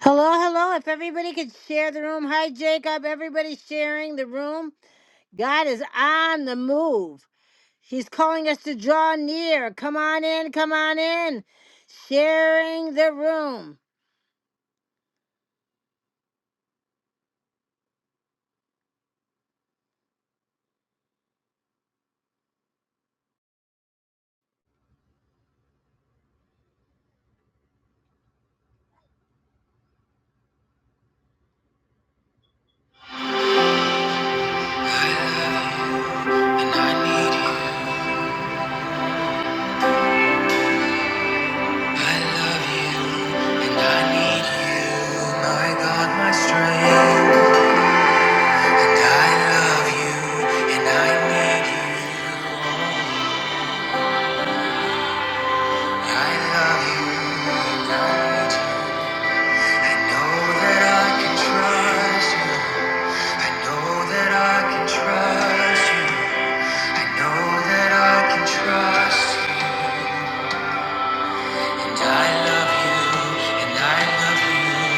Hello, hello. If everybody could share the room. Hi, Jacob. Everybody's sharing the room. God is on the move. He's calling us to draw near. Come on in, come on in. Sharing the room. And I need you. I love you. And I need you. My God, my strength. And I love you. And I need you. I love you. And I know that I can trust you. I know that I can trust you. I know that I can trust you. And I love you. And I love you.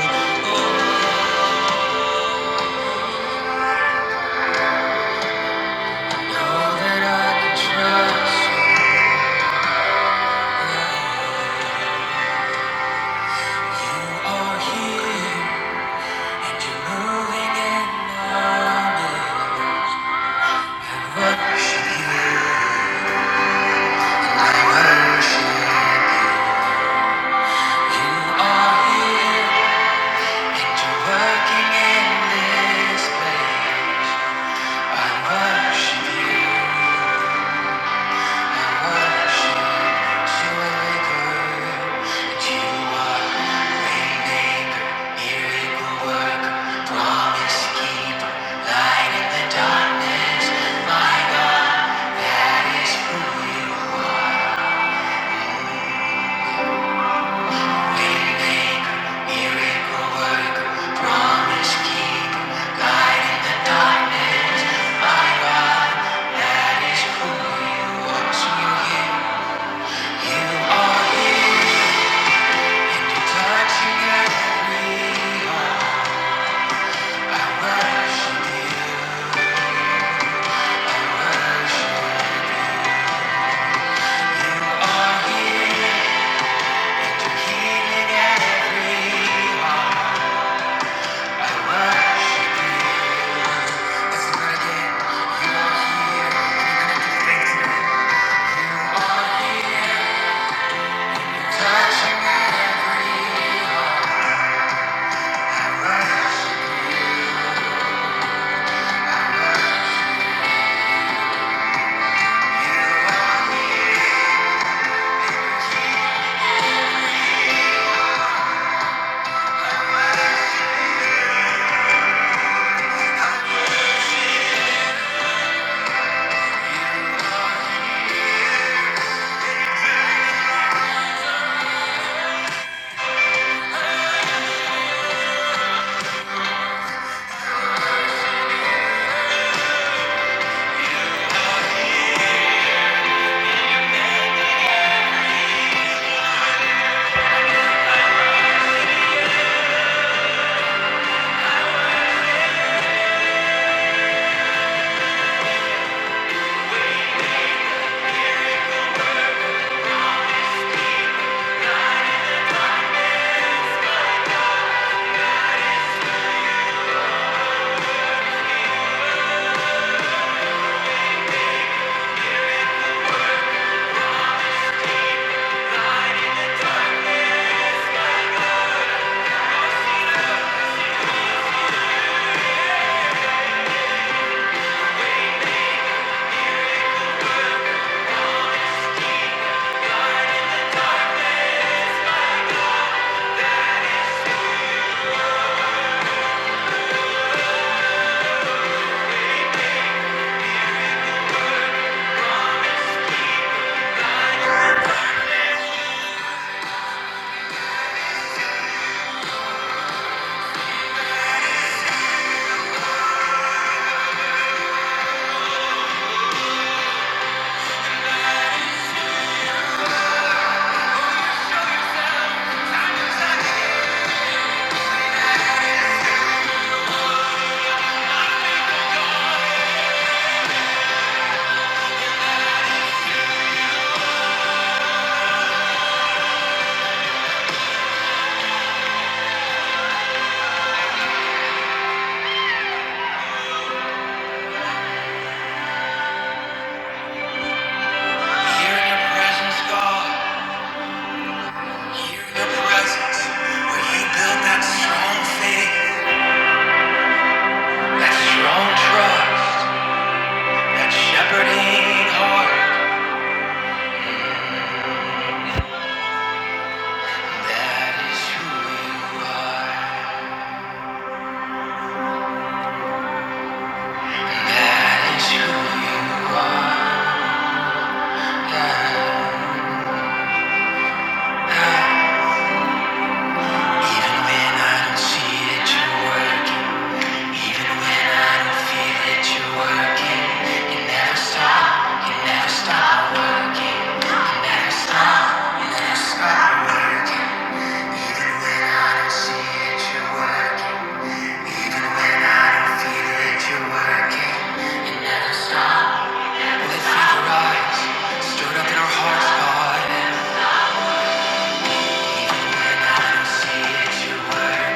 I know that I can trust you. You are here. And you're moving and loving. I worship you. I worship you. You are here. And you're working in this place. Darkness, my God, that is who you are. So you hear. That strong faith, that strong trust. That shepherding heart, that is who you are. That is who you are. That is who you are. That. Even when I don't see that you're working, even when I don't feel that you're working, you never stop, you never stop working, you never stop, you never stop working. Even when I don't see that you're working, even when I don't feel that you're working, you never stop. Let's see the rise, stirred up in our hearts, God. Even when I don't see it, you're working.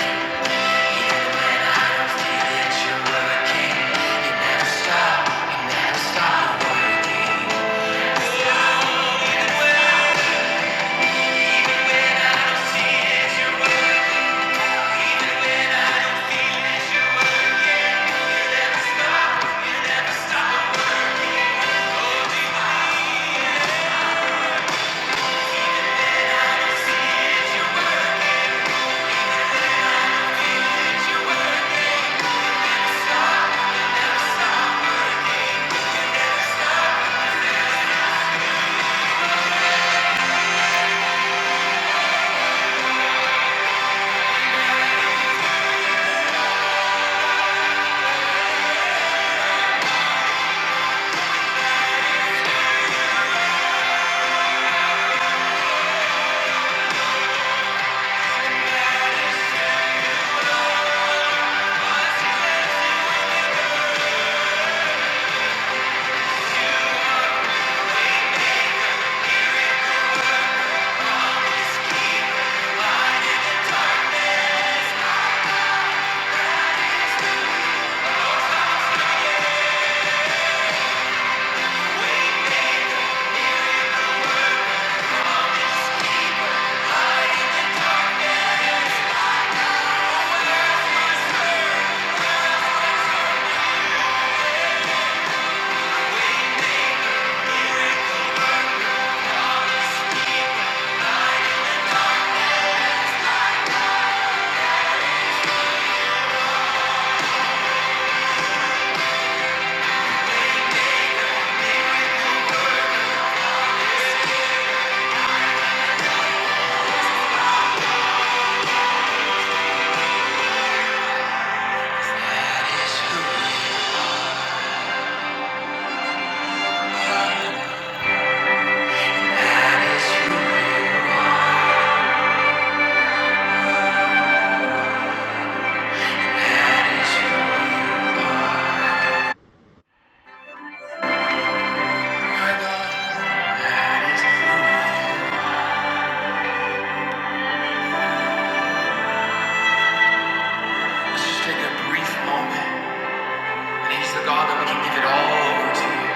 God that we can give it all over to you.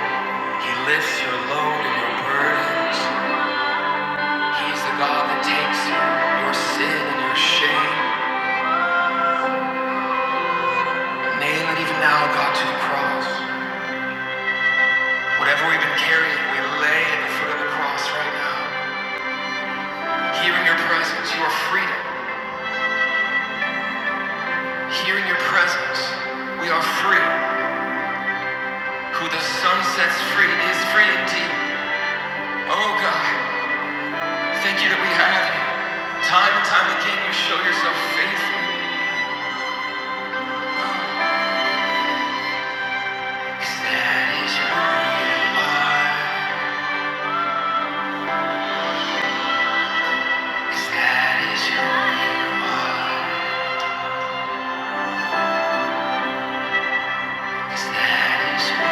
He lifts your load and your burdens. He's the God that takes your sin and your shame. Nail it even now, God, to the cross. Whatever we've been carrying, we lay at the foot of the cross right now. Hearing your presence, you are freedom. Hearing your presence, we are free. Who the sun sets free is free indeed. Oh God, thank you that we have you. Time and time again, you show yourself faithful. 'Cause that is who you are. 'Cause that is who you are. 'Cause that is who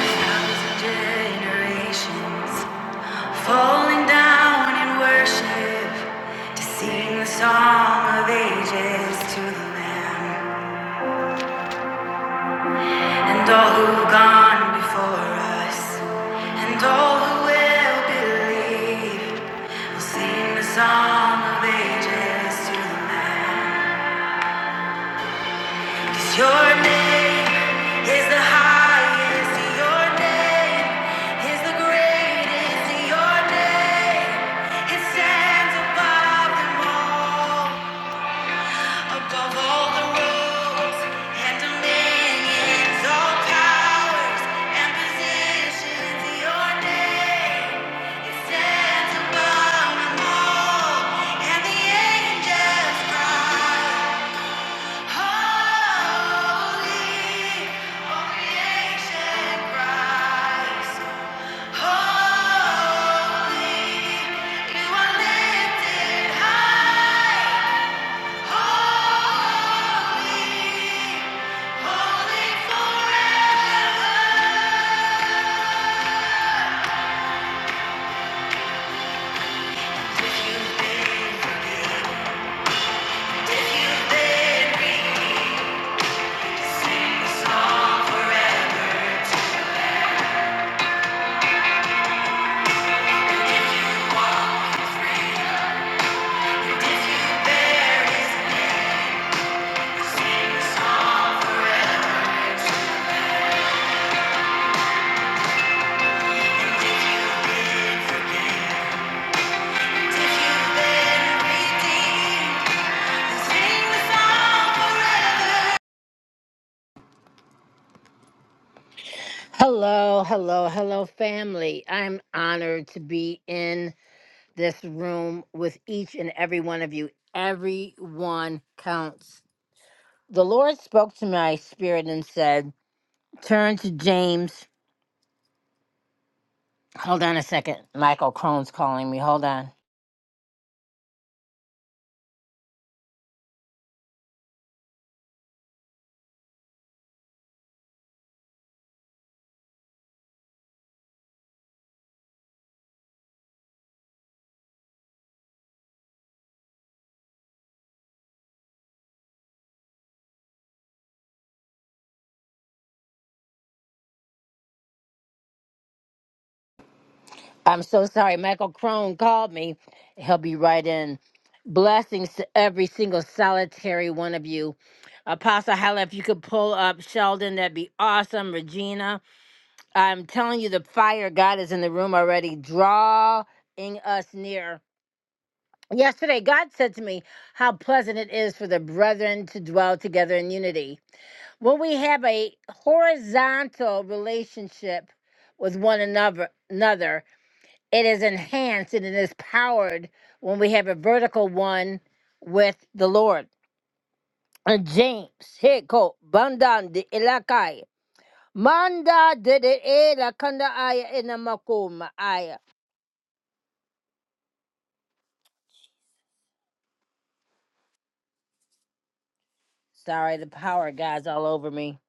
Thousand generations falling down in worship to sing the song of ages to the Lamb and all who've gone before us and all who will believe will sing the song of ages to the Lamb. Your name is the highest. Your name is the greatest. Your name, it stands above them all, above all the rules and dominions, all powers and positions. Your name, it stands above them all, and the angels cry. Holy, all creation cries. Holy, you are lifted high. Holy, holy forever. If you've been forgiven, you've been sing the song forever. If you bear His Hello, hello, hello, family. I'm honored to be in this room with each and every one of you. Everyone counts. The Lord spoke to my spirit and said, Turn to James. Hold on a second. Michael Crone's calling me. Hold on. I'm so sorry. Michael Crone called me. He'll be right in. Blessings to every single solitary one of you. Apostle Hella, if you could pull up Sheldon, that'd be awesome. Regina, I'm telling you, the fire of God is in the room already, drawing us near. Yesterday, God said to me, How pleasant it is for the brethren to dwell together in unity. When we have a horizontal relationship with one another, another it is enhanced and it is powered when we have a vertical one with the Lord. And James, Heko, Bandan de Elakai, Manda de de Elakanda Aya Inamakuma Aya. Sorry, the power of God's all over me.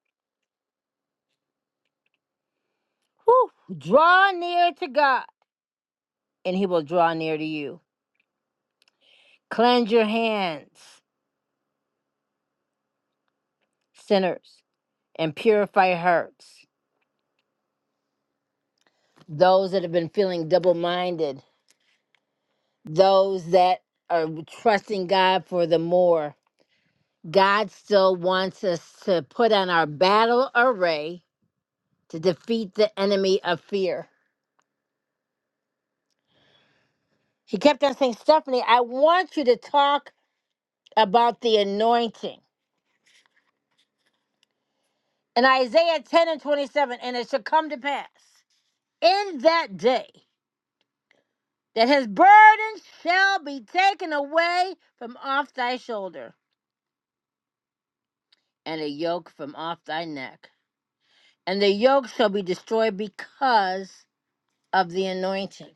Whew. Draw near to God, and he will draw near to you. Cleanse your hands, sinners, and purify hearts. Those that have been feeling double minded those that are trusting God for the more. God still wants us to put on our battle array to defeat the enemy of fear. He kept on saying, Stephanie, I want you to talk about the anointing. In Isaiah 10 and 27, and it shall come to pass in that day that his burden shall be taken away from off thy shoulder and a yoke from off thy neck. And the yoke shall be destroyed because of the anointing.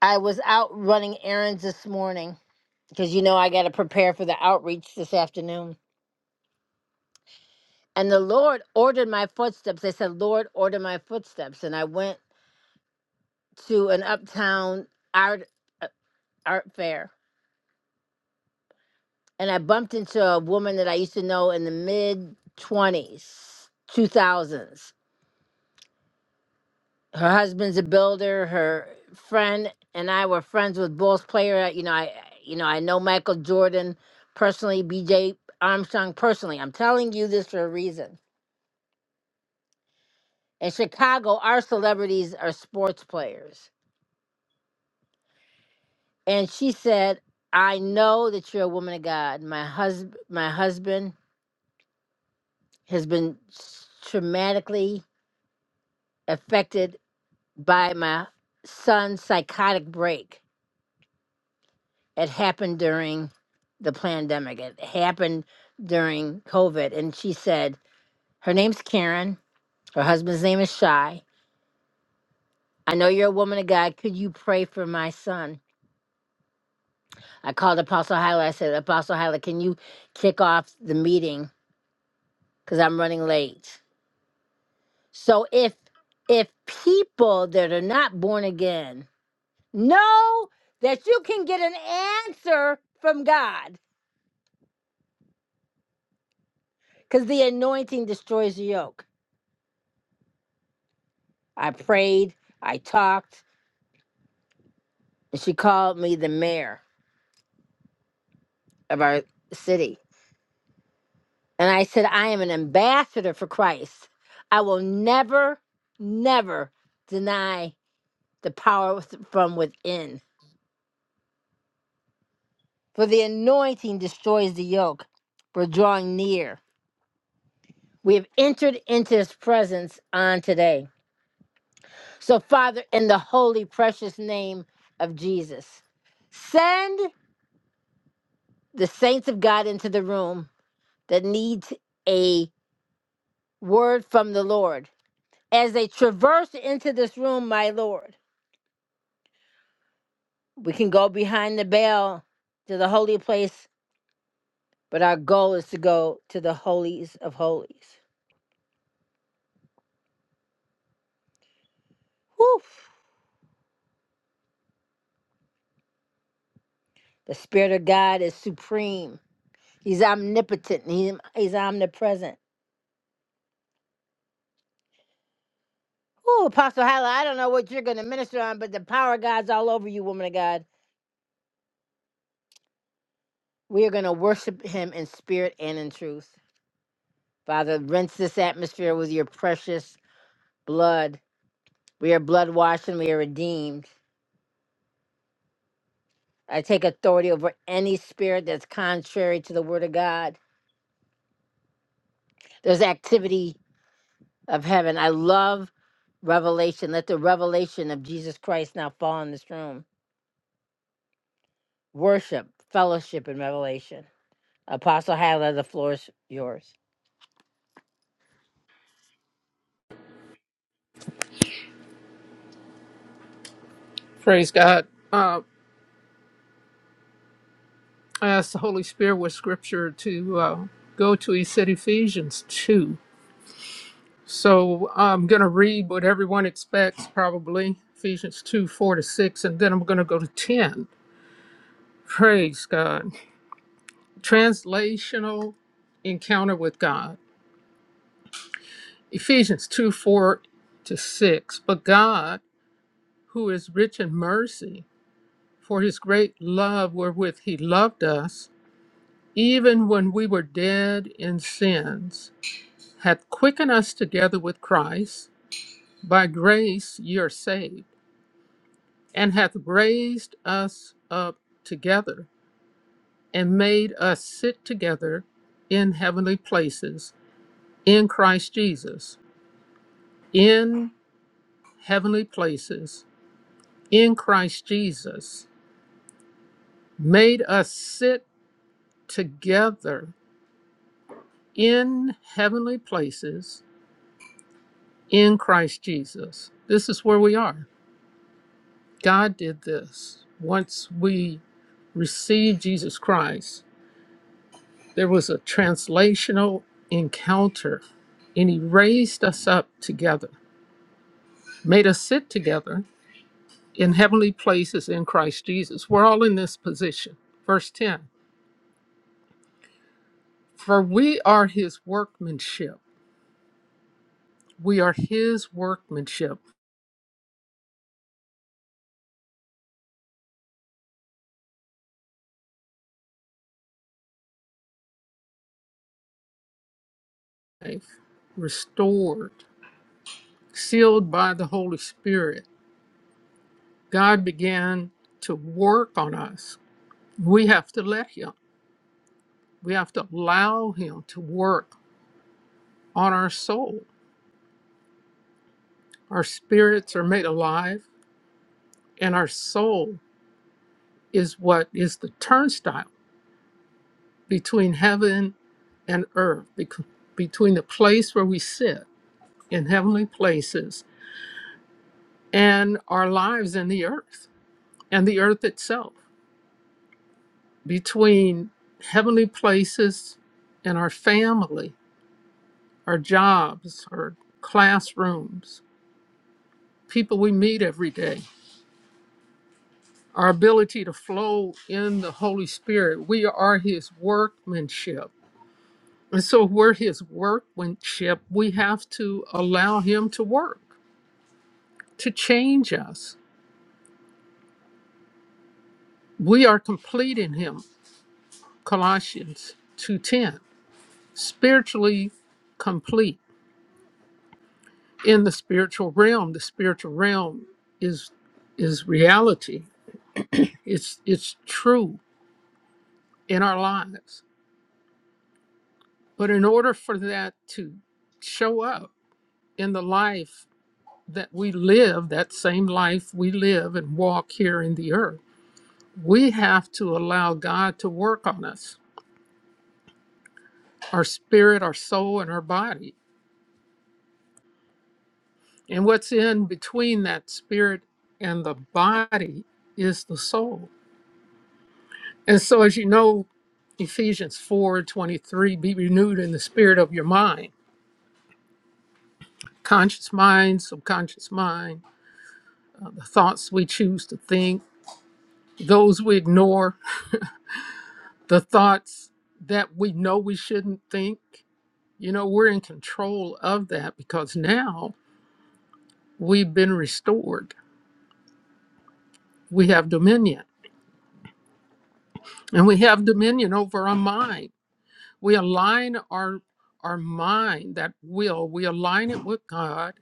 I was out running errands this morning because you know I got to prepare for the outreach this afternoon. And the Lord ordered my footsteps. I said, Lord, order my footsteps. And I went to an uptown art, uh, art fair and I bumped into a woman that I used to know in the mid 20s, 2000s. her husband's a builder. Her friend and I were friends with Bulls player. uh, You know, I you know I know Michael Jordan personally, B.J. Armstrong personally. I'm telling you this for a reason. In Chicago, our celebrities are sports players, and she said, "I know that you're a woman of God. My husband, my husband has been traumatically affected by my son's psychotic break." It happened during the pandemic. It happened during COVID. And she said, her name's Karen. Her husband's name is Shy. I know you're a woman of God. Could you pray for my son? I called Apostle Hyla. I said, Apostle Hyla, can you kick off the meeting? Because I'm running late. So if if people that are not born again know that you can get an answer from God, because the anointing destroys the yoke. I prayed, I talked, and she called me the mayor of our city. And I said, I am an ambassador for Christ. I will never, never deny the power with- from within. For the anointing destroys the yoke. We're drawing near. We have entered into his presence on today. So, Father, in the holy, precious name of Jesus, send the saints of God into the room that needs a word from the Lord. As they traverse into this room, my Lord, we can go behind the veil to the holy place, but our goal is to go to the holies of holies. Whew. The Spirit of God is supreme. He's omnipotent. and He, he's omnipresent. Oh, Apostle Hyla, I don't know what you're going to minister on, but the power of God's all over you, woman of God. We are going to worship him in spirit and in truth. Father, rinse this atmosphere with your precious blood We are blood washed and we are redeemed. I take authority over any spirit that's contrary to the word of God. There's activity of heaven. I love revelation. Let the revelation of Jesus Christ now fall in this room. Worship, fellowship, and revelation. Apostle Hyla, the floor is yours. Praise God. Uh, I asked the Holy Spirit with scripture to uh, go to. He said Ephesians 2. So I'm going to read what everyone expects, probably Ephesians 2 4 to 6, and then I'm going to go to 10. Praise God. Translational encounter with God. Ephesians 2 4 to 6. But God, who is rich in mercy, for his great love wherewith he loved us, even when we were dead in sins. hath quickened us together with Christ. By grace ye are saved, and hath raised us up together, and made us sit together in heavenly places in Christ Jesus. In heavenly places in Christ Jesus, made us sit together in heavenly places in Christ Jesus. This is where we are. God did this. Once we received Jesus Christ, there was a translational encounter, and He raised us up together, made us sit together in heavenly places in Christ Jesus. We're all in this position. Verse 10 For we are His workmanship. We are His workmanship, restored, sealed by the Holy Spirit. God began to work on us We have to let Him, we have to allow Him to work on our soul. Our spirits are made alive, and our soul is what is the turnstile between heaven and earth, bec- between the place where we sit in heavenly places and our lives in the earth and the earth itself, between heavenly places and our family, our jobs, our classrooms, people we meet every day our ability to flow in the Holy Spirit. We are His workmanship. And so we're His workmanship. We have to allow Him to work, to change us. We are complete in Him. Colossians 2:10. Spiritually complete in the spiritual realm. The spiritual realm is is reality. It's it's true in our lives. But in order for that to show up in the life that we live that same life we live and walk here in the earth. We have to allow God to work on us, our spirit, our soul, and our body. And what's in between that spirit and the body is the soul. And so, as you know, Ephesians 4:23, be renewed in the spirit of your mind, conscious mind, subconscious mind, uh, the thoughts we choose to think, those we ignore, the thoughts that we know we shouldn't think You know, we're in control of that because now we've been restored. We have dominion and we have dominion over our mind. We align our our mind, that will, we align it with God,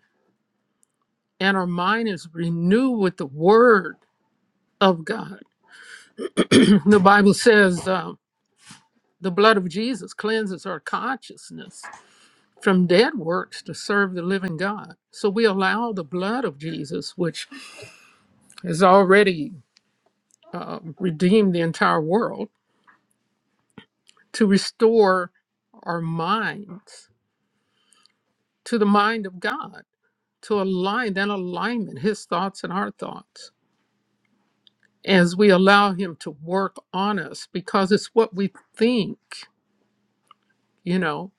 and our mind is renewed with the word of God. the Bible says uh, the blood of Jesus cleanses our consciousness from dead works to serve the living God. So we allow the blood of Jesus, which is already uh, redeem the entire world, to restore our minds to the mind of God, to align that alignment, His thoughts and our thoughts, as we allow Him to work on us, because it's what we think, you know,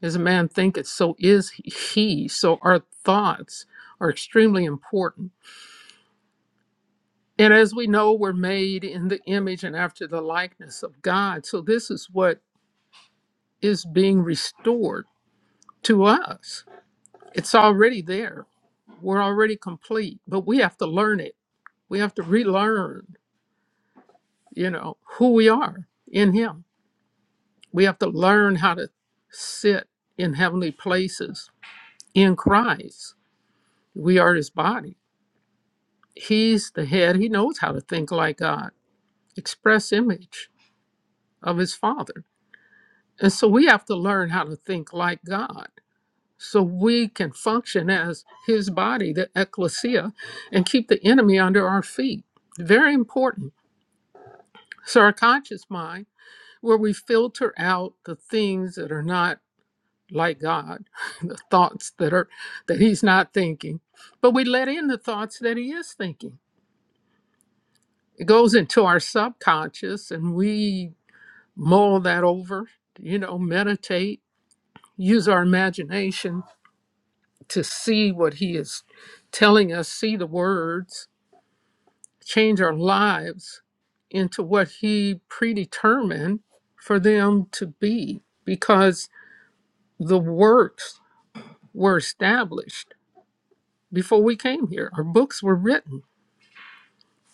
as a man thinketh, so is he. So our thoughts are extremely important. And as we know, we're made in the image and after the likeness of God. So this is what is being restored to us It's already there. We're already complete, but we have to learn it. We have to relearn, you know, who we are in Him. We have to learn how to sit in heavenly places in Christ. We are His body. He's the head. He knows how to think like God, express image of His Father. And so we have to learn how to think like God so we can function as His body, the ecclesia, and keep the enemy under our feet. Very important So, our conscious mind, where we filter out the things that are not like God, the thoughts that are that He's not thinking, but we let in the thoughts that He is thinking. It goes into our subconscious, and we mull that over. You know, meditate, use our imagination to see what He is telling us, see the words, change our lives into what He predetermined for them to be, because the works were established before we came here. Our books were written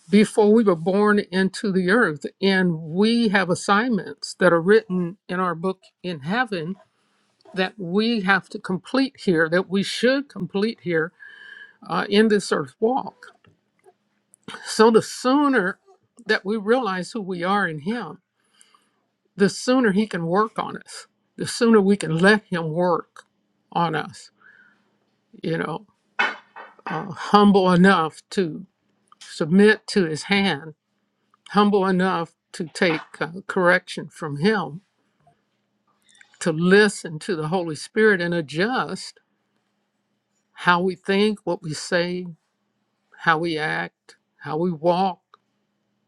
before we were born into the earth. And we have assignments that are written in our book in heaven that we have to complete here, that we should complete here uh, in this earth walk. So the sooner that we realize who we are in Him, the sooner He can work on us, the sooner we can let Him work on us, you know, uh, humble enough to submit to his hand, humble enough to take uh, correction from him, to listen to the Holy Spirit and adjust how we think, what we say, how we act, how we walk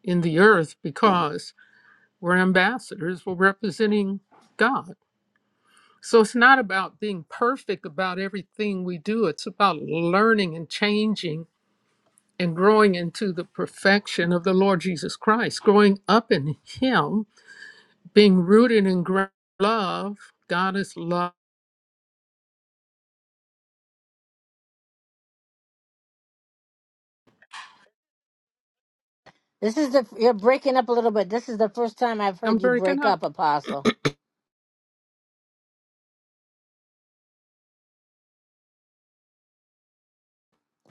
in the earth because we're ambassadors, we're representing God. So it's not about being perfect about everything we do, it's about learning and changing and growing into the perfection of the Lord Jesus Christ, growing up in him being rooted in great love, God is love. This is the you're breaking up a little bit. This is the first time I've I'm heard you breaking break up up, Apostle.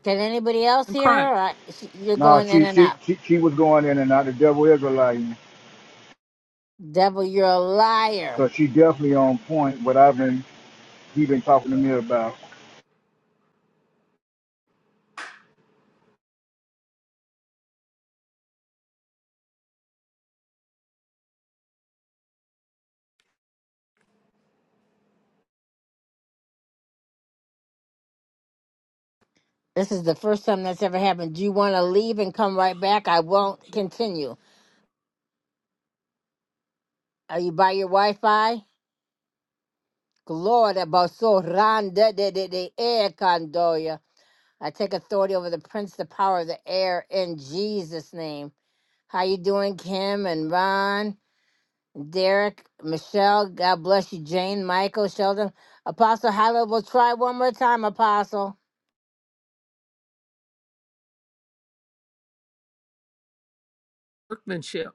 Can anybody else in hear her? Christ, Or I, she, you're No, going in she, and she out. she she was going in and out. The devil is a liar, Devil, you're a liar. cause she definitely on point. What I've been he been talking to me about. This is the first time that's ever happened. Do you want to leave and come right back? I won't continue. Are you by your Wi-Fi? Gloria basso randa de de de air condoya. I take authority over the prince, the power of the air, in Jesus' name. How you doing, Kim and Ron, Derek, Michelle? God bless you, Jane, Michael, Sheldon, Apostle. Hyla, we'll try one more time, Apostle. workmanship.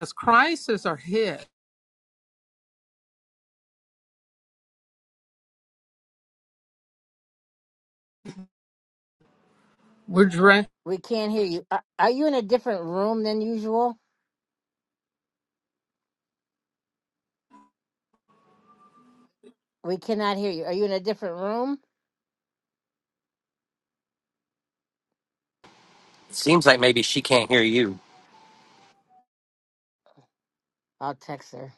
As Christ is our head, we're dressed. We can't hear you. Are, are you in a different room than usual? We cannot hear you. Are you in a different room? Seems like maybe she can't hear you. I'll text her.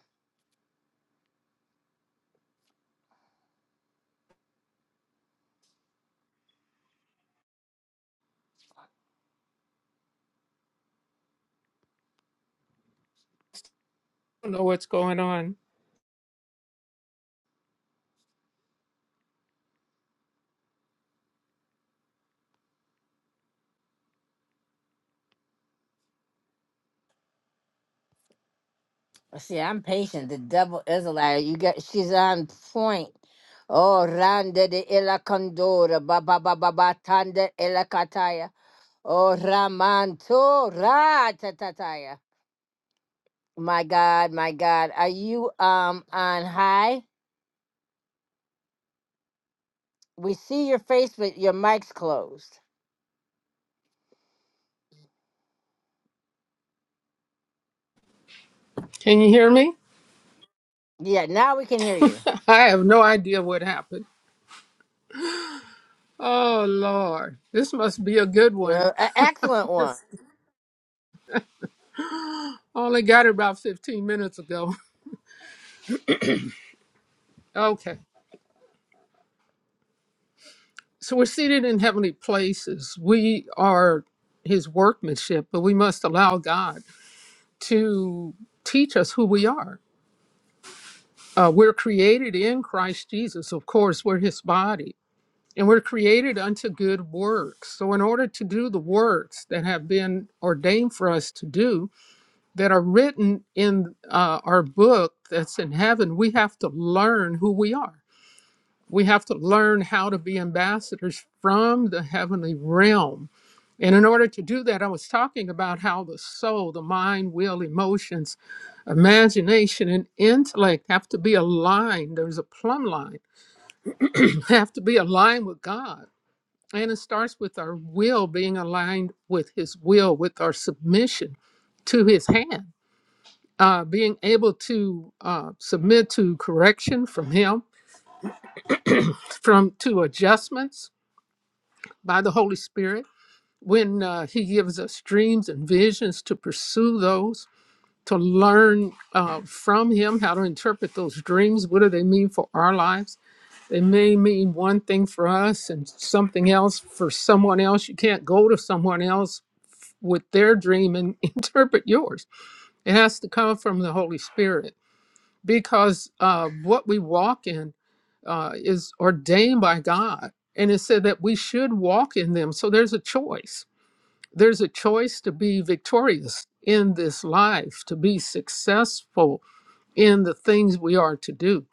I don't know what's going on. See, I'm patient. The devil is a liar. You got she's on point. Oh, rande de ella condora, ba ba ba ba ba tanda ella kataya. Oh, ramanto ra tatataya. My God, my God, are you um on high? We see your face, but your mic's closed. Can you hear me? Yeah, now we can hear you. I have no idea what happened. Oh, Lord. This must be a good Uh, one. e- excellent one. Just only got it about 15 minutes ago. Okay. So we're seated in heavenly places. We are his workmanship, but we must allow God to teach us who we are Uh, we're created in Christ Jesus. Of course, we're his body, and we're created unto good works. So, in order to do the works that have been ordained for us to do, that are written in uh, our book that's in heaven, we have to learn who we are. We have to learn how to be ambassadors from the heavenly realm and in order to do that, I was talking about how the soul, the mind, will, emotions, imagination, and intellect have to be aligned. There's a plumb line, have to be aligned with God. And it starts with our will being aligned with His will, with our submission to His hand, uh, being able to uh, submit to correction from Him, from to adjustments by the Holy Spirit when uh, He gives us dreams and visions to pursue those to learn uh, from him how to interpret those dreams. What do they mean for our lives? They may mean one thing for us and something else for someone else. You can't go to someone else with their dream and interpret yours. It has to come from the Holy Spirit because uh, what we walk in uh, is ordained by God. And it said that we should walk in them. So there's a choice. There's a choice to be victorious in this life, to be successful in the things we are to do.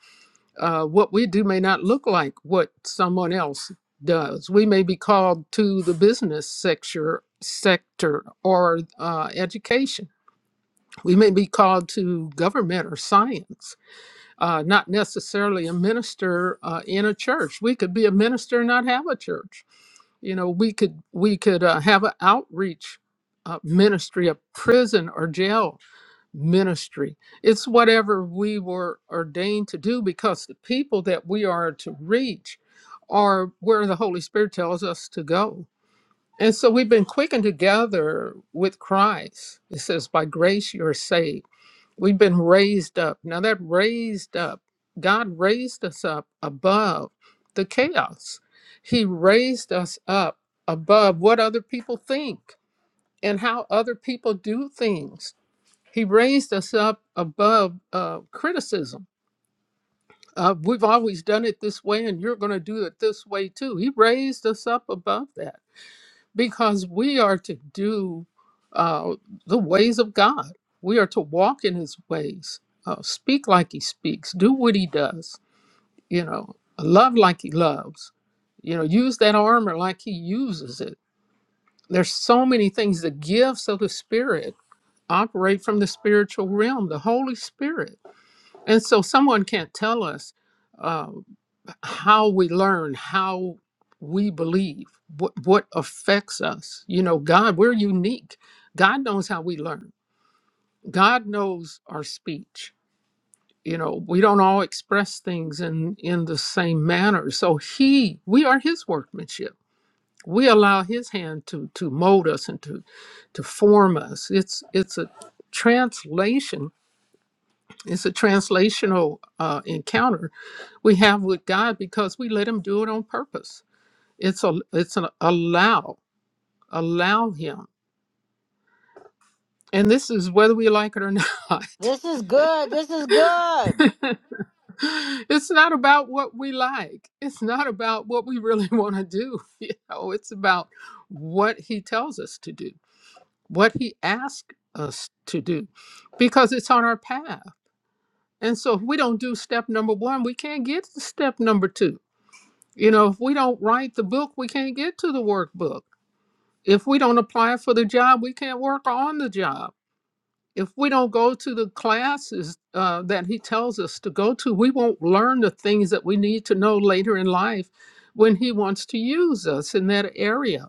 Uh, what we do may not look like what someone else does. We may be called to the business sector, sector or uh, education. We may be called to government or science, uh, not necessarily a minister uh, in a church. We could be a minister and not have a church. You know, we could we could uh, have an outreach uh, ministry, a prison or jail ministry. It's whatever we were ordained to do because the people that we are to reach are where the Holy Spirit tells us to go. And so we've been quickened together with Christ. It says, by grace you're saved. We've been raised up. Now, that raised up, God raised us up above the chaos. He raised us up above what other people think and how other people do things he raised us up above uh, criticism. Uh, we've always done it this way, and you're going to do it this way too. He raised us up above that because we are to do uh, the ways of God. We are to walk in His ways, uh, speak like He speaks, do what He does, you know, love like He loves, you know, use that armor like He uses it. There's so many things. The gifts of the Spirit operate from the spiritual realm, the Holy Spirit And so someone can't tell us uh, how we learn, how we believe, what, what affects us. You know, God, we're unique. God knows how we learn. God knows our speech. You know, we don't all express things in, in the same manner. So he, we are his workmanship. We allow his hand to to mold us and to to form us. It's it's a translation It's a translational uh, encounter we have with God because we let Him do it on purpose. It's a it's an allow allow Him, and this is whether we like it or not. This is good. This is good. it's not about what we like. It's not about what we really want to do. You know, it's about what He tells us to do, what He asks us to do, because it's on our path. And so, if we don't do step number one, we can't get to step number two You know, if we don't write the book, we can't get to the workbook. If we don't apply for the job, we can't work on the job. If we don't go to the classes uh, that he tells us to go to, we won't learn the things that we need to know later in life when he wants to use us in that area.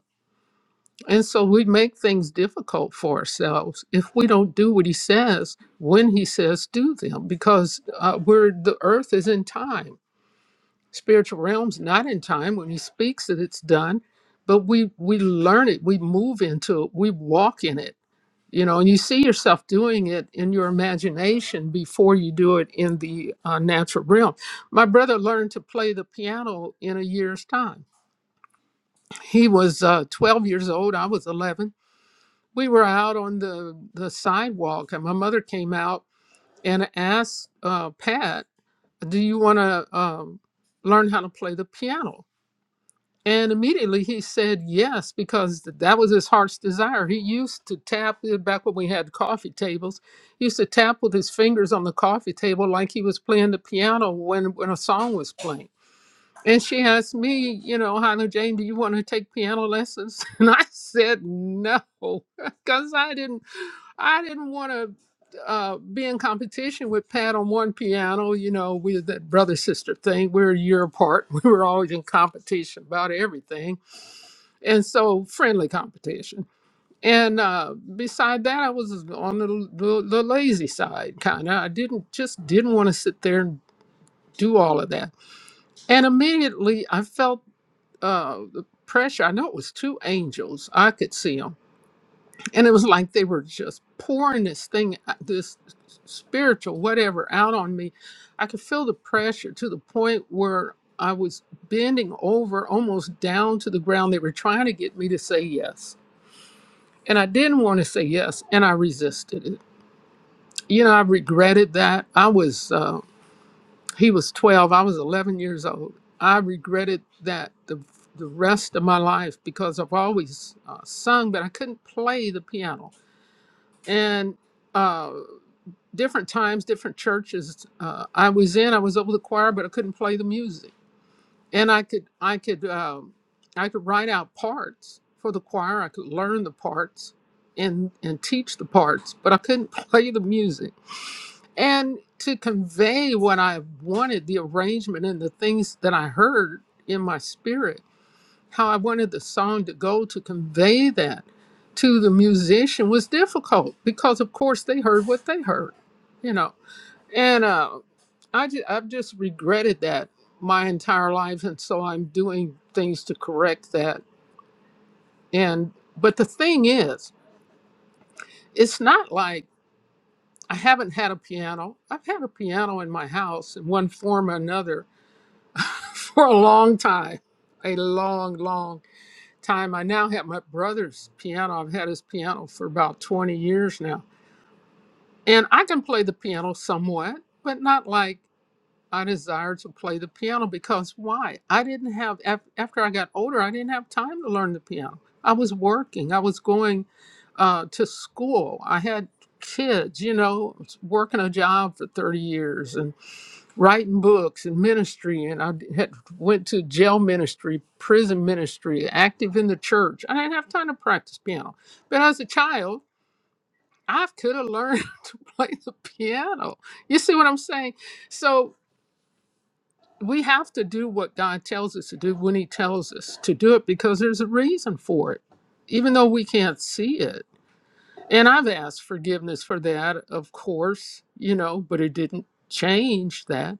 And so we make things difficult for ourselves if we don't do what he says when he says do them because uh, we're, the earth is in time spiritual realms not in time when he speaks it it's done but we we learn it we move into it we walk in it you know and you see yourself doing it in your imagination before you do it in the uh, natural realm my brother learned to play the piano in a year's time he was uh, 12 years old i was 11 we were out on the the sidewalk and my mother came out and asked uh, pat do you want to um, learn how to play the piano And immediately he said yes, because th- that was his heart's desire. He used to tap back when we had coffee tables. He used to tap with his fingers on the coffee table like he was playing the piano when, when a song was playing. And she asked me, you know, Hannah Jane, do you want to take piano lessons? And I said no, because I didn't, I didn't want to uh, be in competition with Pat on one piano. You know, we that brother sister thing. We were a year apart. We were always in competition about everything and so friendly competition. And uh, beside that, I was on the, the, the lazy side, kind of. I didn't just didn't want to sit there and do all of that. And immediately, I felt uh, the pressure. I know it was two angels. I could see them, and it was like they were just pouring this thing, uh, this spiritual whatever, out on me. I could feel the pressure to the point where I was bending over, almost down to the ground. They were trying to get me to say yes and I didn't want to say yes, and I resisted it. You know, I regretted that. I was uh, he was 12, I was 11 years old. I regretted that the the rest of my life because I've always uh, sung, but I couldn't play the piano. And uh, different times, different churches uh, I was in, I was over the choir, but I couldn't play the music and I could I could um, I could write out parts for the choir. I could learn the parts and and teach the parts, but I couldn't play the music. And to convey what I wanted, the arrangement and the things that I heard in my spirit, how I wanted the song to go to convey that to the musician was difficult because of course they heard what they heard. You know, and uh, I ju- I've just regretted that my entire life, and so I'm doing things to correct that. And but the thing is, it's not like I haven't had a piano. I've had a piano in my house in one form or another for a long time, a long, long time. I now have my brother's piano. I've had his piano for about 20 years now, and I can play the piano somewhat, but not like I desired to play the piano because why? I didn't have, af- after I got older, I didn't have time to learn the piano. I was working, I was going uh, to school, I had kids, you know, working a job for 30 years and writing books and ministry. And I had went to jail ministry, prison ministry, active in the church. I didn't have time to practice piano. But as a child, I could have learned to play the piano. You see what I'm saying? So we have to do what God tells us to do when He tells us to do it because there's a reason for it, even though we can't see it. And I've asked forgiveness for that, of course, you know, but it didn't change that.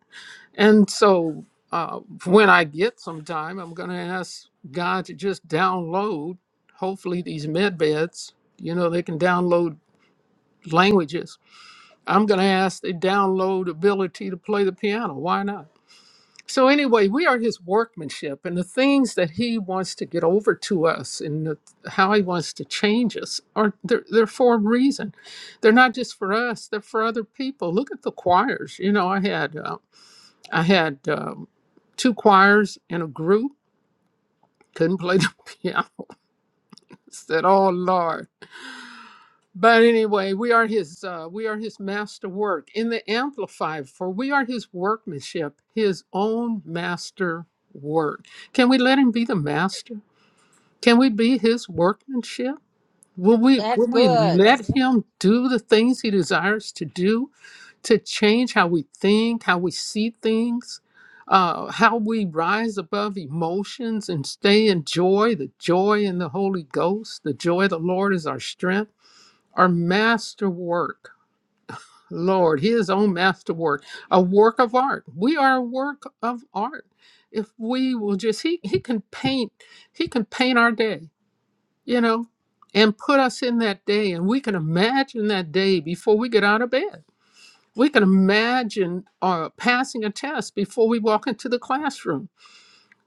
And so uh, when I get some time, I'm going to ask God to just download, hopefully, these med beds, you know, they can download languages. I'm going to ask they download ability to play the piano. Why not? So, anyway, we are his workmanship, and the things that he wants to get over to us and the, how he wants to change us are they're, they're for a reason. They're not just for us, they're for other people. Look at the choirs. You know, I had, uh, I had um, two choirs in a group, couldn't play the piano. I said, Oh, Lord. But anyway, we are his uh, we are his master work in the amplified for we are his workmanship, his own master work. Can we let him be the master? Can we be his workmanship? Will we That's will we good. let him do the things he desires to do to change how we think, how we see things, uh, how we rise above emotions and stay in joy, the joy in the Holy Ghost, the joy of the Lord is our strength our masterwork. Lord, his own masterwork, a work of art. We are a work of art. If we will just he he can paint, he can paint our day, you know, and put us in that day and we can imagine that day before we get out of bed. We can imagine uh, passing a test before we walk into the classroom.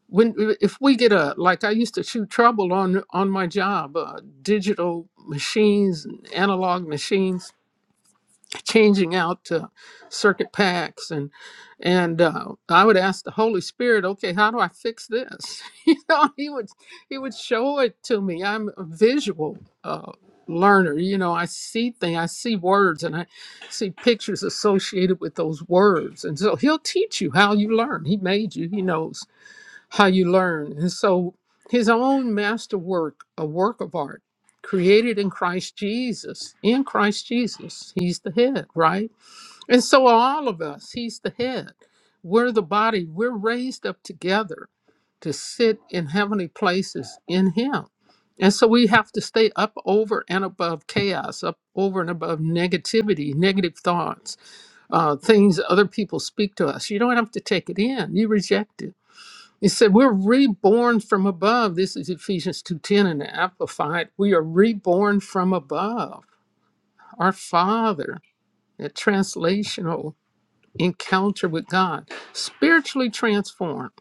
When if we get a like I used to shoot trouble on on my job, uh, digital machines, and analog machines changing out to circuit packs and and uh, I would ask the Holy Spirit, okay, how do I fix this? you know, he would he would show it to me. I'm a visual uh, learner. You know, I see things, I see words, and I see pictures associated with those words, and so he'll teach you how you learn. He made you. He knows how you learn. And so his own masterwork, a work of art created in Christ Jesus, in Christ Jesus, he's the head, right? And so are all of us, he's the head. We're the body, we're raised up together to sit in heavenly places in him. And so we have to stay up over and above chaos, up over and above negativity, negative thoughts, uh, things other people speak to us. You don't have to take it in, you reject it it said we're reborn from above. This is Ephesians 2:10 in the Amplified. We are reborn from above. Our Father, a translational encounter with God, spiritually transformed.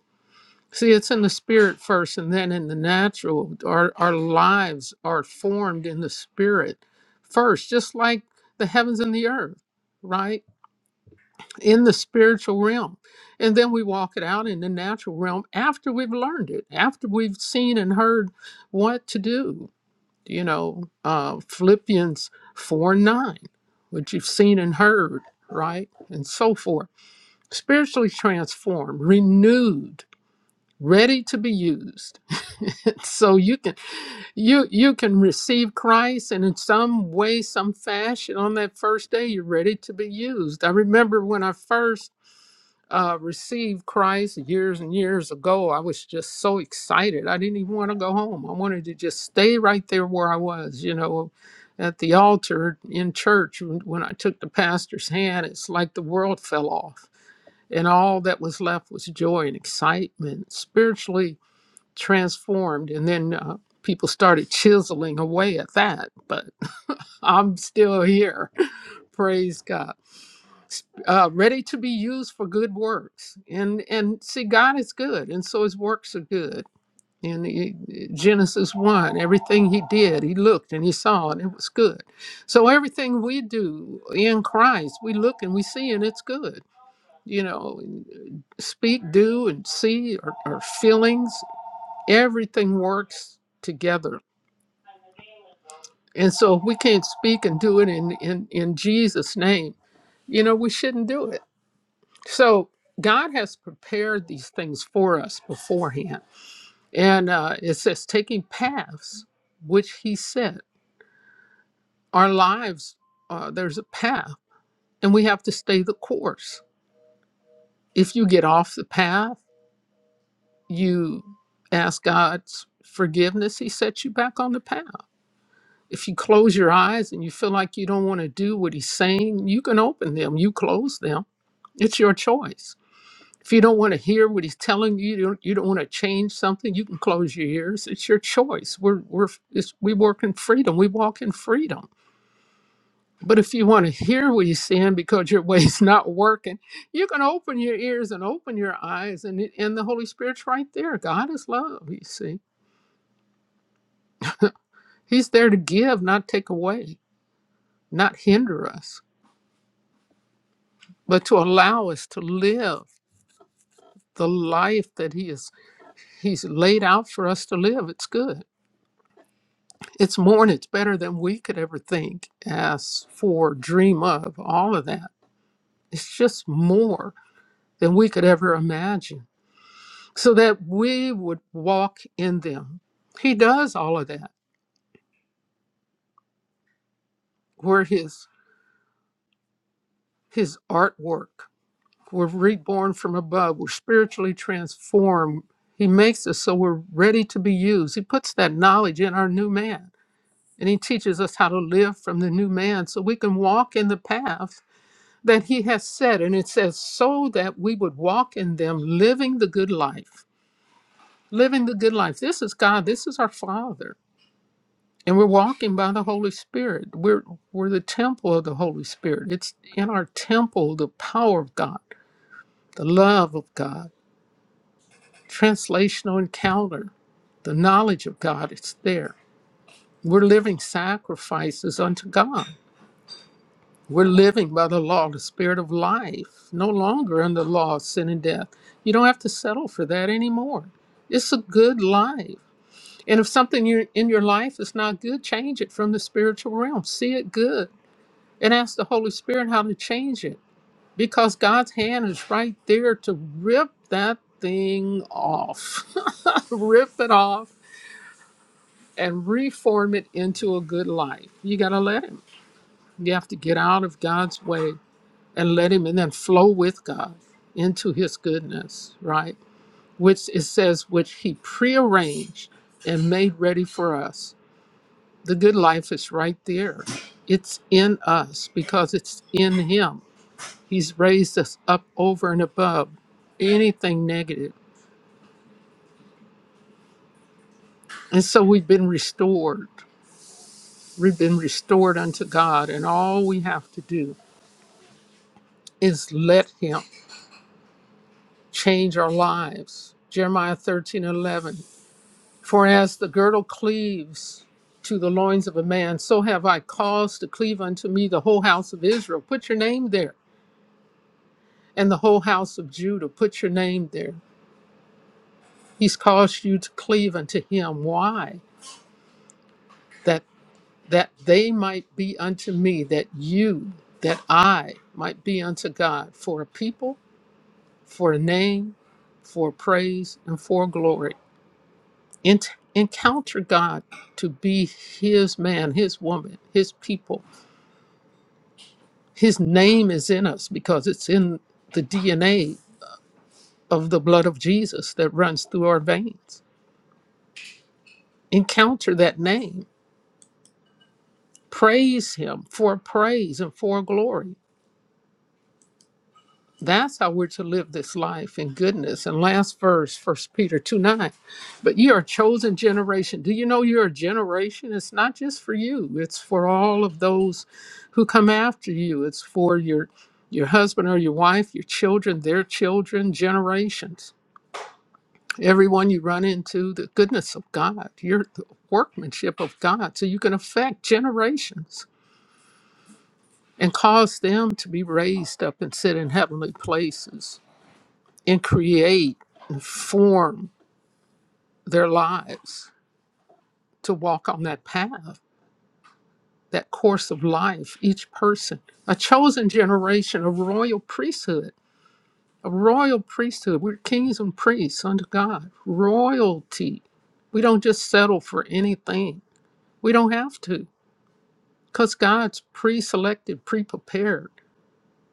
See, it's in the spirit first and then in the natural. Our, our lives are formed in the spirit first, just like the heavens and the earth, right? in the spiritual realm. And then we walk it out in the natural realm after we've learned it, after we've seen and heard what to do. You know, uh, Philippians 4 9, which you've seen and heard, right? And so forth. Spiritually transformed, renewed ready to be used so you can you you can receive christ and in some way some fashion on that first day you're ready to be used i remember when i first uh, received Christ years and years ago, I was just so excited. I didn't even want to go home. I wanted to just stay right there where I was, you know, at the altar in church. When when I took the pastor's hand, it's like the world fell off. And all that was left was joy and excitement, spiritually transformed. And then uh, people started chiseling away at that. But I'm still here. Praise God uh, ready to be used for good works. And and see, God is good, and so His works are good. In Genesis one, everything He did, He looked and He saw, and it was good. So everything we do in Christ, we look and we see, and it's good. You know, speak, do, and see our, our feelings. Everything works together. And so if we can't speak and do it in, in, in Jesus' name, you know, we shouldn't do it So God has prepared these things for us beforehand. And uh, it says, taking paths which He said, our lives, uh, there's a path, and we have to stay the course. If you get off the path, you ask God's forgiveness, He sets you back on the path. If you close your eyes and you feel like you don't want to do what He's saying, you can open them, you close them. It's your choice If you don't want to hear what he's telling you, you don't, you don't want to change something, you can close your ears. It's your choice. We're, we're, it's, we work in freedom. We walk in freedom. But if you want to hear what he's saying because your way's not working, you can open your ears and open your eyes, and, it- and the Holy Spirit's right there. God is love, you see. He's there to give, not take away, not hinder us, but to allow us to live the life that he is, he's laid out for us to live. It's good. It's more and it's better than we could ever think, ask for, dream of, all of that. It's just more than we could ever imagine so that we would walk in them. He does all of that. We're his, his artwork. We're reborn from above. We're spiritually transformed. He makes us so we're ready to be used. He puts that knowledge in our new man and he teaches us how to live from the new man so we can walk in the path that he has said. And it says, so that we would walk in them, living the good life. Living the good life. This is God, this is our Father. And we're walking by the Holy Spirit. We're, we're the temple of the Holy Spirit. It's in our temple the power of God, the love of God, translational encounter, the knowledge of God. It's there. We're living sacrifices unto God. We're living by the law, the spirit of life, no longer under the law of sin and death. You don't have to settle for that anymore. It's a good life. And if something you- in your life is not good, change it from the spiritual realm. See it good and ask the Holy Spirit how to change it because God's hand is right there to rip that thing off, rip it off and reform it into a good life. You got to let Him. You have to get out of God's way and let him and then flow with God into his goodness, right? Which it says, which he prearranged and made ready for us. The good life is right there. It's in us because it's in him. He's raised us up over and above anything negative. And so we've been restored. We've been restored unto God, and all we have to do is let him change our lives. Jeremiah 13 11. For as the girdle cleaves to the loins of a man, so have I caused to cleave unto me the whole house of Israel. Put your name there. And the whole house of Judah, put your name there. He's caused you to cleave unto him. Why? That that they might be unto me, that you, that I might be unto God for a people, for a name, for praise, and for glory. Ent- encounter God to be his man, his woman, his people His name is in us because it's in the DNA of the blood of Jesus that runs through our veins. Encounter that name, praise Him for praise and for glory. That's how we're to live this life in goodness. And last verse, First Peter 2 9. But you are a chosen generation. Do you know you're a generation? It's not just for you, it's for all of those who come after you. It's for your your husband or your wife, your children, their children, generations everyone you run into, the goodness of God, your the workmanship of God. So you can affect generations and cause them to be raised up and sit in heavenly places and create and form their lives to walk on that path, that course of life, each person, a chosen generation, a royal priesthood. A royal priesthood. We're kings and priests unto God. Royalty. We don't just settle for anything. We don't have to. because God's pre selected, pre prepared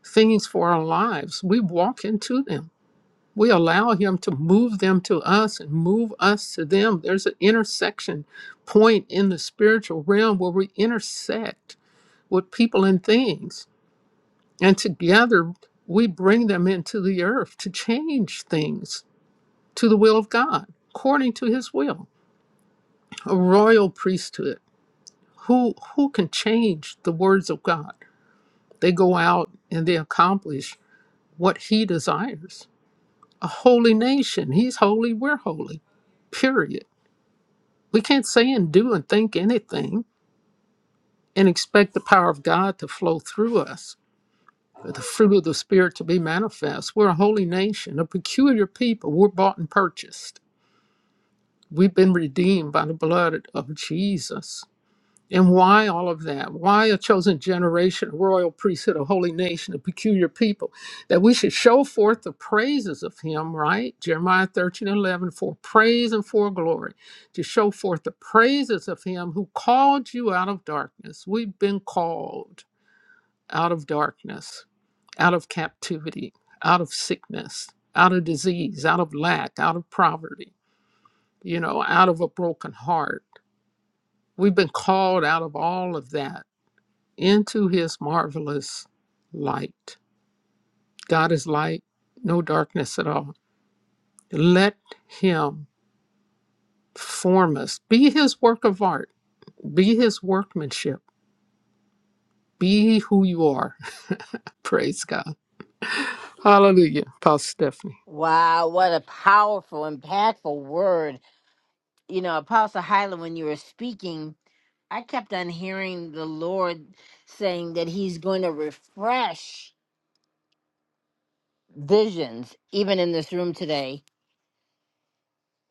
things for our lives. We walk into them, we allow Him to move them to us and move us to them. There's an intersection point in the spiritual realm where we intersect with people and things, and together we bring them into the earth to change things to the will of God according to his will a royal priesthood who who can change the words of god They go out and they accomplish what he desires. A holy nation. He's holy, we're holy. Period. We can't say and do and think anything and expect the power of God to flow through us, or the fruit of the Spirit to be manifest. We're a holy nation, a peculiar people. We're bought and purchased. We've been redeemed by the blood of Jesus. And why all of that? Why a chosen generation, a royal priesthood, a holy nation, a peculiar people? That we should show forth the praises of him, right? Jeremiah 13 and 11, for praise and for glory, to show forth the praises of him who called you out of darkness. We've been called out of darkness, out of captivity, out of sickness, out of disease, out of lack, out of poverty, you know, out of a broken heart. We've been called out of all of that into his marvelous light. God is light, no darkness at all. Let him form us. Be his work of art, be his workmanship, be who you are. Praise God. Hallelujah. Pastor Stephanie. Wow, what a powerful, impactful word. You know, Apostle Hyla, when you were speaking, I kept on hearing the Lord saying that He's going to refresh visions, even in this room today,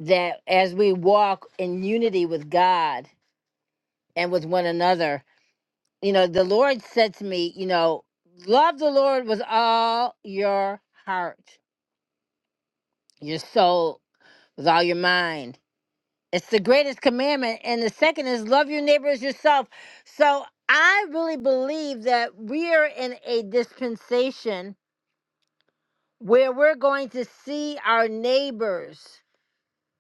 that as we walk in unity with God and with one another, you know, the Lord said to me, you know, love the Lord with all your heart, your soul, with all your mind It's the greatest commandment. And the second is love your neighbor as yourself. So I really believe that we are in a dispensation where we're going to see our neighbors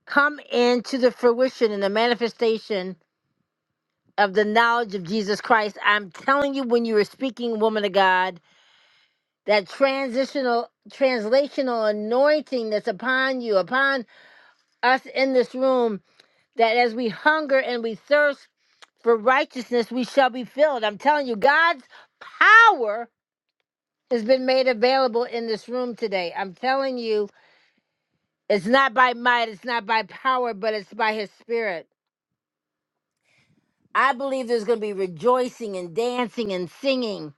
come into the fruition and the manifestation of the knowledge of Jesus Christ. I'm telling you, when you were speaking, woman of God, that transitional, translational anointing that's upon you, upon us in this room, that as we hunger and we thirst, for righteousness we shall be filled. I'm telling you, God's power has been made available in this room today. I'm telling you, it's not by might, it's not by power, but it's by his spirit. I believe there's going to be rejoicing and dancing and singing.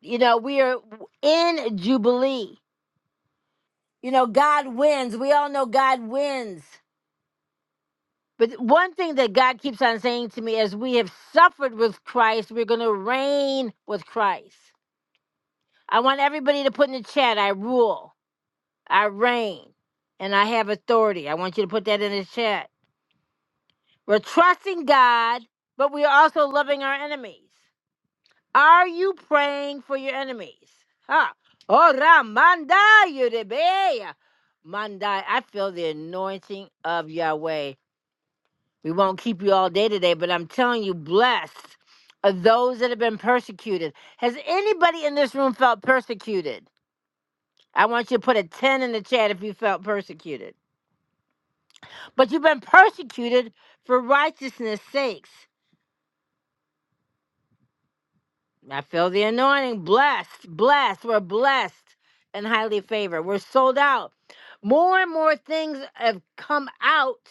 You know, we are in Jubilee. You know, God wins. We all know God wins. But one thing that God keeps on saying to me, as we have suffered with Christ, we're going to reign with Christ. I want everybody to put in the chat I rule, I reign, and I have authority. I want you to put that in the chat. We're trusting God, but we are also loving our enemies. Are you praying for your enemies? Huh. Ora manda yurebeya. Manda, I feel the anointing of Yahweh. We won't keep you all day today, but I'm telling you, blessed are those that have been persecuted. Has anybody in this room felt persecuted? I want you to put a 10 in the chat if you felt persecuted. But you've been persecuted for righteousness' sakes. I feel the anointing. Blessed, blessed. We're blessed and highly favored. We're sold out. More and more things have come out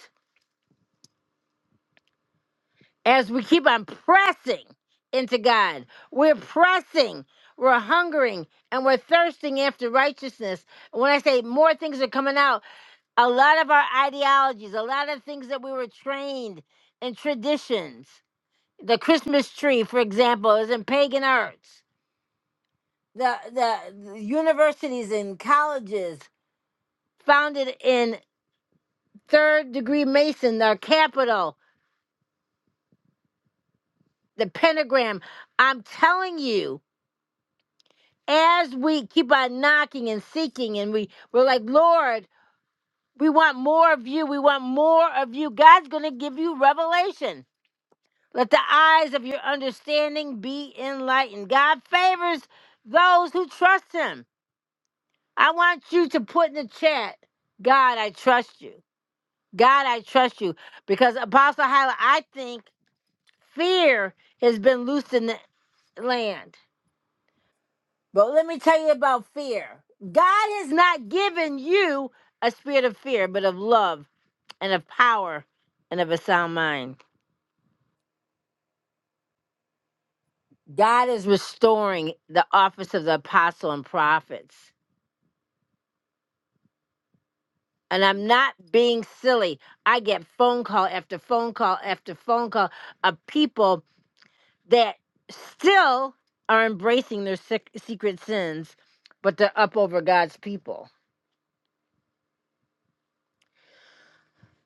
as we keep on pressing into God. We're pressing, we're hungering, and we're thirsting after righteousness. And When I say more things are coming out, a lot of our ideologies, a lot of things that we were trained in traditions. The Christmas tree, for example, is in pagan arts. The, the the universities and colleges founded in third degree Mason, their capital, the pentagram. I'm telling you, as we keep on knocking and seeking, and we, we're like, Lord, we want more of you. We want more of you. God's going to give you revelation Let the eyes of your understanding be enlightened. God favors those who trust him. I want you to put in the chat, God, I trust you. God, I trust you. Because Apostle Hyla, I think fear has been loosed in the land. But let me tell you about fear. God has not given you a spirit of fear, but of love and of power and of a sound mind. God is restoring the office of the apostle and prophets. and I'm not being silly. I get phone call after phone call after phone call of people that still are embracing their sec- secret sins, but they're up over God's people.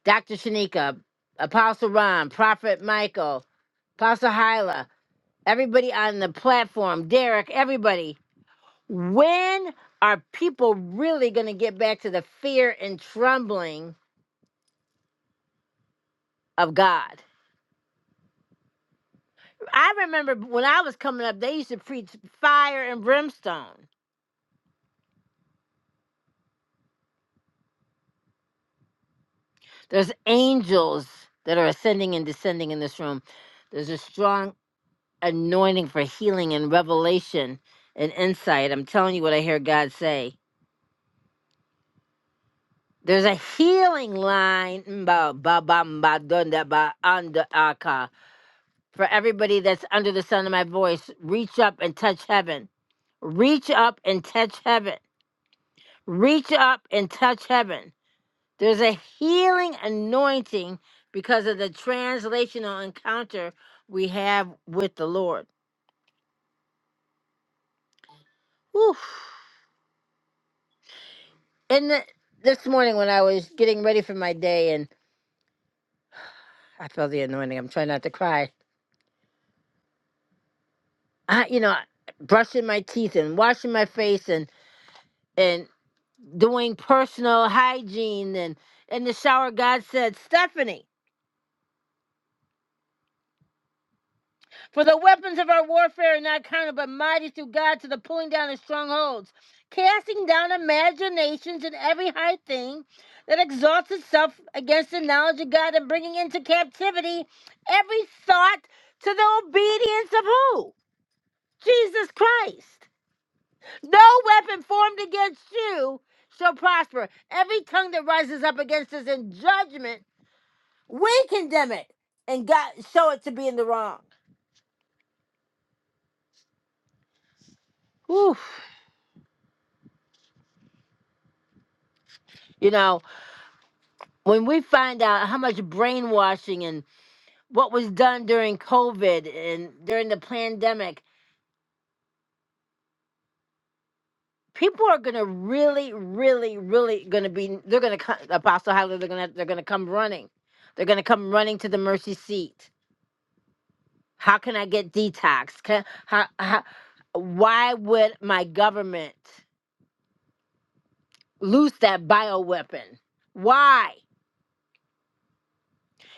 Dr. Shanika, Apostle Ron, Prophet Michael, Apostle Hyla, everybody on the platform, Derek, everybody. When are people really going to get back to the fear and trembling of God? I remember when I was coming up, they used to preach fire and brimstone. There's angels that are ascending and descending in this room. There's a strong anointing for healing and revelation and insight. I'm telling you what I hear God say. There's a healing line mba, ba, ba, mba, dunda, ba, anda, aka. for everybody that's under the sound of my voice. Reach up and touch heaven. Reach up and touch heaven. Reach up and touch heaven There's a healing anointing because of the translational encounter we have with the Lord. Whew. And the, this morning, when I was getting ready for my day, and I felt the anointing, I'm trying not to cry. I, you know, brushing my teeth and washing my face and and doing personal hygiene and in the shower, God said, "Stephanie." For the weapons of our warfare are not carnal, but mighty through God to the pulling down of strongholds, casting down imaginations and every high thing that exalts itself against the knowledge of God, and bringing into captivity every thought to the obedience of who? Jesus Christ. No weapon formed against you shall prosper. Every tongue that rises up against us in judgment, we condemn it and God show it to be in the wrong. Whew. You know. when we find out how much brainwashing and what was done during COVID and during the pandemic, people are gonna really, really, really gonna be. They're gonna Apostle Hyler. They're gonna they're gonna come running. They're gonna come running to the mercy seat. How can I get detox? Can, how, how, why would my government loose that bioweapon? Why?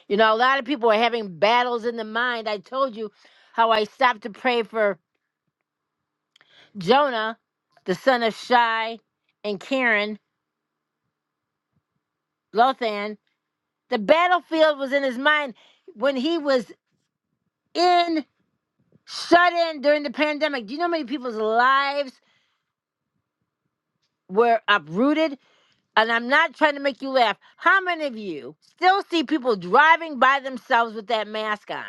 You know, a lot of people are having battles in the mind. I told you how I stopped to pray for Jonah, the son of Shai, and Karen, Lothan. The battlefield was in his mind when he was in shut in during the pandemic. Do you know how many people's lives were uprooted? And I'm not trying to make you laugh. How many of you still see people driving by themselves with that mask on?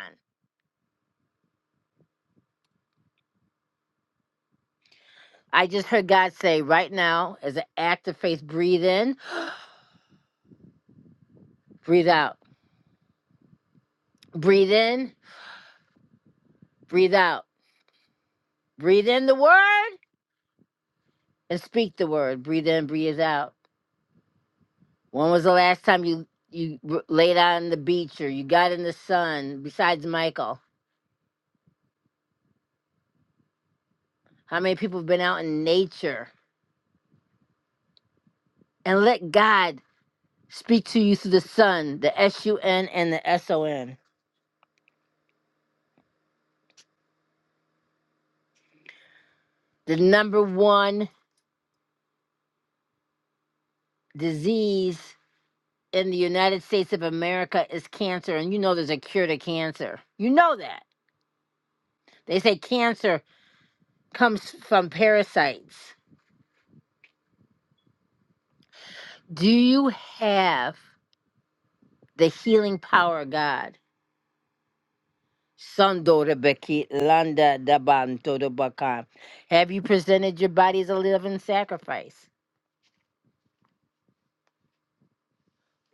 I just heard God say right now, as an act of faith, breathe in, breathe out, breathe in, breathe out, breathe in the word, and speak the word. Breathe in, breathe out. When was the last time you you r- laid out on the beach or you got in the sun? Besides Michael, how many people have been out in nature and let God speak to you through the sun, the S U N and the S O N? The number one disease in the United States of America is cancer, and you know there's a cure to cancer. You know that. They say cancer comes from parasites. Do you have the healing power of God. Sando rebeki landa dabanto dobaka. Have you presented your body as a living sacrifice?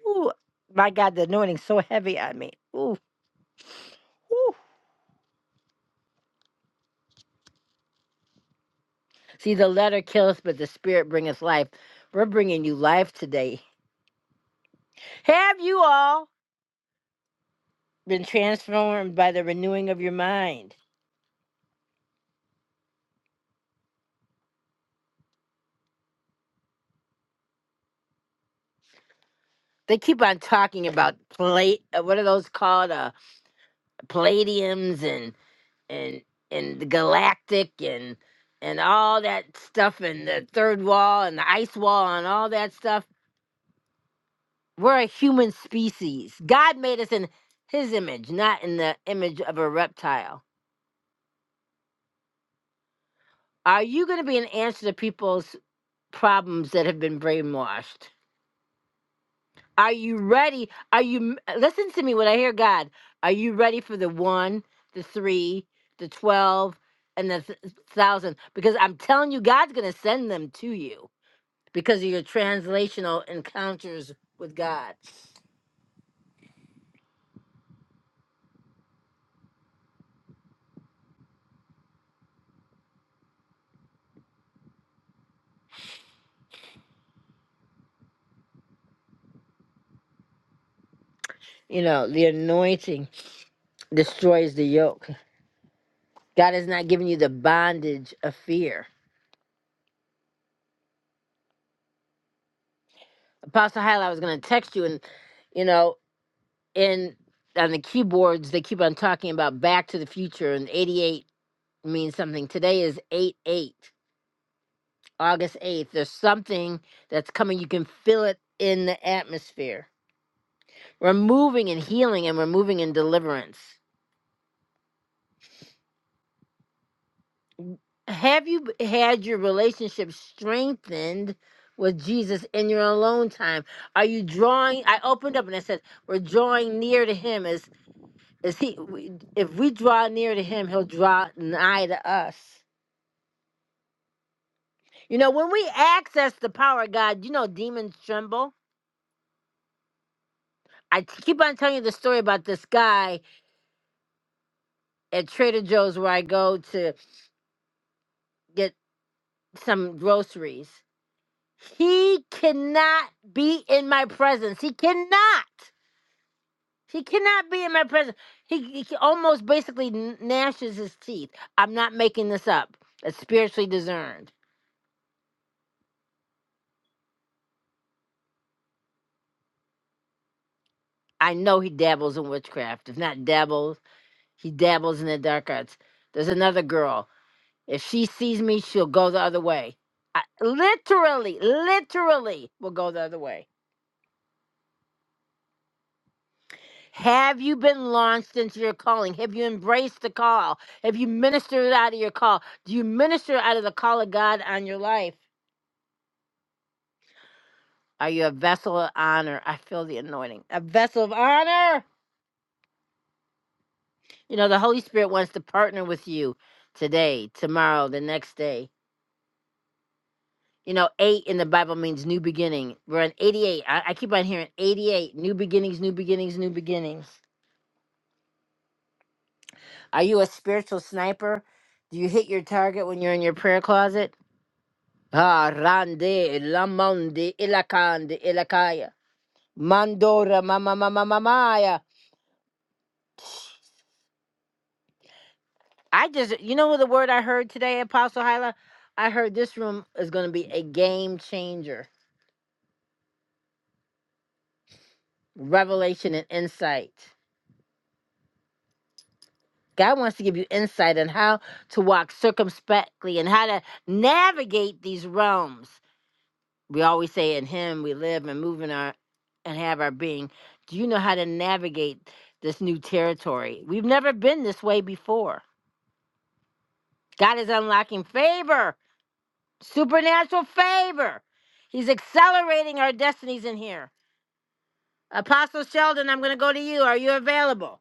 Ooh, my God, the anointing's so heavy on me. Ooh, ooh. See, the letter kills, but the spirit brings life. We're bringing you life today. Have you all been transformed by the renewing of your mind? They keep on talking about plate. uh, What are those called? Uh, palladiums and and and the galactic and and all that stuff and the third wall and the ice wall and all that stuff we're a human species god made us in his image not in the image of a reptile are you going to be an answer to people's problems that have been brainwashed are you ready are you listen to me when i hear god are you ready for the one the three the twelve and the th- thousand because i'm telling you god's going to send them to you because of your translational encounters with God. You know, the anointing destroys the yoke. God has not given you the bondage of fear. Apostle Hyla, I was going to text you, and you know, in on the keyboards they keep on talking about Back to the Future, and '88 means something. Today is eight eight, August eighth. There's something that's coming. You can feel it in the atmosphere. We're moving in healing, and we're moving in deliverance. Have you b- had your relationship strengthened with Jesus in your alone time? Are you drawing? I opened up and I said, "We're drawing near to Him. Is is He? we- If we draw near to Him, He'll draw nigh to us." You know, when we access the power of God, you know, demons tremble. I t- keep on telling you the story about this guy at Trader Joe's where I go to get some groceries. He cannot be in my presence. He cannot. He cannot be in my presence. He, he almost basically n- gnashes his teeth. I'm not making this up. It's spiritually discerned. I know he dabbles in witchcraft. If not dabbles, he dabbles in the dark arts. There's another girl. If she sees me, she'll go the other way. I, literally, literally will go the other way. Have you been launched into your calling? Have you embraced the call? Have you ministered out of your call? Do you minister out of the call of God on your life? Are you a vessel of honor? I feel the anointing. A vessel of honor. You know, the Holy Spirit wants to partner with you today, tomorrow, the next day. You know, eight in the Bible means new beginning. We're on 88. I, I keep on hearing 88 new beginnings, new beginnings, new beginnings. Are you a spiritual sniper? Do you hit your target when you're in your prayer closet? Ah, rande, lamonde, ilakande, ilakaya. Mandora, mama, mama, mamaya. I just, you know what the word I heard today, Apostle Hyla? I heard this room is going to be a game changer, revelation and insight. God wants to give you insight on how to walk circumspectly and how to navigate these realms. We always say, in Him we live and move in our and have our being. Do you know how to navigate this new territory? We've never been this way before. God is unlocking favor, supernatural favor. He's accelerating our destinies in here. Apostle Sheldon, I'm going to go to you. Are you available?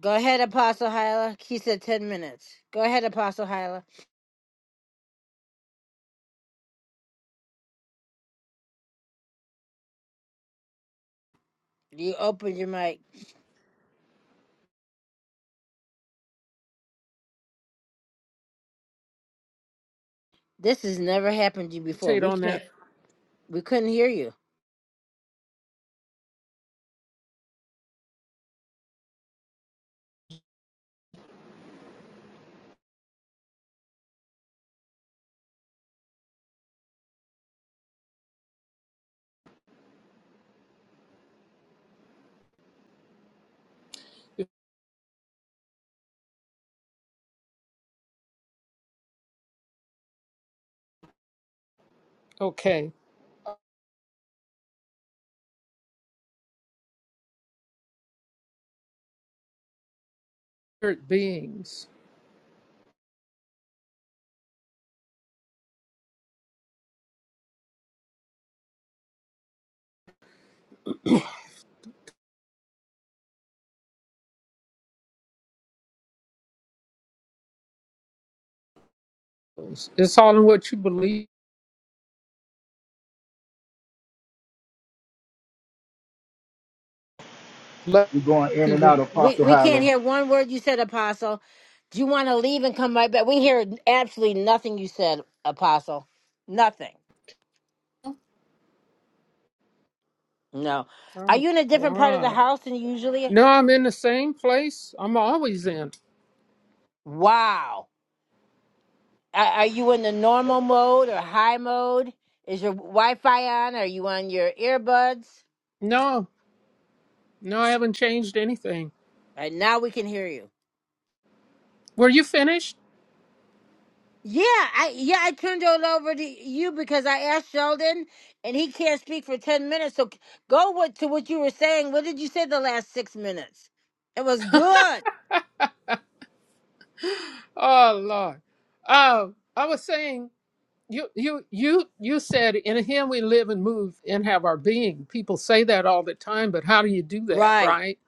Go ahead, Apostle Hyla. He said 10 minutes. Go ahead, Apostle Hyla. You opened your mic. This has never happened to you before. Meditate We on that. can't. We couldn't hear you. Okay. Spirit beings. It's all in what you believe. Let We're going in and people. out. We Apostle we can't Hyler. hear one word you said, Apostle. Do you want to leave and come right back? We hear absolutely nothing you said, Apostle. Nothing. No. Are Oh, you in a different part of the God. house than you usually? No, I'm in the same place I'm always in. Wow. Are, are you in the normal mode or high mode? Is your Wi-Fi on? Are you on your earbuds? No, no, I haven't changed anything. And now we can hear you. Were you finished? Yeah, I yeah I turned it over to you because I asked Sheldon, and he can't speak for ten minutes. So c- go what to what you were saying. What did you say the last six minutes? It was good, Oh Lord. Oh, I was saying you you you you said in him we live and move and have our being. People say that all the time, but how do you do that, right? right?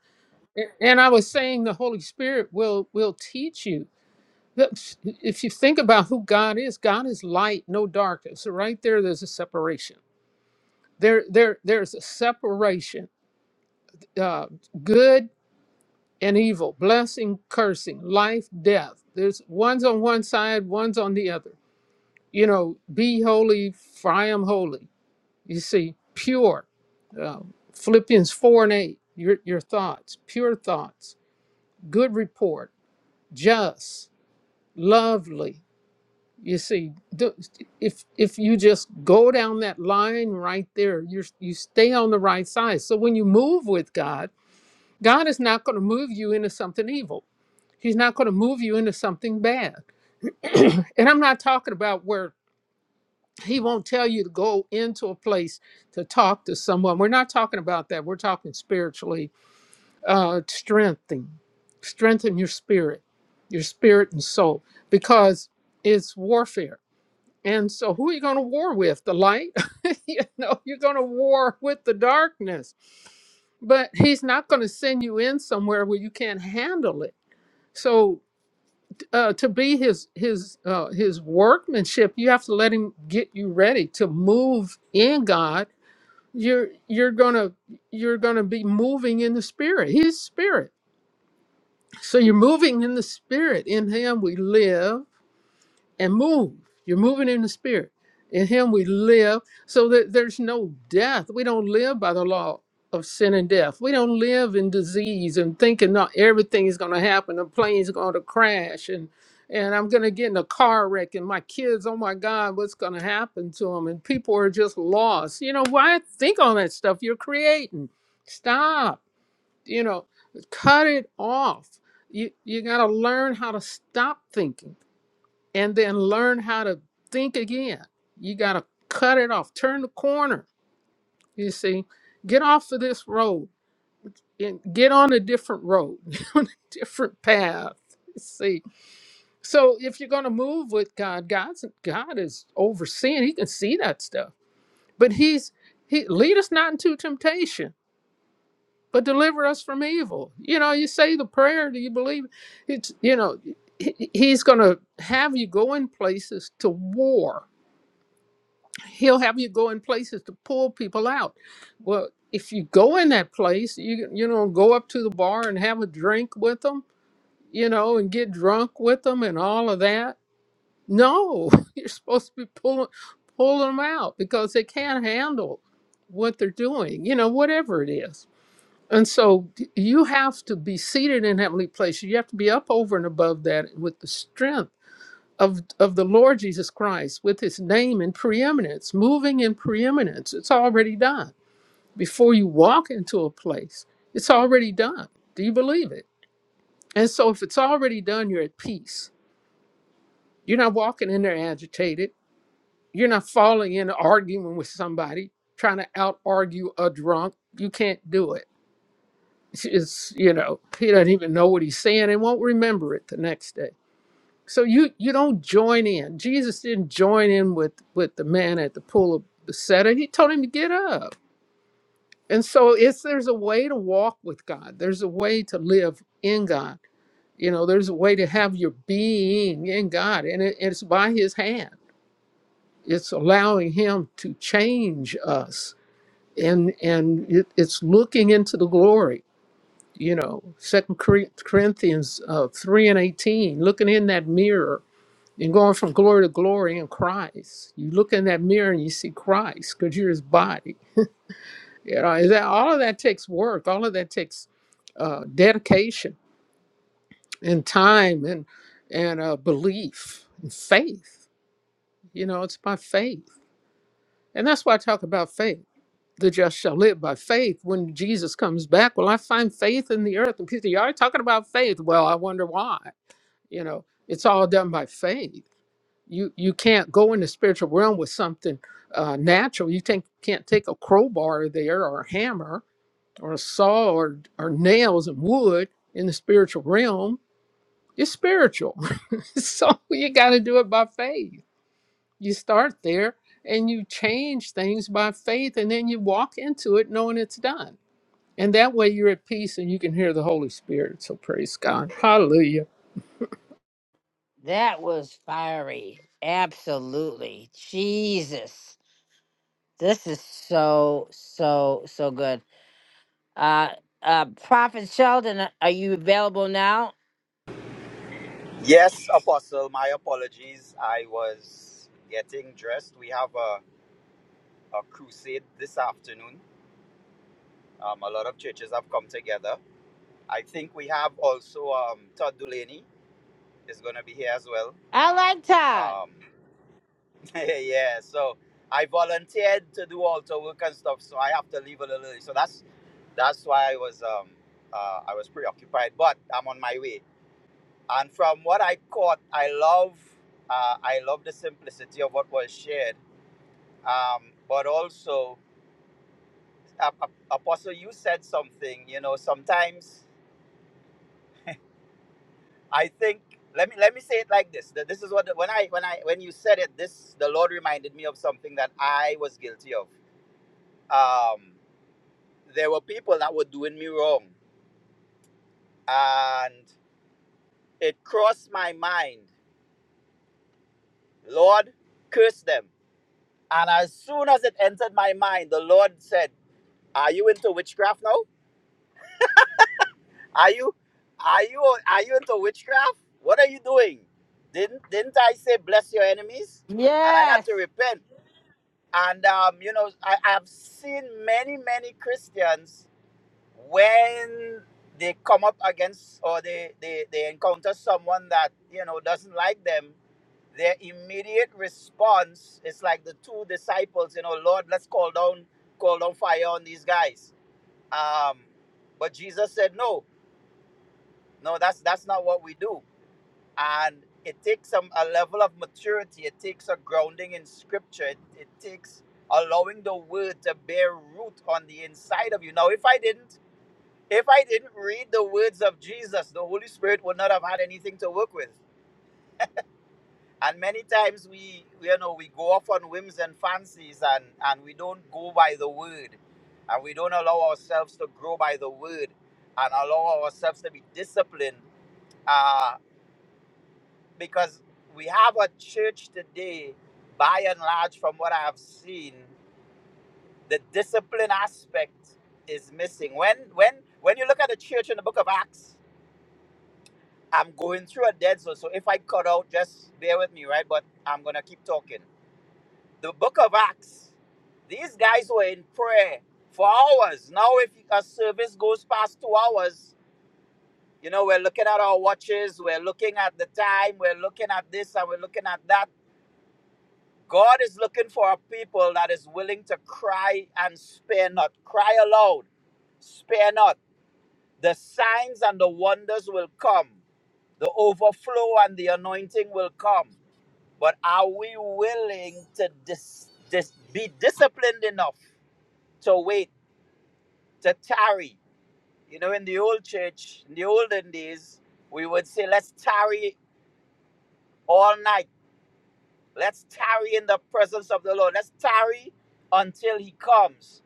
A- And I was saying the Holy Spirit will will teach you. That- If you think about who God is, God is light, no darkness. So right there, there's a separation. There, there, there's a separation. Uh, good and evil, blessing, cursing, life, death. There's one's on one side, one's on the other. You know, be holy, for I am holy. You see, pure. Uh, Philippians 4 and 8, your, your thoughts, pure thoughts, good report, just, lovely. You see, th- if if you just go down that line right there, you you stay on the right side. So when you move with God, God is not going to move you into something evil He's not going to move you into something bad. And I'm not talking about where he won't tell you to go into a place to talk to someone. We're not talking about that. We're talking spiritually, uh, strengthening, strengthen your spirit, your spirit and soul, because it's warfare. And so, who are you going to war with? The light? you know, you're going to war with the darkness. But he's not going to send you in somewhere where you can't handle it. So uh, to be his his uh, his workmanship, you have to let him get you ready to move in God. You're you're gonna you're gonna be moving in the spirit. His spirit. So you're moving in the spirit. In Him we live and move. You're moving in the spirit. In him we live so that there's no death. We don't live by the law of sin and death. We don't live in disease and thinking not everything is gonna happen. The plane's gonna crash and and I'm gonna get in a car wreck and my kids, oh my God, what's gonna happen to them? And people are just lost. You know, why think on that stuff you're creating? Stop, you know, cut it off. You you gotta learn how to stop thinking and then learn how to think again. You got to cut it off, turn the corner. You see, get off of this road and get on a different road, get on a different path. You see, so if you're going to move with God, God's God is overseeing. He can see that stuff, but He's He lead us not into temptation, but deliver us from evil. You know, you say the prayer. Do you believe? It's you know, he- He's going to have you go in places to war he'll have you go in places to pull people out. Well, if you go in that place, you you know go up to the bar and have a drink with them, you know, and get drunk with them and all of that. No, you're supposed to be pulling pulling them out because they can't handle what they're doing, you know, whatever it is. And so you have to be seated in heavenly places. You have to be up over and above that with the strength of of the Lord Jesus Christ with his name in preeminence, moving in preeminence. It's already done. Before you walk into a place, it's already done. Do you believe it? And so if it's already done, you're at peace. You're not walking in there agitated. You're not falling in arguing with somebody, trying to out argue a drunk. You can't do it. It's, it's, you know, he doesn't even know what he's saying and won't remember it the next day so you you don't join in jesus didn't join in with with the man at the pool of bethesda he told him to get up and so it's there's a way to walk with god there's a way to live in god you know there's a way to have your being in god and it, it's by his hand it's allowing him to change us and and it, it's looking into the glory you know second corinthians uh, 3 and 18 looking in that mirror You're going from glory to glory in Christ. You look in that mirror and you see Christ because you're his body. You know, is that all of that takes work, all of that takes uh, dedication and time and and uh, belief and faith. You know, it's by faith. And that's why I talk about faith. The just shall live by faith when Jesus comes back. Well, I find faith in the earth. And people, say, you are talking about faith. Well, I wonder why. You know, it's all done by faith you you can't go in the spiritual realm with something uh, natural. You think can't take a crowbar there or a hammer or a saw or or nails and wood in the spiritual realm. It's spiritual, so you got to do it by faith. You start there and you change things by faith, and then you walk into it knowing it's done. And that way you're at peace and you can hear the Holy Spirit. So praise God, Hallelujah. That was fiery. Absolutely, Jesus, this is so so so good. Uh, uh, Prophet Sheldon, uh, are you available now? Yes, Apostle, my apologies. I was getting dressed. We have a, a crusade this afternoon. Um, a lot of churches have come together. I think we have also um, Todd Dulaney is going to be here as well. I like Todd. Um, yeah, so I volunteered to do altar work and stuff, so I have to leave a little early. So that's that's why I was um, uh, I was preoccupied, but I'm on my way. And from what I caught, I love uh, I love the simplicity of what was shared um, but also Ap- Ap- apostle you said something you know sometimes i think let me let me say it like this that this is what when i when i when you said it this the lord reminded me of something that i was guilty of um, there were people that were doing me wrong and it crossed my mind lord curse them and as soon as it entered my mind the lord said are you into witchcraft now Are you are you are you into witchcraft? What are you doing? Didn't didn't I say bless your enemies? And I had Yes, to repent. And um, you know, I, I've seen many, many Christians when they come up against or they, they, they encounter someone that, you know, doesn't like them, their immediate response is like the two disciples, you know, Lord, let's call down call down fire on these guys. Um, but Jesus said no no, that's that's not what we do. And it takes some a level of maturity. It takes a grounding in scripture. It, it takes allowing the word to bear root on the inside of you. Now, if I didn't if I didn't read the words of Jesus, the Holy Spirit would not have had anything to work with. And many times we we, you know we go off on whims and fancies and and we don't go by the word. And we don't allow ourselves to grow by the word and allow ourselves to be disciplined uh, because we have a church today, by and large, from what I've seen, the discipline aspect is missing. When when when you look at the church in the book of Acts, I'm going through a dead zone, so if I cut out, just bear with me, right? But I'm gonna keep talking. The book of Acts, these guys were in prayer for hours. Now, if a service goes past two hours, you know, we're looking at our watches, we're looking at the time, we're looking at this, and we're looking at that God is looking for a people that is willing to cry and spare not. Cry aloud, spare not. The signs and the wonders will come, the overflow and the anointing will come. But are we willing to dis, dis, be disciplined enough to wait, to tarry? You know, in the old church, in the olden days, we would say, let's tarry all night. Let's tarry in the presence of the Lord. Let's tarry until he comes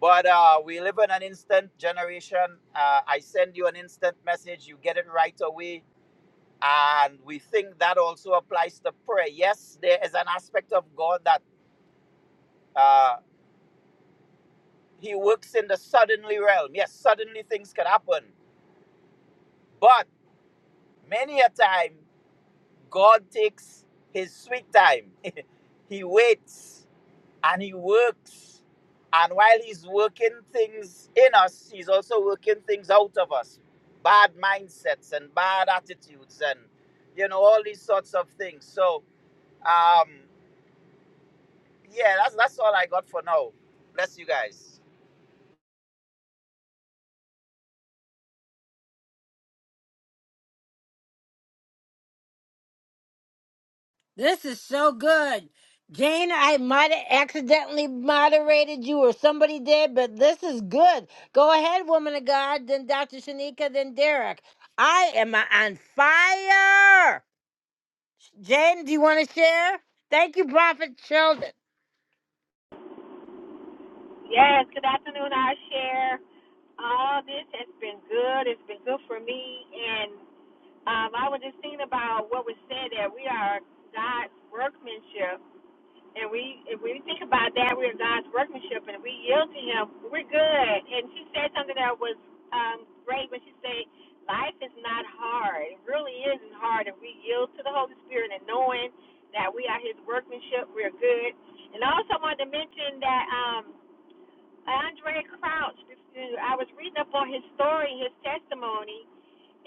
But uh, we live in an instant generation. Uh, I send you an instant message, you get it right away. And we think that also applies to prayer. Yes, there is an aspect of God that uh, He works in the suddenly realm. Yes, suddenly things can happen. But many a time, God takes His sweet time, He waits and he works. And while he's working things in us, he's also working things out of us. Bad mindsets and bad attitudes and you know, all these sorts of things. So um yeah, that's that's all I got for now. Bless you guys. this is so good. Jane, I might have accidentally moderated you or somebody did, but this is good. Go ahead, woman of God, then Dr. Shanika, then Derek. I am on fire. Jane, do you want to share? Thank you, Prophet Sheldon. Yes, good afternoon. I share all this has been good. It's been good for me. And um, I was just thinking about what was said that we are God's workmanship. And we, if we think about that, we are God's workmanship, and if we yield to Him, we're good. And she said something that was um, great when she said, "Life is not hard. It really isn't hard if we yield to the Holy Spirit and knowing that we are His workmanship. We're good." And I also wanted to mention that. Um, Andre Crouch, I was reading up on his story, his testimony,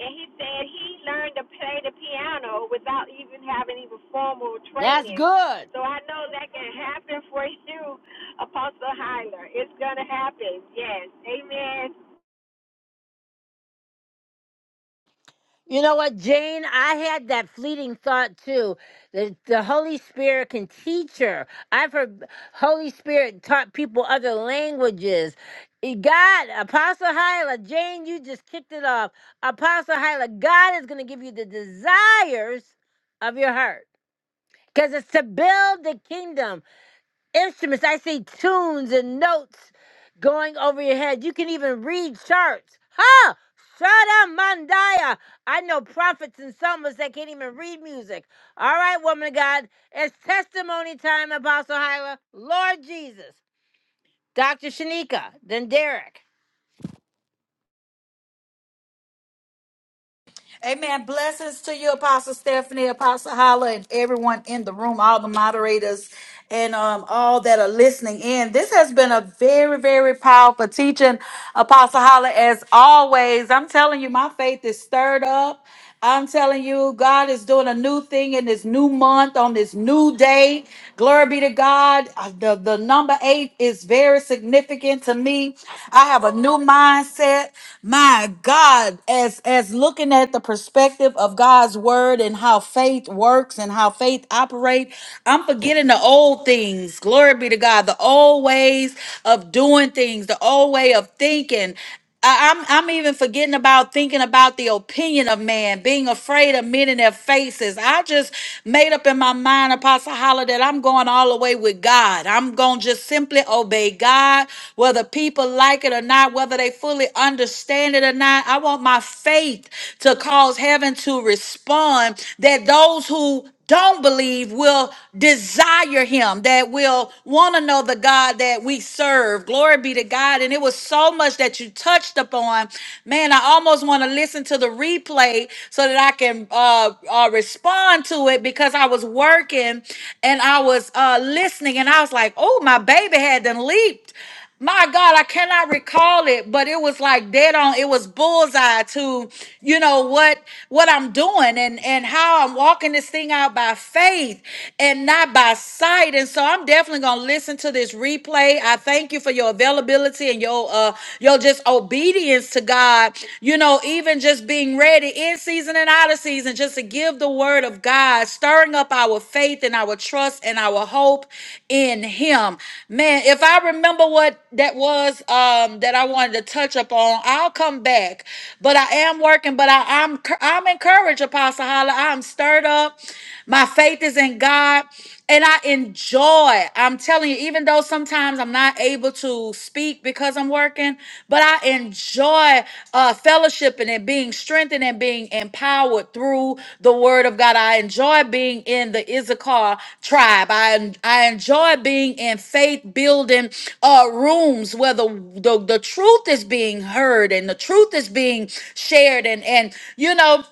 and he said he learned to play the piano without even having even formal That's training. good. So I know that can happen for you, Apostle Hyler. It's going to happen. Yes. Amen. You know what, Jane? I had that fleeting thought too. That the Holy Spirit can teach her. I've heard Holy Spirit taught people other languages. Eh, God, Apostle Hyla, Jane, you just kicked it off. Apostle Hyla, God is going to give you the desires of your heart because it's to build the kingdom instruments. I see tunes and notes going over your head. You can even read charts. Huh? Shada Mandaya. I know prophets and psalmists that can't even read music. All right, woman of God. It's testimony time, Apostle Hyla. Lord Jesus. Dr. Shanika. Then Derek. Amen. Blessings to you, Apostle Stephanie, Apostle Holla, and everyone in the room, all the moderators, and um, all that are listening in. This has been a very, very powerful teaching, Apostle Holla, as always. I'm telling you, my faith is stirred up. I'm telling you, God is doing a new thing in this new month, on this new day. Glory be to God. Uh, The, the number eight is very significant to me. I have a new mindset. My God, as as looking at the perspective of God's word and how faith works and how faith operates, I'm forgetting the old things. Glory be to God. The old ways of doing things, the old way of thinking. I- I'm I'm even forgetting about thinking about the opinion of man, being afraid of men in their faces. I just made up in my mind, Apostle Holler, that I'm going all the way with God. I'm gonna just simply obey God, whether people like it or not, whether they fully understand it or not. I want my faith to cause heaven to respond. That those who don't believe will desire him, that will want to know the God that we serve. Glory be to God. And it was so much that you touched upon. Man, I almost want to listen to the replay so that I can uh, uh, respond to it because I was working and I was uh, listening and I was like, oh, my baby had done leaped my God, I cannot recall it, but it was like dead on. It was bullseye to, you know, what what I'm doing and and how I'm walking this thing out by faith and not by sight. And so I'm definitely gonna listen to this replay. I thank you for your availability and your uh your just obedience to God. You know, even just being ready in season and out of season season just to give the word of God, stirring up our faith and our trust and our hope in Him. Man, if I remember what that was um, that I wanted to touch upon, I'll come back. But I am working, but I, I'm I'm encouraged, Apostle Holla. I'm stirred up. My faith is in God and I enjoy. I'm telling you, even though sometimes I'm not able to speak because I'm working, but I enjoy uh, fellowshipping and being strengthened and being empowered through the Word of God. I enjoy being in the Issachar tribe. I I enjoy being in faith building uh, rooms where the, the the truth is being heard and the truth is being shared, and and you know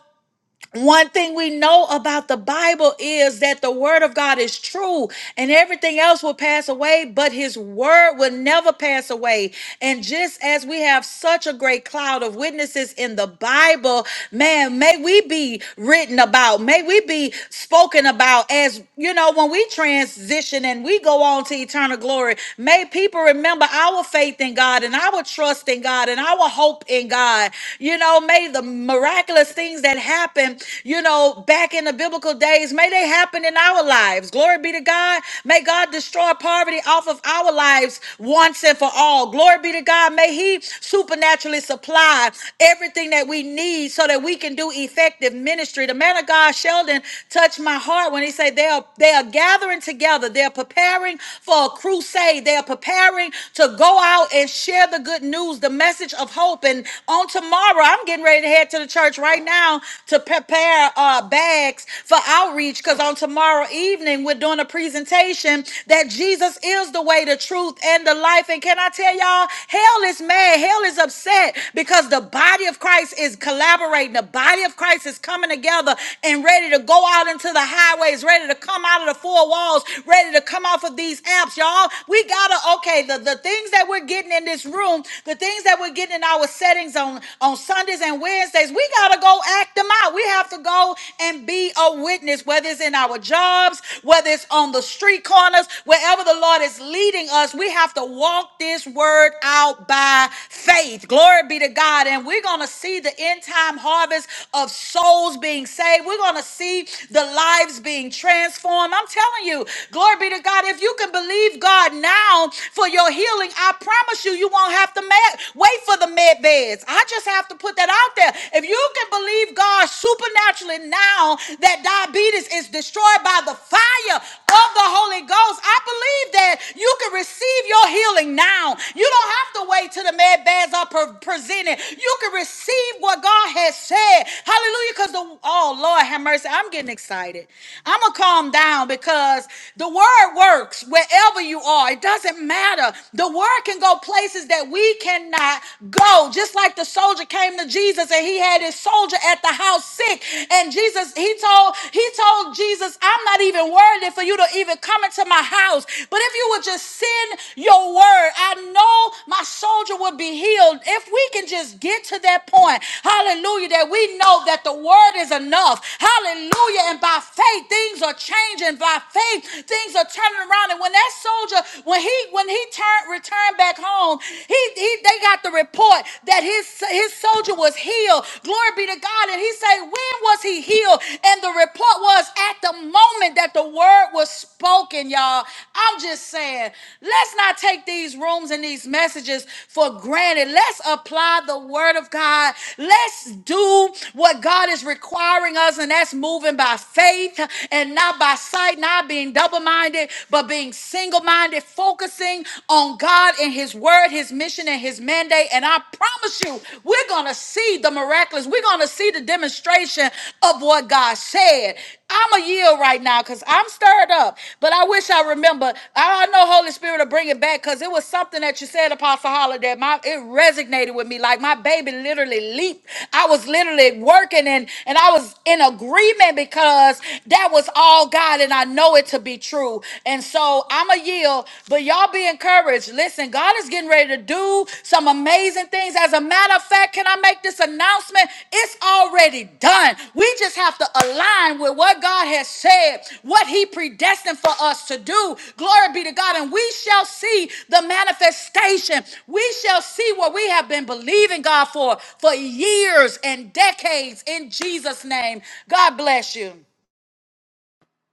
one thing we know about the Bible is that the word of God is true and everything else will pass away, but his word will never pass away. And just as we have such a great cloud of witnesses in the Bible, man, may we be written about, may we be spoken about as, you know, when we transition and we go on to eternal glory, may people remember our faith in God and our trust in God and our hope in God. You know, may the miraculous miraculous things that happened, you know, back in the biblical days, may they happen in our lives. Glory be to God. May God destroy poverty off of our lives once and for all. Glory be to God. May He supernaturally supply everything that we need so that we can do effective ministry. The man of God, Sheldon, touched my heart when he said they are they are gathering together. They're preparing for a crusade. They are preparing to go out and share the good news, the message of hope. And on tomorrow, tomorrow I'm getting ready to head to the church right now to prepare uh, bags for outreach because on tomorrow evening we're doing a presentation that Jesus is the way, the truth, and the life. And can I tell y'all, hell is mad, hell is upset because the body of Christ is collaborating, the body of Christ is coming together and ready to go out into the highways, ready to come out of the four walls, ready to come off of these apps, y'all. We gotta okay the the things that we're getting in this room, the things that we're getting getting in our settings on, on Sundays and Wednesdays, we got to go act them out. We have to go and be a witness, whether it's in our jobs, whether it's on the street corners, wherever the Lord is leading us, we have to walk this word out by faith. Glory be to God. And we're going to see the end time harvest of souls being saved. We're going to see the lives being transformed. I'm telling you, glory be to God. If you can believe God now for your healing, I promise you, you won't have to ma- wait for the med beds. I just have to put that out there. If you can believe God supernaturally now that diabetes is destroyed by the fire of the Holy Ghost, I believe that you can receive your healing now. You don't have to wait till the med beds are pre- presented. You can receive what God has said. Hallelujah. Because the, oh Lord, have mercy. I'm getting excited. I'm going to calm down because the word works wherever you are. It doesn't matter order. The word can go places that we cannot go. Just like the soldier came to Jesus and he had his soldier at the house sick. And Jesus, he told, he told Jesus, I'm not even worthy for you to even come into my house. But if you would just send your word, I know my soldier would be healed. If we can just get to that point, hallelujah, that we know that the word is enough. Hallelujah. And by faith, things are changing. By faith, things are turning around. And when that soldier, when he when he turned returned back home, he, he they got the report that his his soldier was healed. Glory be to God. And he said, when was he healed? And the report was at the moment that the word was spoken, y'all. I'm just saying, let's not take these rooms and these messages for granted. Let's apply the word of God. Let's do what God is requiring us, and that's moving by faith and not by sight, not being double-minded minded, but being single minded, focusing on God and His word, His mission, and His mandate. And I promise you, we're going to see the miraculous. We're going to see the demonstration of what God said. I'm a yield right now because I'm stirred up, but I wish I remember. I I know Holy Spirit will bring it back because it was something that you said, Apostle Holiday. My it resonated with me. Like my baby literally leaped. I was literally working and and I was in agreement because that was all God. God, and I know it to be true. And so I'm a yield, but y'all be encouraged. Listen, God is getting ready to do some amazing things. As a matter of fact, can I make this announcement? It's already done. We just have to align with what God has said, what He predestined for us to do. Glory be to God. And we shall see the manifestation. We shall see what we have been believing God for for years and decades in Jesus' name. God bless you.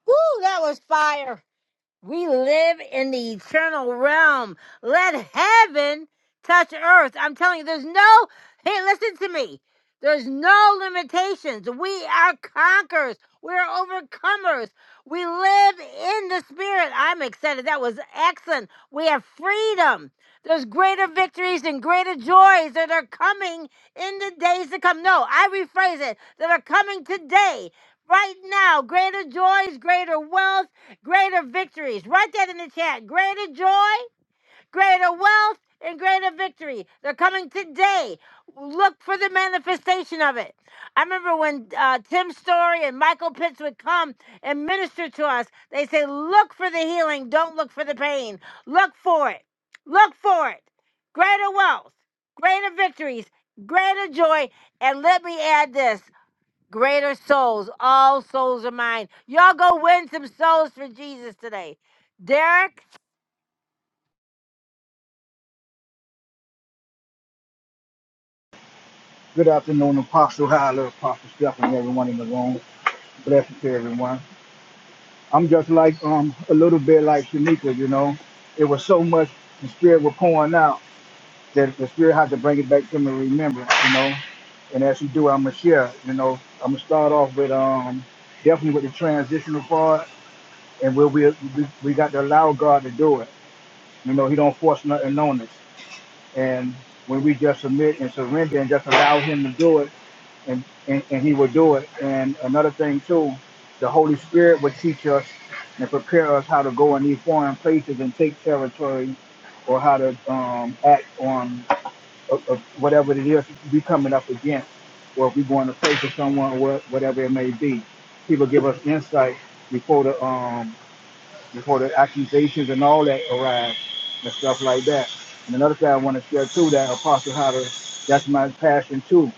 Woo, that was fire. We live in the eternal realm. Let heaven touch earth. I'm telling you, there's no, hey, listen to me. There's no limitations. We are conquerors. We're overcomers. We live in the spirit. I'm excited. That was excellent. We have freedom. There's greater victories and greater joys that are coming in the days to come. No, I rephrase it that are coming today, right now. Greater joys, greater wealth greater victories. Write that in the chat. Greater joy, greater wealth, and greater victory. They're coming today. Look for the manifestation of it. I remember when uh, Tim Story and Michael Pitts would come and minister to us, they say, Look for the healing, don't look for the pain. Look for it. Look for it. Greater wealth, greater victories, greater joy. And let me add this. Greater souls. All souls are mine. Y'all go win some souls for Jesus today. Derek? Good afternoon, Apostle Hyler, Apostle Stephanie, everyone in the room. Blessings to everyone. I'm just like um a little bit like Shanika, you know. It was so much the spirit was pouring out that the spirit had to bring it back to me. Remember, you know. And as you do, I'm gonna share. You know, I'm gonna start off with um definitely with the transitional part and we we we, we got to allow God to do it. You know, He don't force nothing on us. And when we just submit and surrender and just allow Him to do it, and and, and He will do it. And another thing too, the Holy Spirit will teach us and prepare us how to go in these foreign places and take territory, or how to um, act on uh, uh, whatever it is we coming up against, or if we going to face with someone, or wha- whatever it may be. He will give us insight before the um, before the accusations and all that arise and stuff like that. And another thing I want to share too that Apostle Hunter, that's my passion too,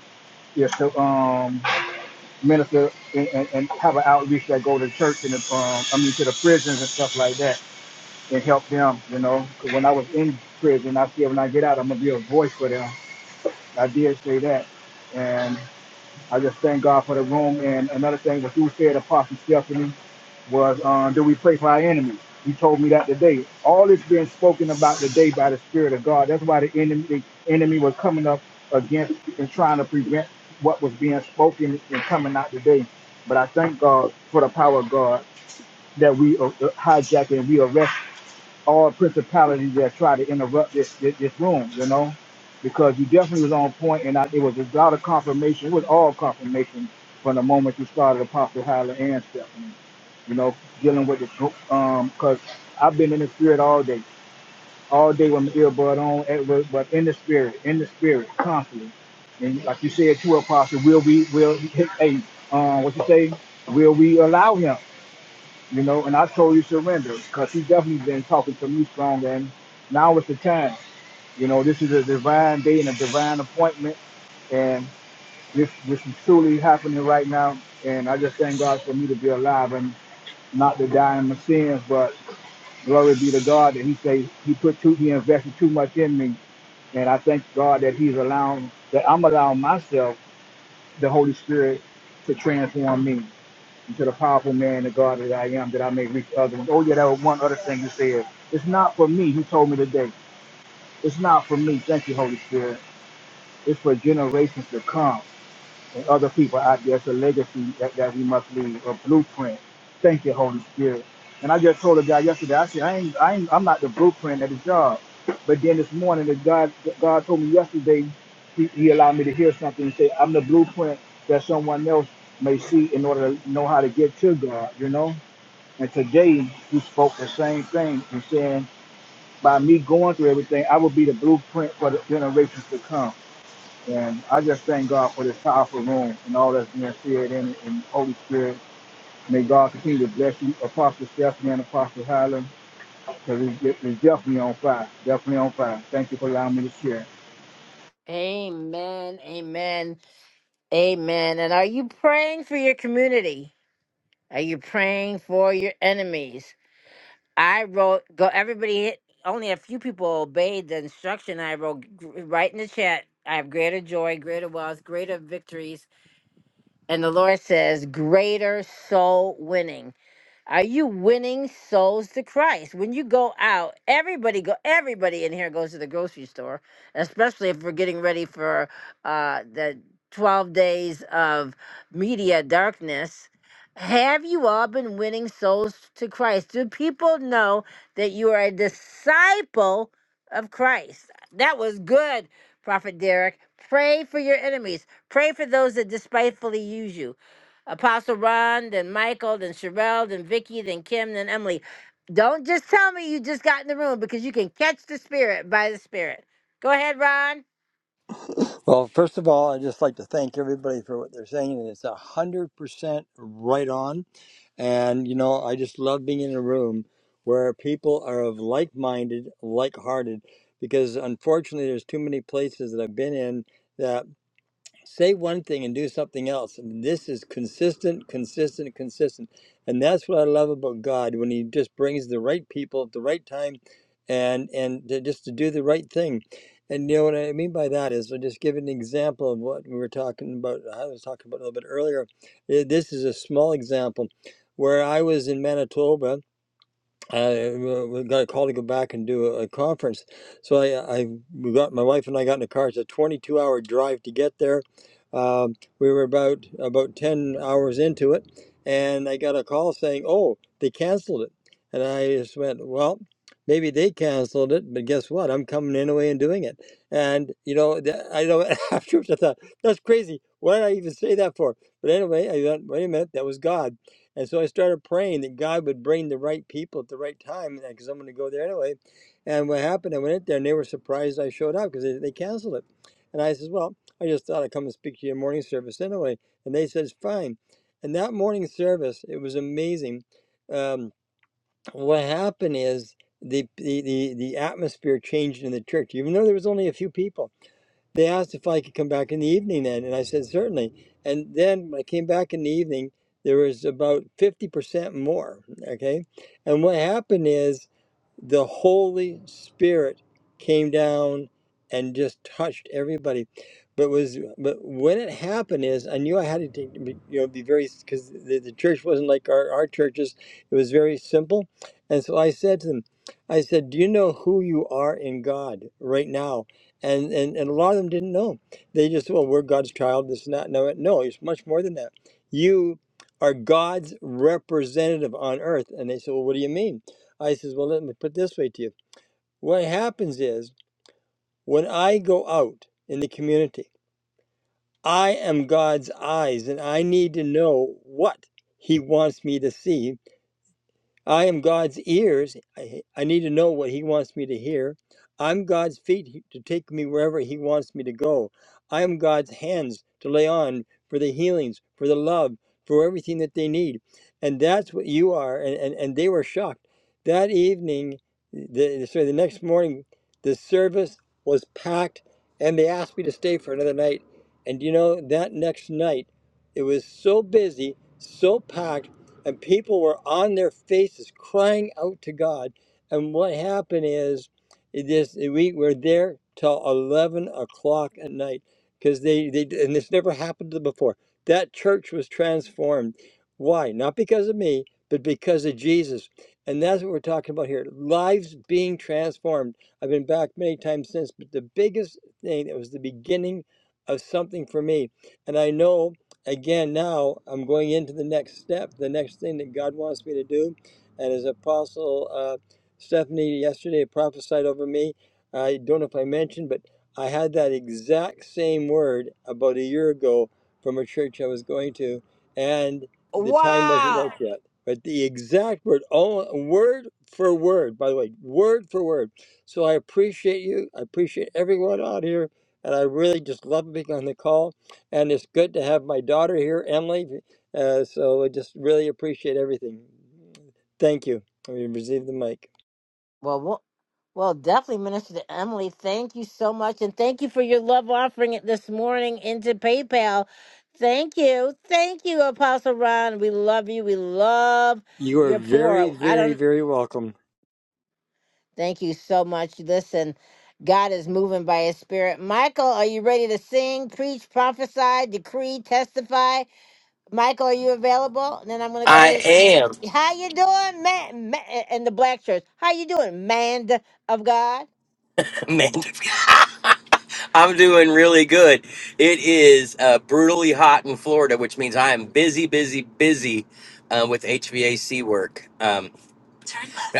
is to um, minister and, and, and have an outreach that go to church and um, I mean to the prisons and stuff like that and help them. You know, 'Cause when I was in prison, I said when I get out, I'm gonna be a voice for them. I did say that, and. I just thank God for the room. And another thing, what you said, Apostle Stephanie, was um, do we pray for our enemies? You told me that today. All this being spoken about today by the Spirit of God. That's why the enemy, the enemy was coming up against and trying to prevent what was being spoken and coming out today. But I thank God for the power of God that we uh, hijacked and we arrest all principalities that try to interrupt this, this this room, you know, because you definitely was on point, and I, it was a lot of confirmation. It was all confirmation from the moment you started Apostle Hyla and Stephanie, you know, dealing with this group. Um, because I've been in the spirit all day, all day with my earbud on, eh, but but in the spirit, in the spirit, constantly. And like you said, to Apostle, will we, will, hey, um, what you say? Will we allow him? you know, and I told you surrender because he's definitely been talking to me strong. And now is the time. You know, this is a divine day and a divine appointment, and this this is truly happening right now. And I just thank God for me to be alive and not to die in my sins. But glory be to God that He say He put too He invested too much in me, and I thank God that He's allowing that I'm allowing myself the Holy Spirit to transform me to the powerful man, the God that I am, that I may reach others. Oh, yeah, that was one other thing you said. It's not for me, he told me today. It's not for me. Thank you, Holy Spirit. It's for generations to come and other people out there. It's a legacy that, that we must leave, a blueprint. Thank you, Holy Spirit. And I just told a guy yesterday, I said, I ain't, I ain't, I'm not the blueprint at the job. But then this morning, the God, God told me yesterday, he, he allowed me to hear something and say, I'm the blueprint that someone else may see in order to know how to get to God, you know? And today he spoke the same thing and saying, by me going through everything, I will be the blueprint for the generations to come. And I just thank God for this powerful room and all that's being said in it. And Holy Spirit, may God continue to bless you, Apostle Stephanie and Apostle Highland, because it's, it's definitely on fire, definitely on fire. Thank you for allowing me to share. Amen. Amen. Amen. And are you praying for your community? Are you praying for your enemies? I wrote, go, everybody hit, only a few people obeyed the instruction I wrote g- right in the chat. I have greater joy, greater wealth, greater victories. And the Lord says, greater soul winning. Are you winning souls to Christ? When you go out, everybody go everybody in here goes to the grocery store, especially if we're getting ready for uh the 12 days of media darkness. Have you all been winning souls to Christ? Do people know that you are a disciple of Christ? That was good, Prophet Derek. Pray for your enemies. Pray for those that despitefully use you. Apostle Ron, then Michael, then Sherelle, then Vicky, then Kim, then Emily. Don't just tell me you just got in the room because you can catch the spirit by the spirit. Go ahead, Ron. Well, first of all, I'd just like to thank everybody for what they're saying, and it's a hundred percent right on. And you know, I just love being in a room where people are of like-minded, like-hearted, because unfortunately, there's too many places that I've been in. that say one thing and do something else. And this is consistent, consistent, consistent. And that's what I love about God when He just brings the right people at the right time and and to, just to do the right thing. And you know what I mean by that is I'll just give an example of what we were talking about. I was talking about a little bit earlier. Uh, This is a small example where I was in Manitoba I uh, we got a call to go back and do a, a conference. So I, I we got my wife and I got in the car. It's a 22 hour drive to get there. Um, we were about about 10 hours into it, and I got a call saying, "Oh, they canceled it." And I just went, "Well, maybe they canceled it, but guess what? I'm coming anyway and doing it." And you know, the- I know afterwards I thought that's crazy. Why did I even say that for? But anyway, I thought, wait a minute, that was God and so I started praying that God would bring the right people at the right time because I'm going to go there anyway. And what happened, I went in there and they were surprised I showed up because they, they canceled it. And I said, Well, I just thought I'd come and speak to your morning service anyway. And they said, Fine. And that morning service, it was amazing. Um, what happened is the, the, the, the atmosphere changed in the church, even though there was only a few people they asked if I could come back in the evening then, and I said certainly. And then when I came back in the evening, there was about 50% more. Okay. And what happened is the Holy Spirit came down and just touched everybody. But was but when it happened is I knew I had to take, you know be very because the, the church wasn't like our, our churches. It was very simple, and so I said to them, I said, "Do you know who you are in God right now?" And and, and a lot of them didn't know. They just well we're God's child. This not no it- no. It's much more than that. You are God's representative on earth, and they said, "Well, what do you mean?" I says, Well, let me put it this way to you. What happens is when I go out in the community, I am God's eyes and I need to know what He wants me to see I am God's ears. I, I need to know what He wants me to hear. I'm God's feet to take me wherever He wants me to go. I am God's hands to lay on for the healings, for the love, for everything that they need. And that's what you are. And, and, and they were shocked. That evening, the, sorry, the next morning, the service was packed and they asked me to stay for another night. And you know, that next night, it was so busy, so packed and people were on their faces crying out to God. And what happened is, it is we were there till eleven o'clock at night because they they and this never happened to them before. That church was transformed. Why? Not because of me, but because of Jesus. And that's what we're talking about here. Lives being transformed. I've been back many times since, but the biggest thing that was the beginning of something for me. And I know again now i'm going into the next step the next thing that god wants me to do and as apostle uh, stephanie yesterday prophesied over me i don't know if i mentioned but i had that exact same word about a year ago from a church i was going to and the time wasn't right Wow. yet but the exact word all word for word by the way word for word so i appreciate you i appreciate everyone out here and i really just love being on the call and it's good to have my daughter here, Emily. Uh, so I just really appreciate everything. Thank you. I mean, receive the mic. Well, well, well, definitely, Minister to Emily. Thank you so much, and thank you for your love offering it this morning into PayPal. Thank you, thank you, Apostle Ron. We love you. We love You are your very, poor. I don't. very, very welcome. Thank you so much. Listen, God is moving by his spirit. Michael, are you ready to sing, preach, prophesy, decree, testify? Michael, are you available? And then I'm going to go I to am, How you doing, man, man in the black church? How you doing, man of God? Amanda. I'm doing really good. It is uh, brutally hot in Florida, which means I am busy, busy, busy uh, with HVAC work. Um,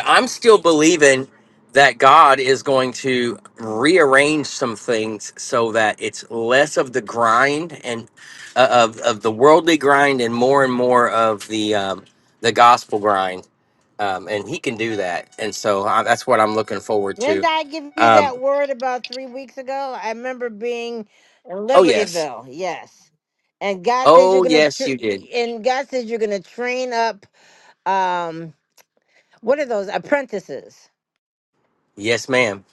I'm still believing that God is going to rearrange some things so that it's less of the grind and uh, of of the worldly grind and more and more of the um, the gospel grind. um, and he can do that. And so I, that's what I'm looking forward Didn't to. I give you Um, that word about 3 weeks ago? I remember being in oh yes, Libertyville. Yes. And God says you're oh going to tr yes, you did. and God says you're going to train up um what are those apprentices? Yes, ma'am.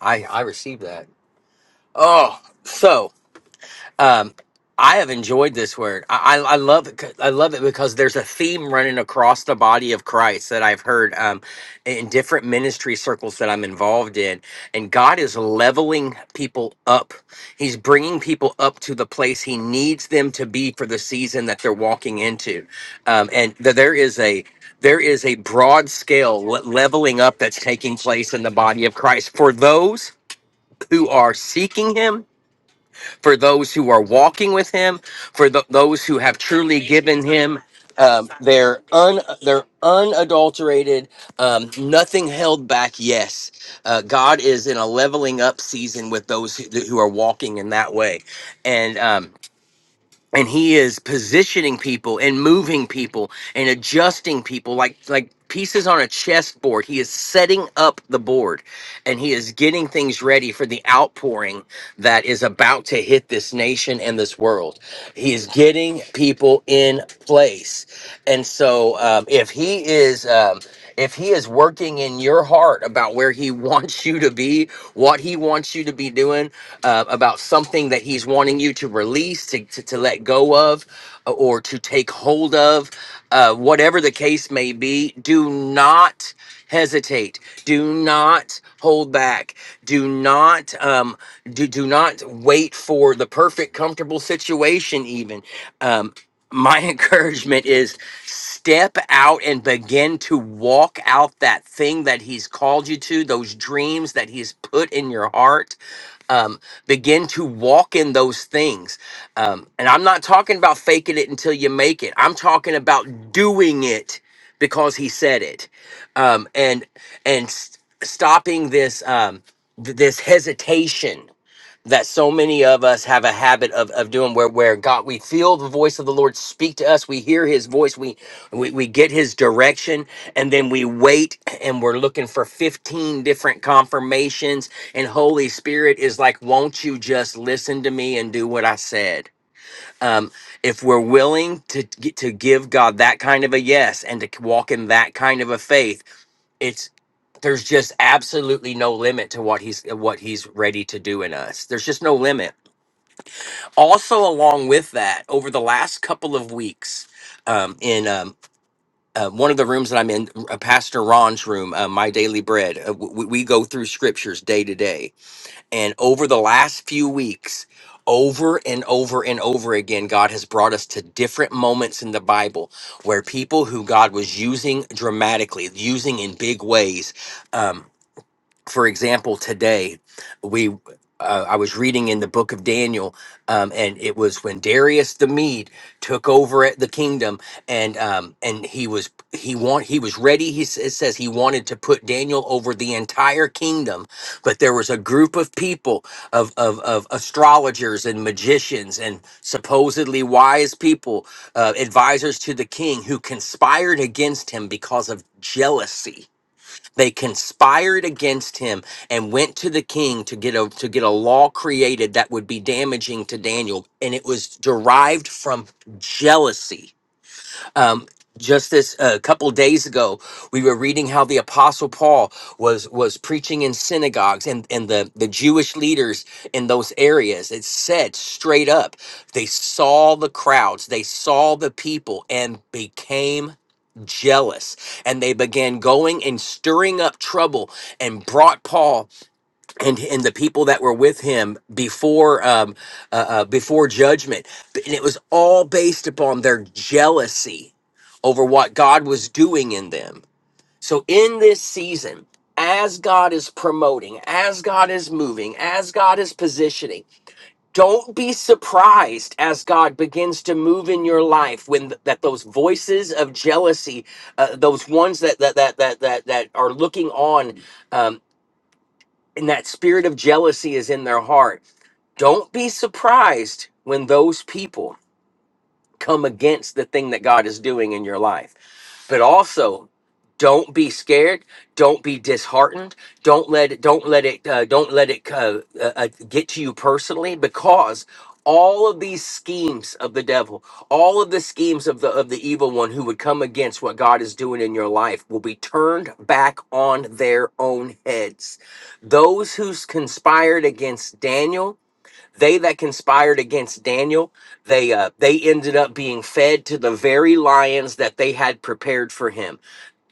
I I received that. Oh, so. um i have enjoyed this word i i I love it 'cause- i love it because there's a theme running across the body of christ that i've heard um in different ministry circles that i'm involved in and god is leveling people up he's bringing people up to the place he needs them to be for the season that they're walking into um and th- there is a there is a broad scale le- leveling up that's taking place in the body of christ for those who are seeking him for those who are walking with him, for th- those who have truly given him um, their un their unadulterated, um, nothing held back. Yes, uh, God is in a leveling up season with those who, who are walking in that way, and um, and He is positioning people and moving people and adjusting people like like pieces on a chessboard. He is setting up the board, and he is getting things ready for the outpouring that is about to hit this nation and this world. He is getting people in place. And so um, if he is. Um, if he is working in your heart about where he wants you to be, what he wants you to be doing, uh, about something that he's wanting you to release, to, to, to let go of, uh, or to take hold of, uh, whatever the case may be, do not hesitate. Do not hold back. Do not um, do do not wait for the perfect, comfortable situation. Even um, my encouragement is step out and begin to walk out that thing that He's called you to. Those dreams that He's put in your heart. Um, begin to walk in those things. Um, and I'm not talking about faking it until you make it. I'm talking about doing it because he said it um, and and s- stopping this um, th- this hesitation that so many of us have a habit of, of doing where where God we feel the voice of the Lord speak to us we hear his voice we, we we get his direction and then we wait and we're looking for 15 different confirmations and Holy Spirit is like won't you just listen to me and do what I said um, if we're willing to to give God that kind of a yes and to walk in that kind of a faith it's there's just absolutely no limit to what he's what he's ready to do in us. There's just no limit. Also, along with that, over the last couple of weeks, um, in um, uh, one of the rooms that I'm in, uh, Pastor Ron's room, uh, My Daily Bread, uh, we, we go through scriptures day to day, and over the last few weeks. Over and over and over again, God has brought us to different moments in the Bible where people who God was using dramatically, using in big ways, um, for example, today we uh, I was reading in the book of Daniel, um, and it was when Darius the Mede took over at the kingdom, and um, and he was he want he was ready. He s- it says he wanted to put Daniel over the entire kingdom, but there was a group of people of of, of astrologers and magicians and supposedly wise people, uh, advisors to the king, who conspired against him because of jealousy they conspired against him and went to the king to get a to get a law created that would be damaging to Daniel, and it was derived from jealousy um, just this a couple days ago, we were reading how the Apostle Paul was was preaching in synagogues, and and the the Jewish leaders in those areas. It said straight up, they saw the crowds, they saw the people, and became jealous and they began going and stirring up trouble and brought paul and and the people that were with him before um uh, uh, before judgment and it was all based upon their jealousy over what God was doing in them so in this season as God is promoting as God is moving as God is positioning don't be surprised as God begins to move in your life when th- that those voices of jealousy uh, those ones that that that that that, that are looking on um, and that spirit of jealousy is in their heart. Don't be surprised when those people come against the thing that God is doing in your life. But also, don't be scared. Don't be disheartened. Don't let it. Don't let it. Uh, don't let it uh, uh, uh, get to you personally, because all of these schemes of the devil, all of the schemes of the of the evil one who would come against what God is doing in your life, will be turned back on their own heads. Those who conspired against Daniel they that conspired against Daniel, they uh, they ended up being fed to the very lions that they had prepared for him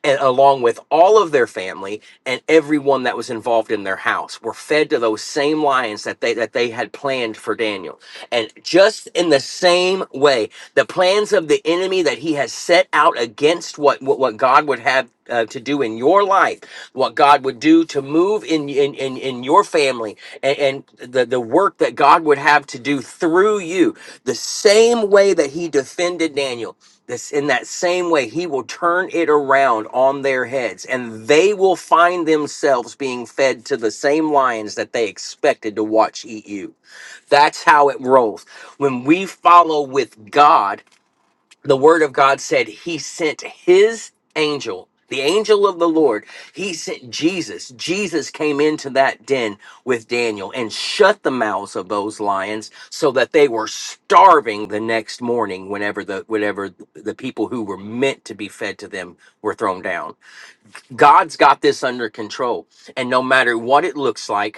and along with all of their family and everyone that was involved in their house were fed to those same lions that they that they had planned for Daniel. And just in the same way, the plans of the enemy that he has set out against what what, what God would have uh, to do in your life, what God would do to move in in in, in your family and, and the, the work that God would have to do through you, the same way that he defended Daniel this in that same way, he will turn it around on their heads, and they will find themselves being fed to the same lions that they expected to watch eat you. That's how it rolls. When we follow with God, the word of God said he sent his angel, the angel of the Lord. He sent Jesus. Jesus came into that den with Daniel and shut the mouths of those lions so that they were starving the next morning whenever the whenever the people who were meant to be fed to them were thrown down. God's got this under control. And no matter what it looks like,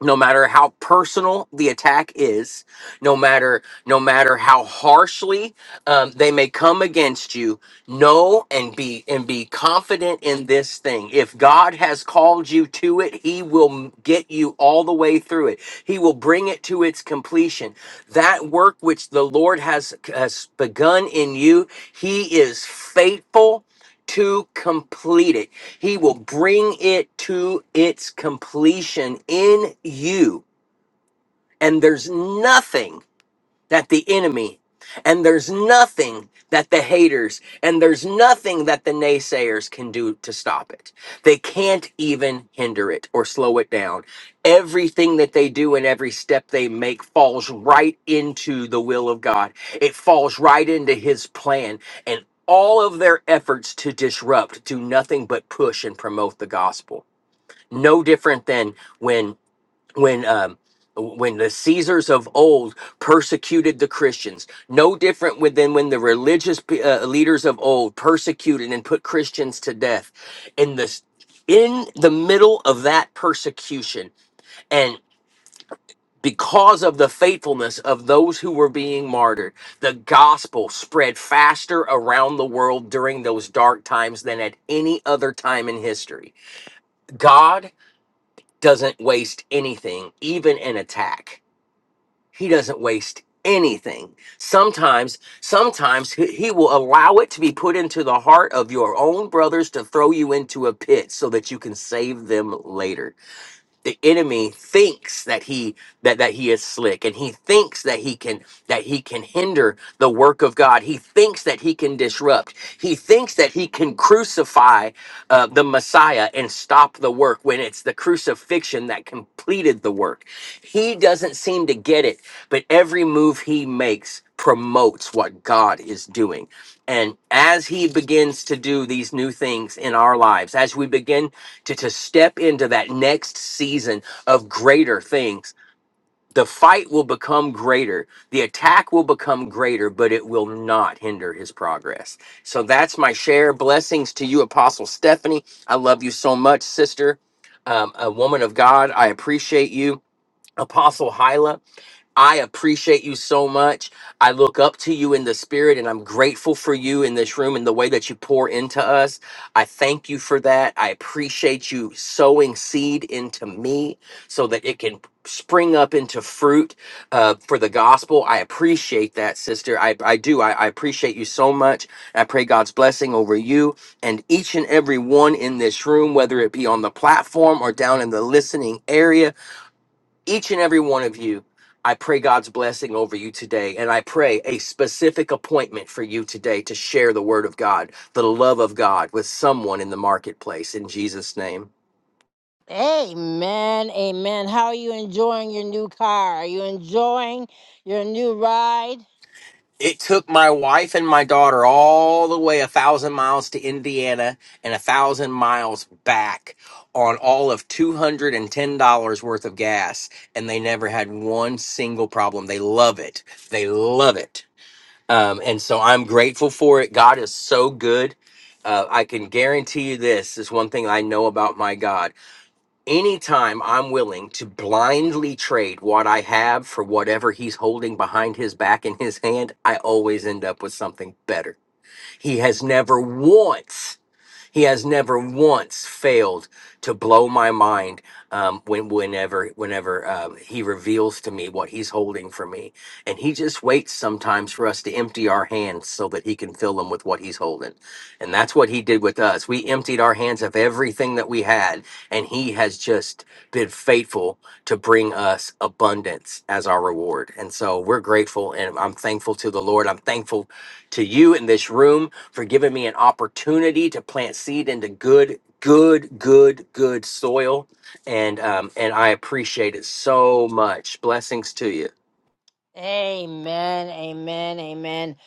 no matter how personal the attack is no matter no matter how harshly um, they may come against you know and be and be confident in this thing if god has called you to it he will m- get you all the way through it he will bring it to its completion that work which the lord has has begun in you he is faithful to complete it he will bring it to its completion in you. And there's nothing that the enemy and there's nothing that the haters and there's nothing that the naysayers can do to stop it. They can't even hinder it or slow it down. Everything that they do and every step they make falls right into the will of God. It falls right into his plan and all of their efforts to disrupt do nothing but push and promote the gospel. No different than when when um when the caesars of old persecuted the christians no different with- than when the religious pe- uh, leaders of old persecuted and put christians to death in this in the middle of that persecution and because of the faithfulness of those who were being martyred, the gospel spread faster around the world during those dark times than at any other time in history. God doesn't waste anything, even an attack He doesn't waste anything. Sometimes, sometimes he he will allow it to be put into the heart of your own brothers to throw you into a pit so that you can save them later the enemy thinks that he that that he is slick and he thinks that he can that he can hinder the work of god he thinks that he can disrupt he thinks that he can crucify uh, the messiah and stop the work when it's the crucifixion that completed the work he doesn't seem to get it but every move he makes promotes what god is doing and as he begins to do these new things in our lives as we begin to, to step into that next season of greater things. The fight will become greater, the attack will become greater, but it will not hinder his progress. So that's my share. Blessings to you, Apostle Stephanie. I love you so much, sister, um, a woman of God. I appreciate you, Apostle Hyla. I appreciate you so much. I look up to you in the spirit, and I'm grateful for you in this room and the way that you pour into us. I thank you for that. I appreciate you sowing seed into me so that it can spring up into fruit uh, for the gospel. I appreciate that, sister. I, I do. I, I appreciate you so much. I pray God's blessing over you and each and every one in this room, whether it be on the platform or down in the listening area each and every one of you, I pray God's blessing over you today. And I pray a specific appointment for you today to share the word of God, the love of God with someone in the marketplace in Jesus' name. Amen, amen. How are you enjoying your new car? Are you enjoying your new ride? It took my wife and my daughter all the way a thousand miles to Indiana and a thousand miles back on all of $210 worth of gas. And they never had one single problem. They love it. They love it Um, and so I'm grateful for it. God is so good. Uh, I can guarantee you this, is one thing I know about my God. Anytime I'm willing to blindly trade what I have for whatever he's holding behind his back in his hand, I always end up with something better. He has never once he has never once failed to blow my mind um, when, whenever, whenever um, he reveals to me what he's holding for me. And he just waits sometimes for us to empty our hands so that he can fill them with what he's holding. And that's what he did with us. We emptied our hands of everything that we had, and he has just been faithful to bring us abundance as our reward. And so we're grateful and I'm thankful to the Lord. I'm thankful to you in this room for giving me an opportunity to plant seed into good, good, good, good soil. And um, and I appreciate it so much. Blessings to you. Amen, amen, amen.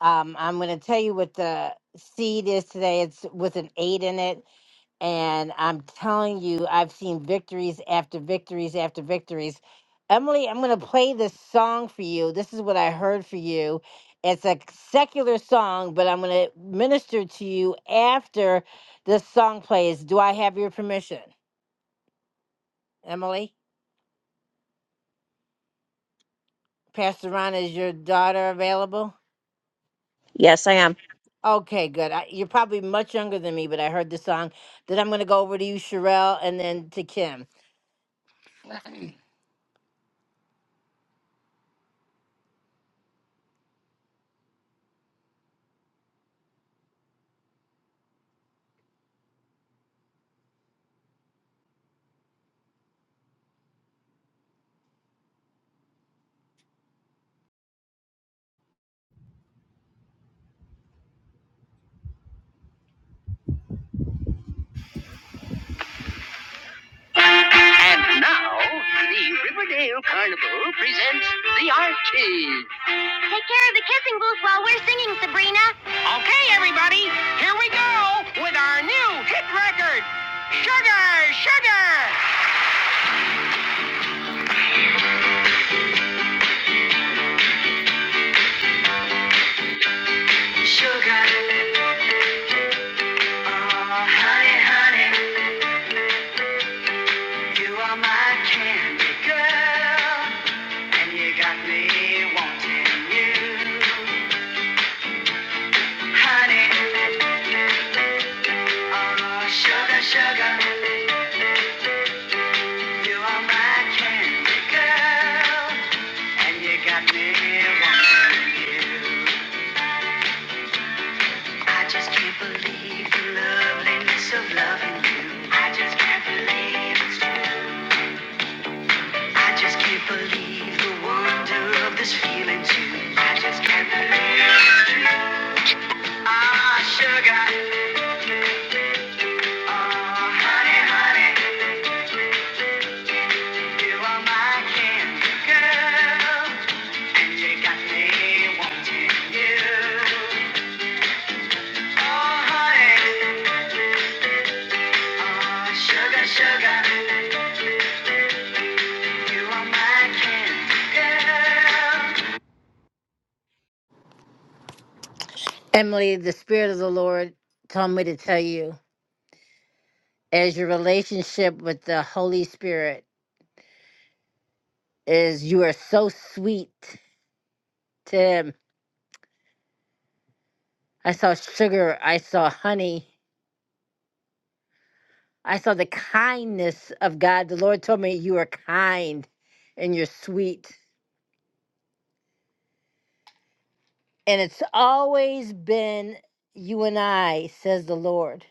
Um, I'm going to tell you what the seed is today. It's with an eight in it. And I'm telling you, I've seen victories after victories after victories. Emily, I'm going to play this song for you. This is what I heard for you. It's a secular song, but I'm going to minister to you after this song plays. Do I have your permission, Emily? Pastor Ron, is your daughter available? Yes, I am. Okay, good. I, you're probably much younger than me, but I heard the song. Then I'm going to go over to you, Sherelle, and then to Kim. Now, the Riverdale Carnival presents the Archies. Take care of the kissing booth while we're singing, Sabrina. Okay, everybody, here we go with our new hit record, Sugar, Sugar. Sugar, oh honey, honey, you my candy girl, and you, honey, oh you really want one. I just can't believe you. I just can't believe you. Oh honey, oh, and you want Emily, the Spirit of the Lord told me to tell you as your relationship with the Holy Spirit is, you are so sweet to Him. I saw sugar, I saw honey, I saw the kindness of God. The Lord told me you are kind and you're sweet. And it's always been you and I, says the Lord.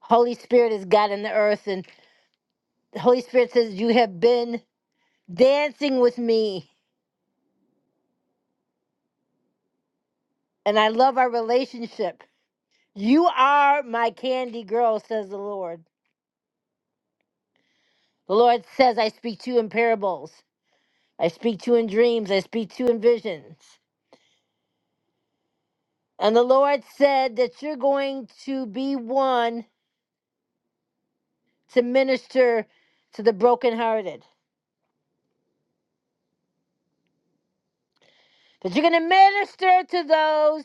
Holy Spirit is God in the earth, and the Holy Spirit says, You have been dancing with me, and I love our relationship. You are my candy girl, says the Lord. The Lord says, I speak to you in parables, I speak to you in dreams, I speak to you in visions. And the Lord said that you're going to be one to minister to the brokenhearted, that you're going to minister to those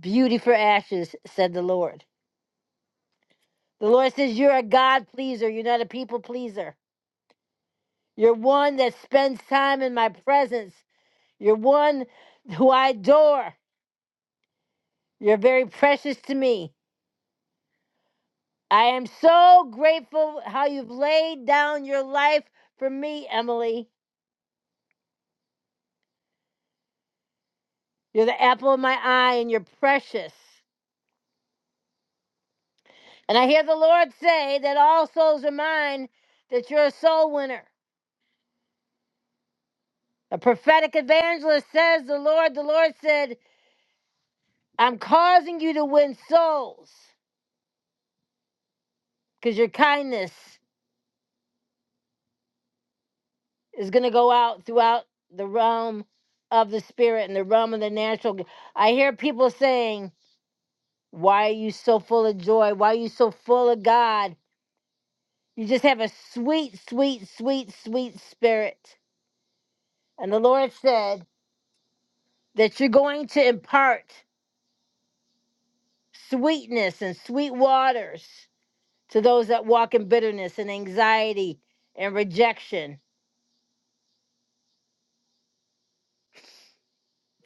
beauty for ashes, said the Lord. The Lord says, You're a God pleaser. You're not a people pleaser. You're one that spends time in my presence. You're one who I adore. You're very precious to me. I am so grateful how you've laid down your life for me, Emily. You're the apple of my eye and you're precious. And I hear the Lord say that all souls are mine, that you're a soul winner. A prophetic evangelist says, The Lord, the Lord said, I'm causing you to win souls. because your kindness is going to go out throughout the realm of the spirit and the realm of the natural. I hear people saying, Why are you so full of joy? Why are you so full of God? You just have a sweet, sweet, sweet, sweet spirit. And the Lord said that you're going to impart sweetness and sweet waters to those that walk in bitterness and anxiety and rejection.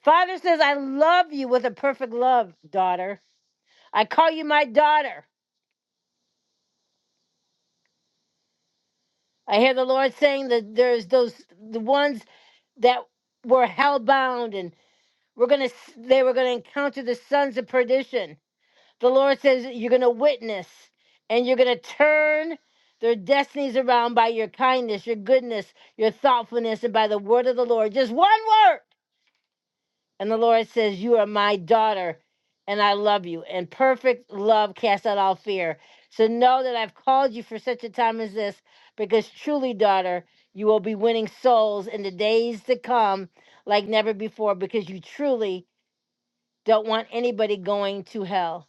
Father says, I love you with a perfect love, daughter. I call you my daughter. I hear the Lord saying that there's those the ones that were hell bound and we're gonna they were gonna encounter the sons of perdition. The Lord says that you're gonna witness and you're gonna turn their destinies around by your kindness, your goodness, your thoughtfulness, and by the word of the Lord. Just one word. And the Lord says, You are my daughter, and I love you. And perfect love casts out all fear. So know that I've called you for such a time as this, because truly, daughter, you will be winning souls in the days to come like never before, because you truly don't want anybody going to hell.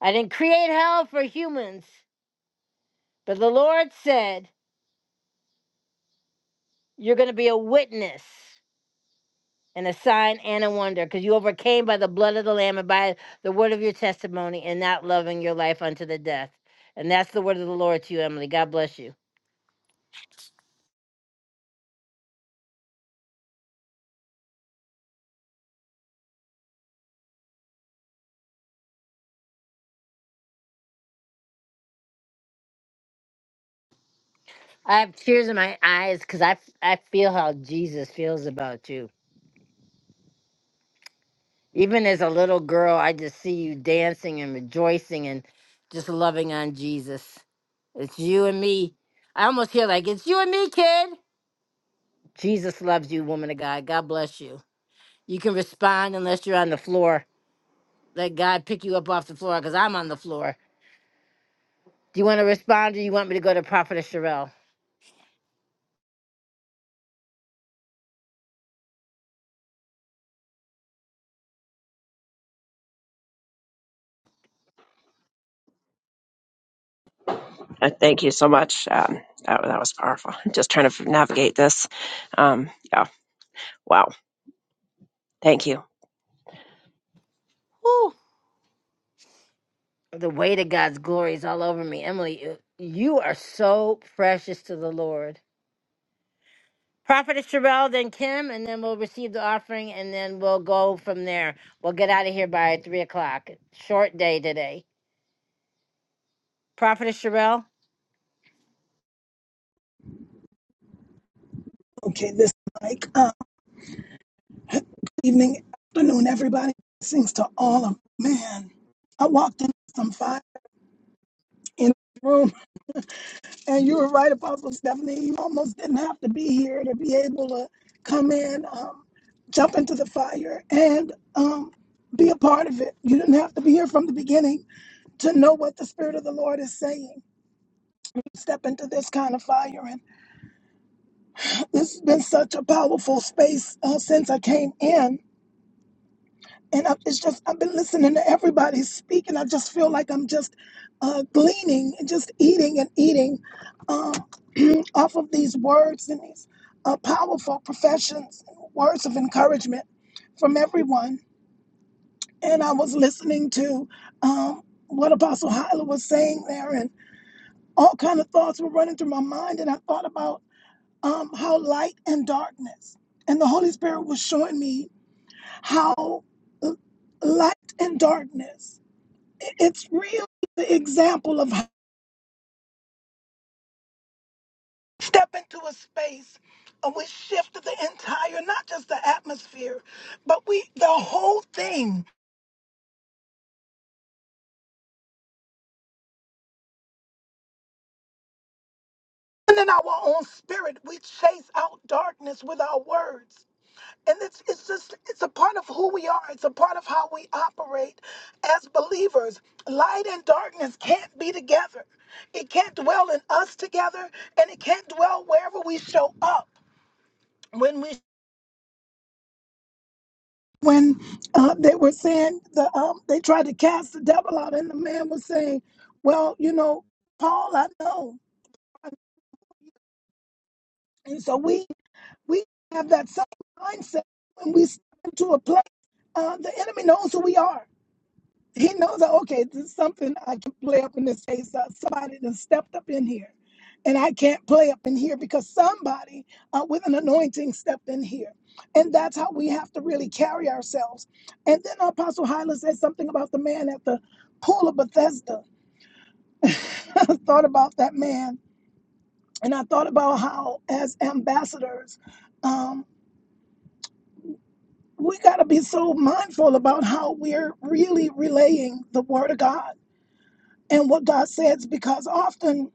I didn't create hell for humans, but the Lord said, You're going to be a witness. and a sign and a wonder, because you overcame by the blood of the Lamb and by the word of your testimony and not loving your life unto the death. And that's the word of the Lord to you, Emily. God bless you. I have tears in my eyes because I, f- I feel how Jesus feels about you. Even as a little girl, I just see you dancing and rejoicing and just loving on Jesus. It's you and me. I almost hear like, it's you and me, kid. Jesus loves you, woman of God. God bless you. You can respond unless you're on the floor. Let God pick you up off the floor because I'm on the floor. Do you want to respond or you want me to go to Prophetess Sherelle? Uh, thank you so much. Um, that, that was powerful. just trying to navigate this. Um, yeah. Wow. Thank you. Whew. The weight of God's glory is all over me. Emily, you you are so precious to the Lord. Prophetess Sherelle, then Kim, and then we'll receive the offering and then we'll go from there. We'll get out of here by 3 o'clock. Short day today. Prophetess Sherelle? Okay, this like uh, evening, afternoon, everybody. Blessings to all of man. I walked in some five in the room, and you were right, Apostle Stephanie. You almost didn't have to be here to be able to come in, um, jump into the fire, and um, be a part of it. You didn't have to be here from the beginning to know what the Spirit of the Lord is saying. Step into this kind of fire, and this has been such a powerful space uh, since I came in and I, it's just I've been listening to everybody speak, and I just feel like I'm just uh, gleaning and just eating and eating um, off of these words and these uh, powerful professions, words of encouragement from everyone. And I was listening to um, what Apostle Hyla was saying there, and all kind of thoughts were running through my mind, and I thought about um, how light and darkness, and the Holy Spirit was showing me how uh, light and darkness it's really the example of how we step into a space and we shift the entire not just the atmosphere but we the whole thing and in our own spirit we chase out darkness with our words and it's, it's just it's a part of who we are it's a part of how we operate as believers light and darkness can't be together it can't dwell in us together and it can't dwell wherever we show up when uh, they were saying the um, they tried to cast the devil out, and the man was saying, "Well, you know, Paul, I know." And so we we have that same mindset when we step into a place. Uh, the enemy knows who we are. He knows that okay, this is something I can play up in this face. Uh, somebody that stepped up in here, and I can't play up in here because somebody uh, with an anointing stepped in here, and that's how we have to really carry ourselves. And then Apostle Hyla said something about the man at the pool of Bethesda. I thought about that man, and I thought about how as ambassadors, um, we got to be so mindful about how we're really relaying the word of God and what God says because often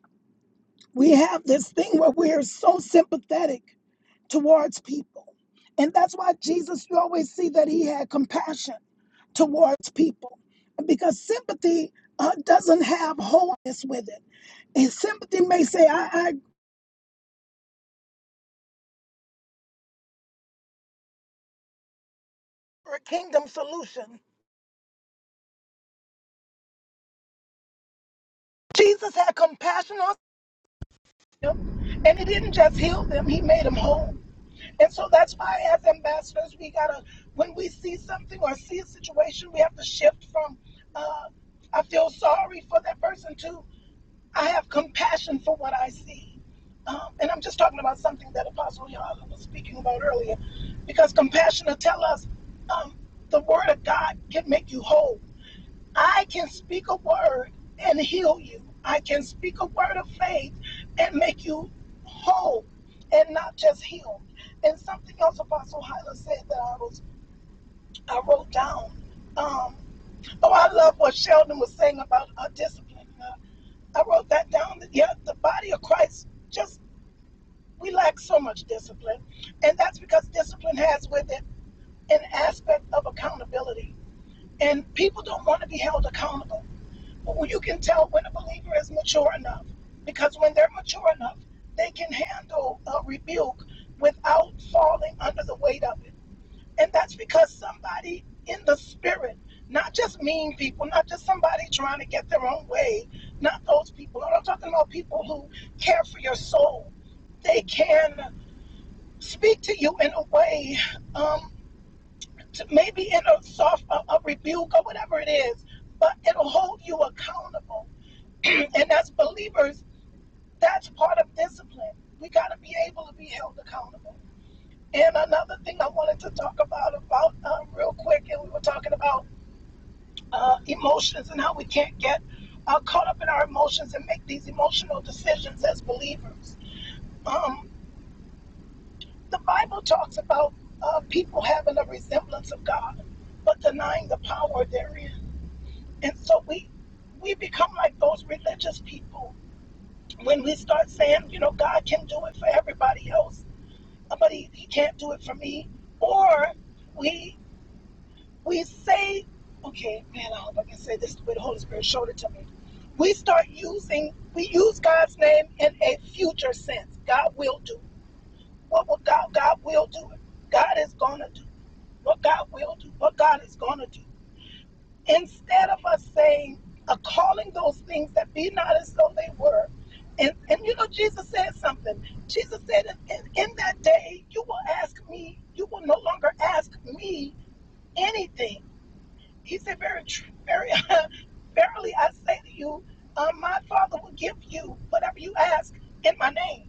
we have this thing where we're so sympathetic towards people. And that's why Jesus, you always see that he had compassion towards people because sympathy uh, doesn't have wholeness with it. And sympathy may say, I, I agree for a kingdom solution. Jesus had compassion on them and he didn't just heal them, he made them whole. And so that's why, as ambassadors, we gotta, when we see something or see a situation, we have to shift from, uh, I feel sorry for that person to, I have compassion for what I see. Um, and I'm just talking about something that Apostle Yohala was speaking about earlier, because compassion will tell us um, the word of God can make you whole. I can speak a word and heal you. I can speak a word of faith and make you whole and not just healed. And something else Apostle Hyla said that I was I wrote down. Um, oh, I love what Sheldon was saying about uh, discipline. Uh, I wrote that down. That, yeah, the body of Christ just we lack so much discipline, and that's because discipline has with it an aspect of accountability, and people don't want to be held accountable Well, you can tell when a believer is mature enough because when they're mature enough, they can handle a rebuke without falling under the weight of it. And that's because somebody in the spirit, not just mean people, not just somebody trying to get their own way, not those people. No, I'm talking about people who care for your soul. They can speak to you in a way, um, to maybe in a soft a, a rebuke or whatever it is, but it'll hold you accountable and as believers, that's part of discipline. We got to be able to be held accountable. And another thing I wanted to talk about about um, real quick, and we were talking about uh, emotions and how we can't get uh, caught up in our emotions and make these emotional decisions as believers. Um, the Bible talks about uh, people having a resemblance of God, but denying the power therein. And so we we become like those religious people when we start saying, you know, God can do it for everybody else, uh, but he, he can't do it for me, or we we say, okay, man, I hope I can say this the way the Holy Spirit showed it to me. We start using we use God's name in a future sense. God will do what will God God will do it. God is gonna do what God will do. What God is gonna do instead of us saying, uh, calling those things that be not as though they were, and, and you know, Jesus said something. Jesus said, in, in, in that day, you will ask me, you will no longer ask me anything. He said, very, tr- very, verily I say to you, um, my Father will give you whatever you ask in my name.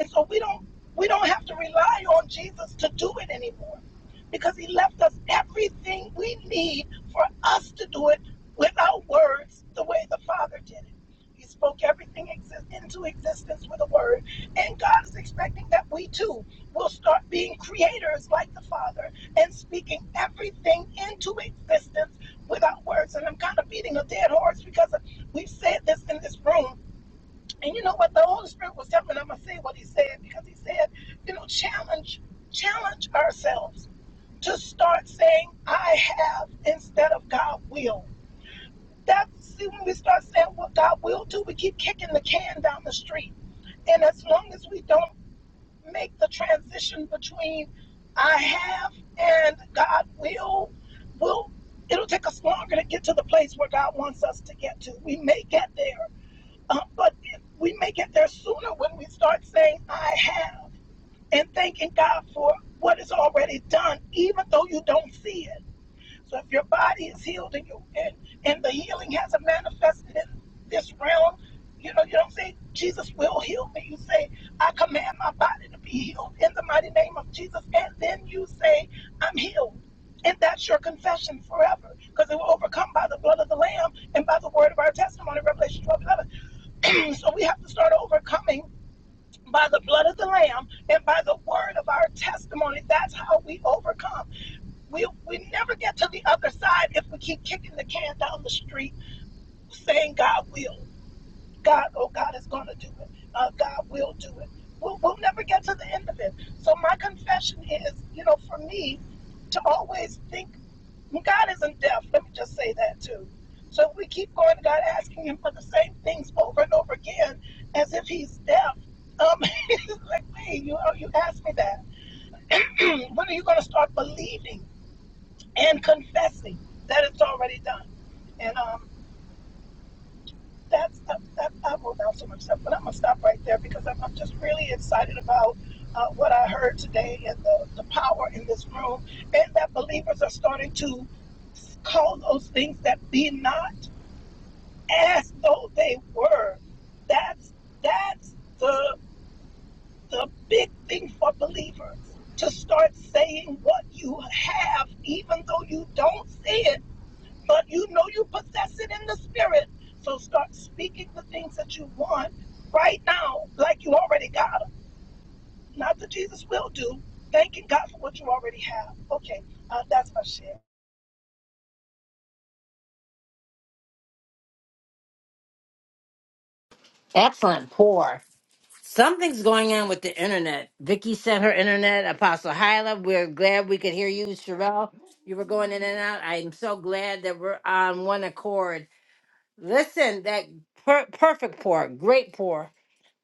And so we don't we don't have to rely on Jesus to do it anymore because he left us everything we need for us to do it without words the way the Father did it. He spoke everything exist into existence with a word. And God is expecting that we too will start being creators like the Father and speaking everything into existence without words. And I'm kind of beating a dead horse because we've said this in this room and you know what? The Holy Spirit was telling me, and I'm going to say what he said because he said, you know, challenge, challenge ourselves to start saying, I have instead of God will. That, see, when we start saying what God will do, we keep kicking the can down the street. And as long as we don't make the transition between I have and God will, will it'll take us longer to get to the place where God wants us to get to. We may get there uh, but if we may get there sooner when we start saying, I have, and thanking God for what is already done, even though you don't see it. So if your body is healed and, you, and, and the healing hasn't manifested in this realm, you know, you don't say, Jesus will heal me. You say, I command my body to be healed in the mighty name of Jesus. And then you say, I'm healed. And that's your confession forever because it will overcome by the blood of the Lamb and by the word of our testimony, Revelation 12:11. so we have to start overcoming by the blood of the lamb and by the word of our testimony that's how we overcome we we never get to the other side if we keep kicking the can down the street saying god will god oh god is going to do it uh, god will do it we'll, we'll never get to the end of it so my confession is you know for me to always think and God isn't deaf. Let me just say that too. So if we keep going to God asking Him for the same things over and over again, as if He's deaf. Um, he's like, hey, you oh, you asked me that. when are you going to start believing and confessing that it's already done? And um, that's that, that I wrote down so much stuff, but I'm gonna stop right there because I'm, I'm just really excited about uh, what I heard today and the, the power in this room, and that believers are starting to call those things that be not as though they were. That's that's the the big thing for believers to start saying what you have, even though you don't see it, but you know you possess it in the spirit. So start speaking the things that you want right now, like you already got them. Not that Jesus will do. Thanking God for what you already have. Okay, uh, that's my share. Excellent pour. Something's going on with the internet. Vicky sent her internet. Apostle Hyla, we're glad we could hear you. Sherelle, you were going in and out. I'm so glad that we're on one accord. Listen, that per- perfect pour, great pour.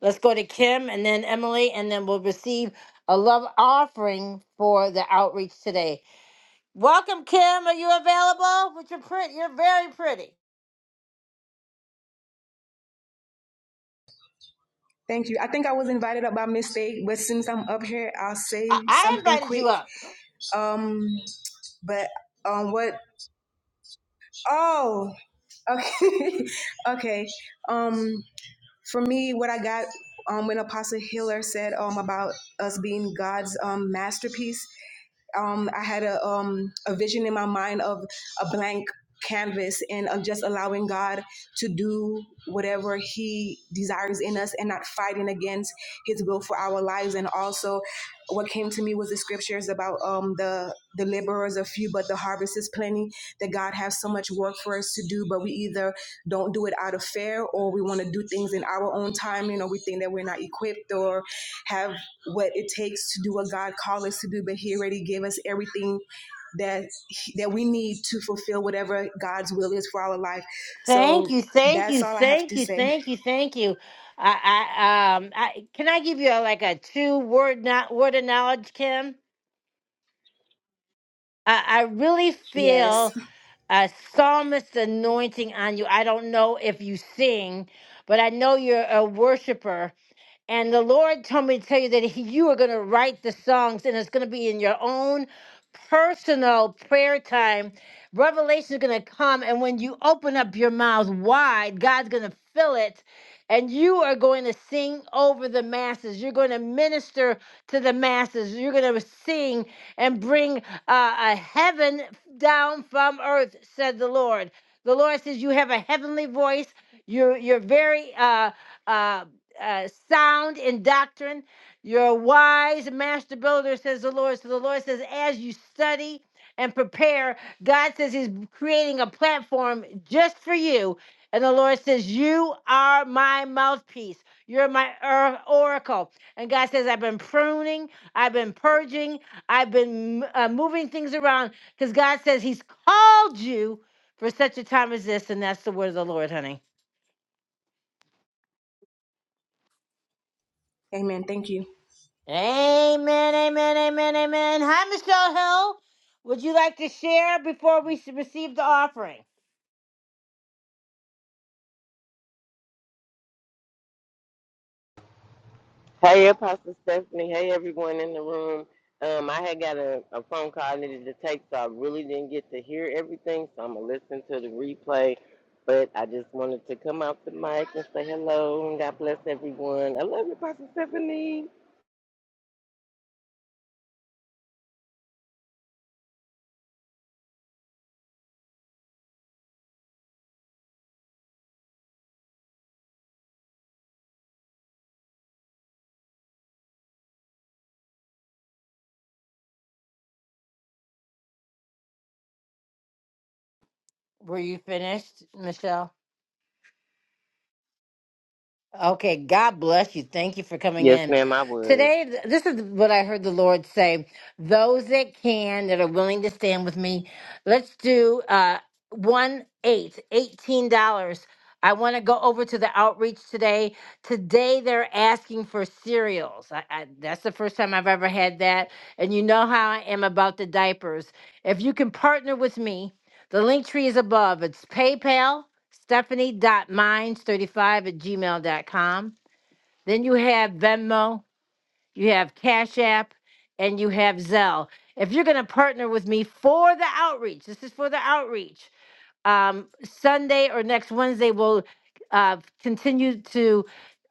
Let's go to Kim and then Emily, and then we'll receive a love offering for the outreach today. Welcome, Kim. Are you available? But you're pretty. You're very pretty. Thank you. I think I was invited up by mistake, but since I'm up here, I'll I, say I something invited quick. you up. Um, but um, what? Oh, okay, okay. Um, for me, what I got um when Apostle Hiller said um about us being God's um masterpiece um, I had a, um, a vision in my mind of a blank canvas and of just allowing God to do whatever He desires in us and not fighting against His will for our lives. And also, what came to me was the scriptures about um, the the laborers are few, but the harvest is plenty. That God has so much work for us to do, but we either don't do it out of fear or we want to do things in our own time. You know, we think that we're not equipped or have what it takes to do what God called us to do, but He already gave us everything that that we need to fulfill whatever God's will is for our life. Thank So you, thank that's you, all I have thank to you, say. thank you, thank you. I, I, um, I can I give you a, like a two word not word of knowledge, Kim? I, I really Yes. feel a psalmist anointing on you. I don't know if you sing, but I know you're a worshiper. And the Lord told me to tell you that he, you are going to write the songs and it's going to be in your own personal prayer time. Revelation is going to come. And when you open up your mouth wide, God's going to fill it and you are going to sing over the masses. You're going to minister to the masses. You're going to sing and bring uh, a heaven down from earth, said the Lord. The Lord says you have a heavenly voice. You're you're very uh, uh, uh, sound in doctrine. You're a wise master builder, says the Lord. So the Lord says, as you study and prepare. God says He's creating a platform just for you. And the Lord says, You are my mouthpiece. You're my or- oracle. And God says, I've been pruning, I've been purging, I've been uh, moving things around because God says He's called you for such a time as this. And that's the word of the Lord, honey. Amen. Thank you. Amen, amen, amen, amen. Hi, Michelle Hill. Would you like to share before we s- receive the offering? Hey, Apostle Stephanie. Hey, everyone in the room. Um, I had got a, a phone call I needed to take, so I really didn't get to hear everything. So I'm gonna listen to the replay. But I just wanted to come out the mic and say hello and God bless everyone. I love you, Apostle Stephanie. Were you finished, Michelle? Okay, God bless you. Thank you for coming Yes, in. ma'am, I was. Today, th- this is what I heard the Lord say. Those that can, that are willing to stand with me, let's do uh, one eight eighteen dollars I want to go over to the outreach today. Today, they're asking for cereals. I, I, that's the first time I've ever had that. And you know how I am about the diapers. If you can partner with me, the link tree is above. It's PayPal, stephanie.minds35 at gmail.com. Then you have Venmo, you have Cash App, and you have Zelle. If you're going to partner with me for the outreach, this is for the outreach. Um, Sunday or next Wednesday, we'll uh, continue to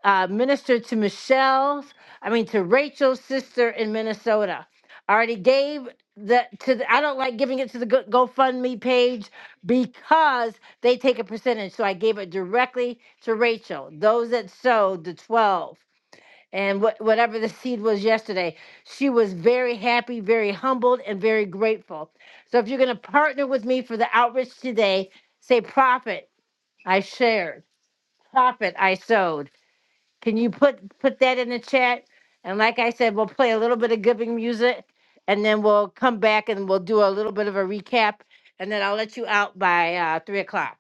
uh, minister to Michelle's, I mean, to Rachel's sister in Minnesota. I already gave the to the, I don't like giving it to the Go- GoFundMe page because they take a percentage. So I gave it directly to Rachel. Those that sewed the 12 and what whatever the seed was yesterday. She was very happy, very humbled, and very grateful. So if you're going to partner with me for the outreach today, say, "Prophet, I shared. Prophet, I sowed." Can you put put that in the chat? And like I said, we'll play a little bit of giving music, and then we'll come back and we'll do a little bit of a recap, and then I'll let you out by uh, three o'clock.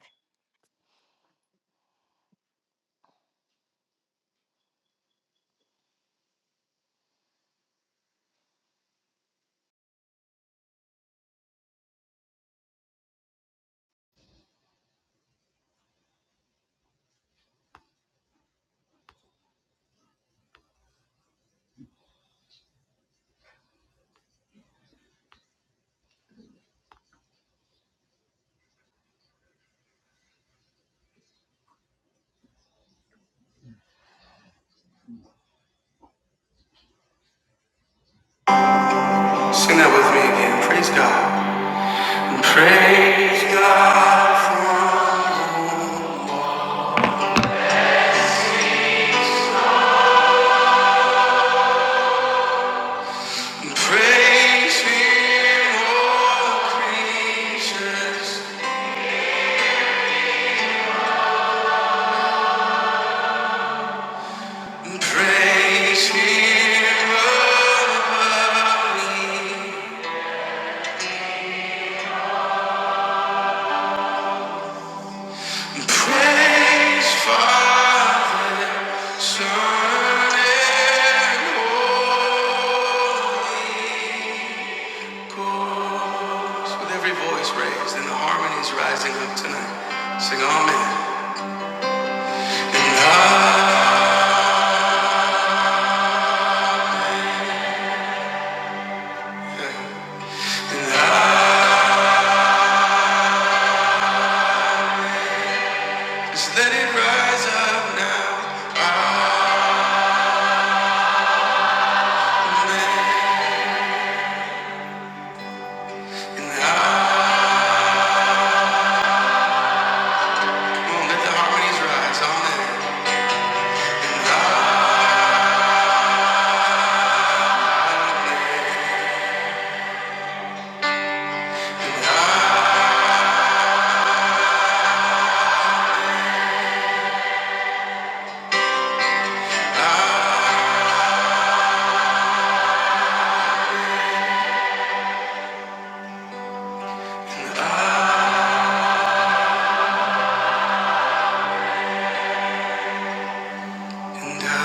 Sing that with me again. Praise God. Praise God. Praise Him, all creatures. Sing Amen. And I, and I, just let it rise up now. Amen. And I, and I, and I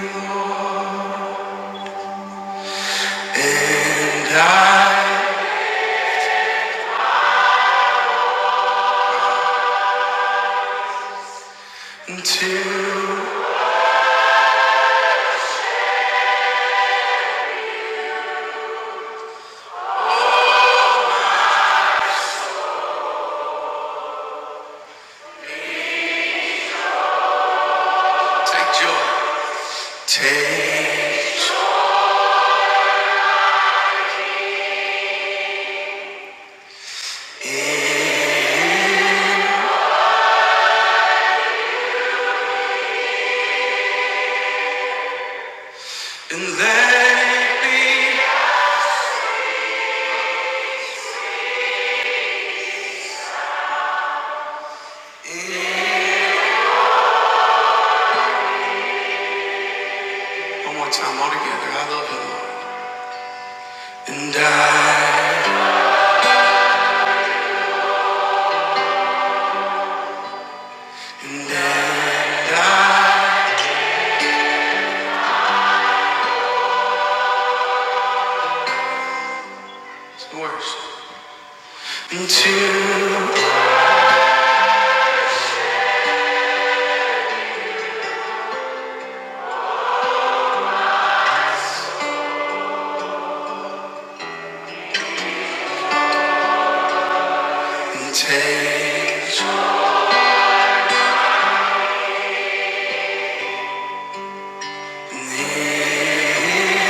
love you. And I, until take and let it be. One more time, all together. I love you. Lord. And I, and I, I, it's the worst. And to and take and here.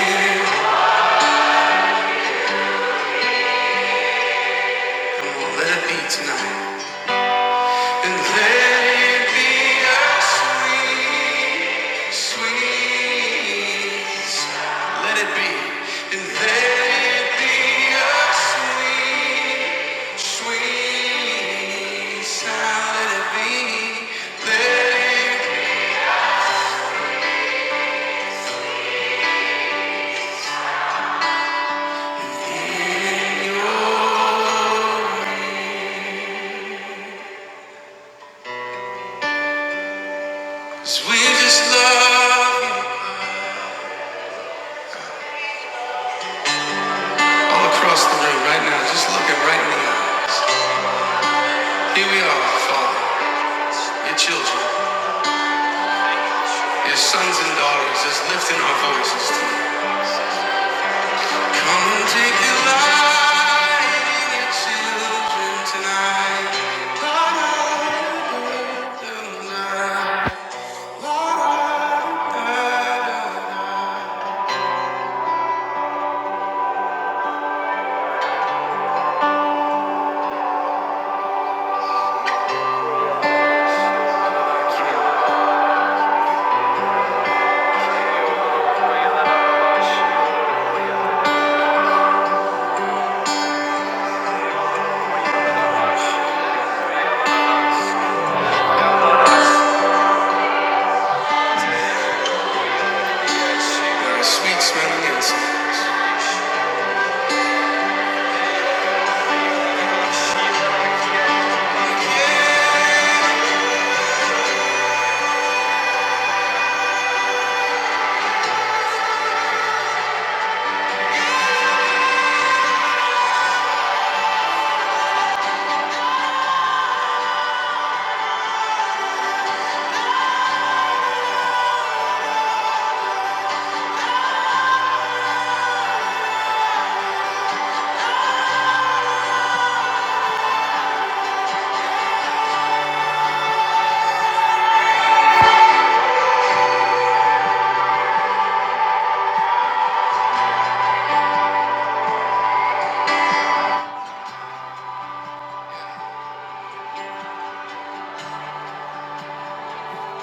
And we'll let it be tonight. And let it be a sweet, sweet. sound. Let it be. And let it be a sweet, sweet sound. Let it be. Let it be. 'Cause we just love you. All across the room right now, just looking right in the eyes. Here we are, Father, your children, your sons and daughters, just lifting our voices to you. Come and take your light in your children tonight. You're a sweet smelling incense.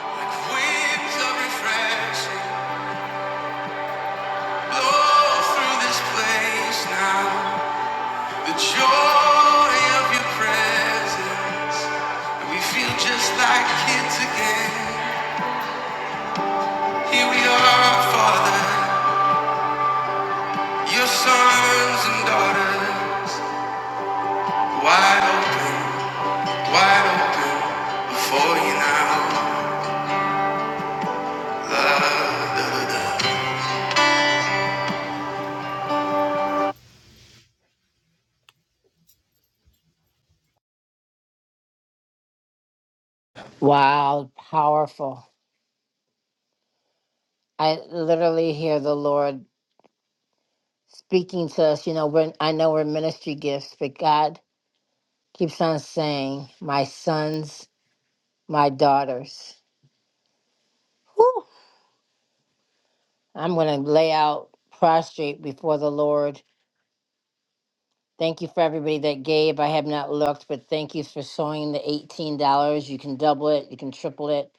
Like winds of refreshing. like Wow, powerful. I literally hear the Lord speaking to us. You know, we're, I know we're ministry gifts, but God. keeps on saying, my sons, my daughters. Whew. I'm going to lay out prostrate before the Lord. Thank you for everybody that gave. I have not looked, but thank you for sewing the $18. You can double it, you can triple it.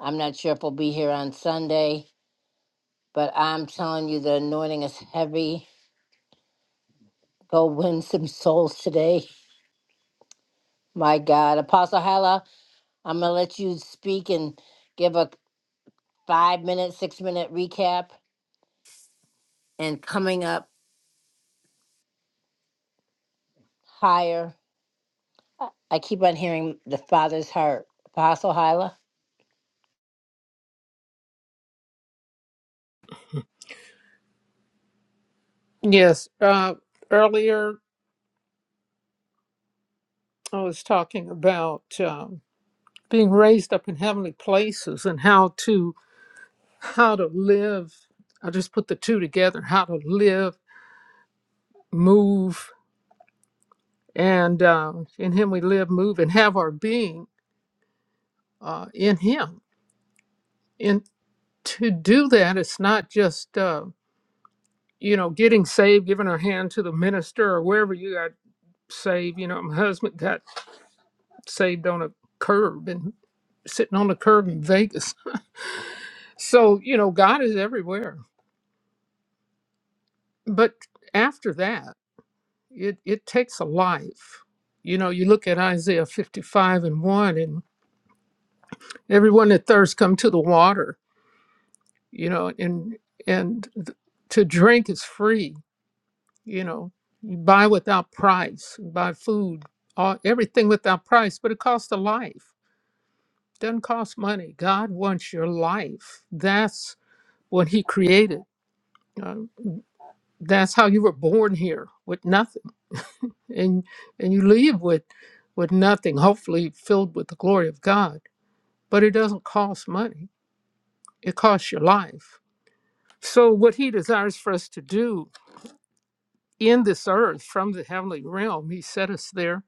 I'm not sure if we'll be here on Sunday, but I'm telling you, the anointing is heavy. Go win some souls today. My God. Apostle Hala, I'm going to let you speak and give a five minute, six minute recap. And coming up, higher. I I keep on hearing the Father's heart, Apostle Hyla. Yes. Uh, earlier I was talking about. Um, being raised up in heavenly places and how to how to live i just put the two together how to live move and uh, in him we live move and have our being uh, in him and to do that it's not just uh, you know getting saved giving our hand to the minister or wherever you got saved you know my husband got saved on a curb and sitting on a curb in vegas so you know god is everywhere but after that It it takes a life. You know, you look at Isaiah 55 and 1 and everyone that thirsts come to the water, you know, and and th- to drink is free, you know. You buy without price, you buy food, all, everything without price, but it costs a life. Doesn't cost money. God wants your life. That's what he created. Uh, that's how you were born here with nothing and and you leave with with nothing hopefully filled with the glory of god but it doesn't cost money it costs your life so what he desires for us to do in this earth from the heavenly realm he set us there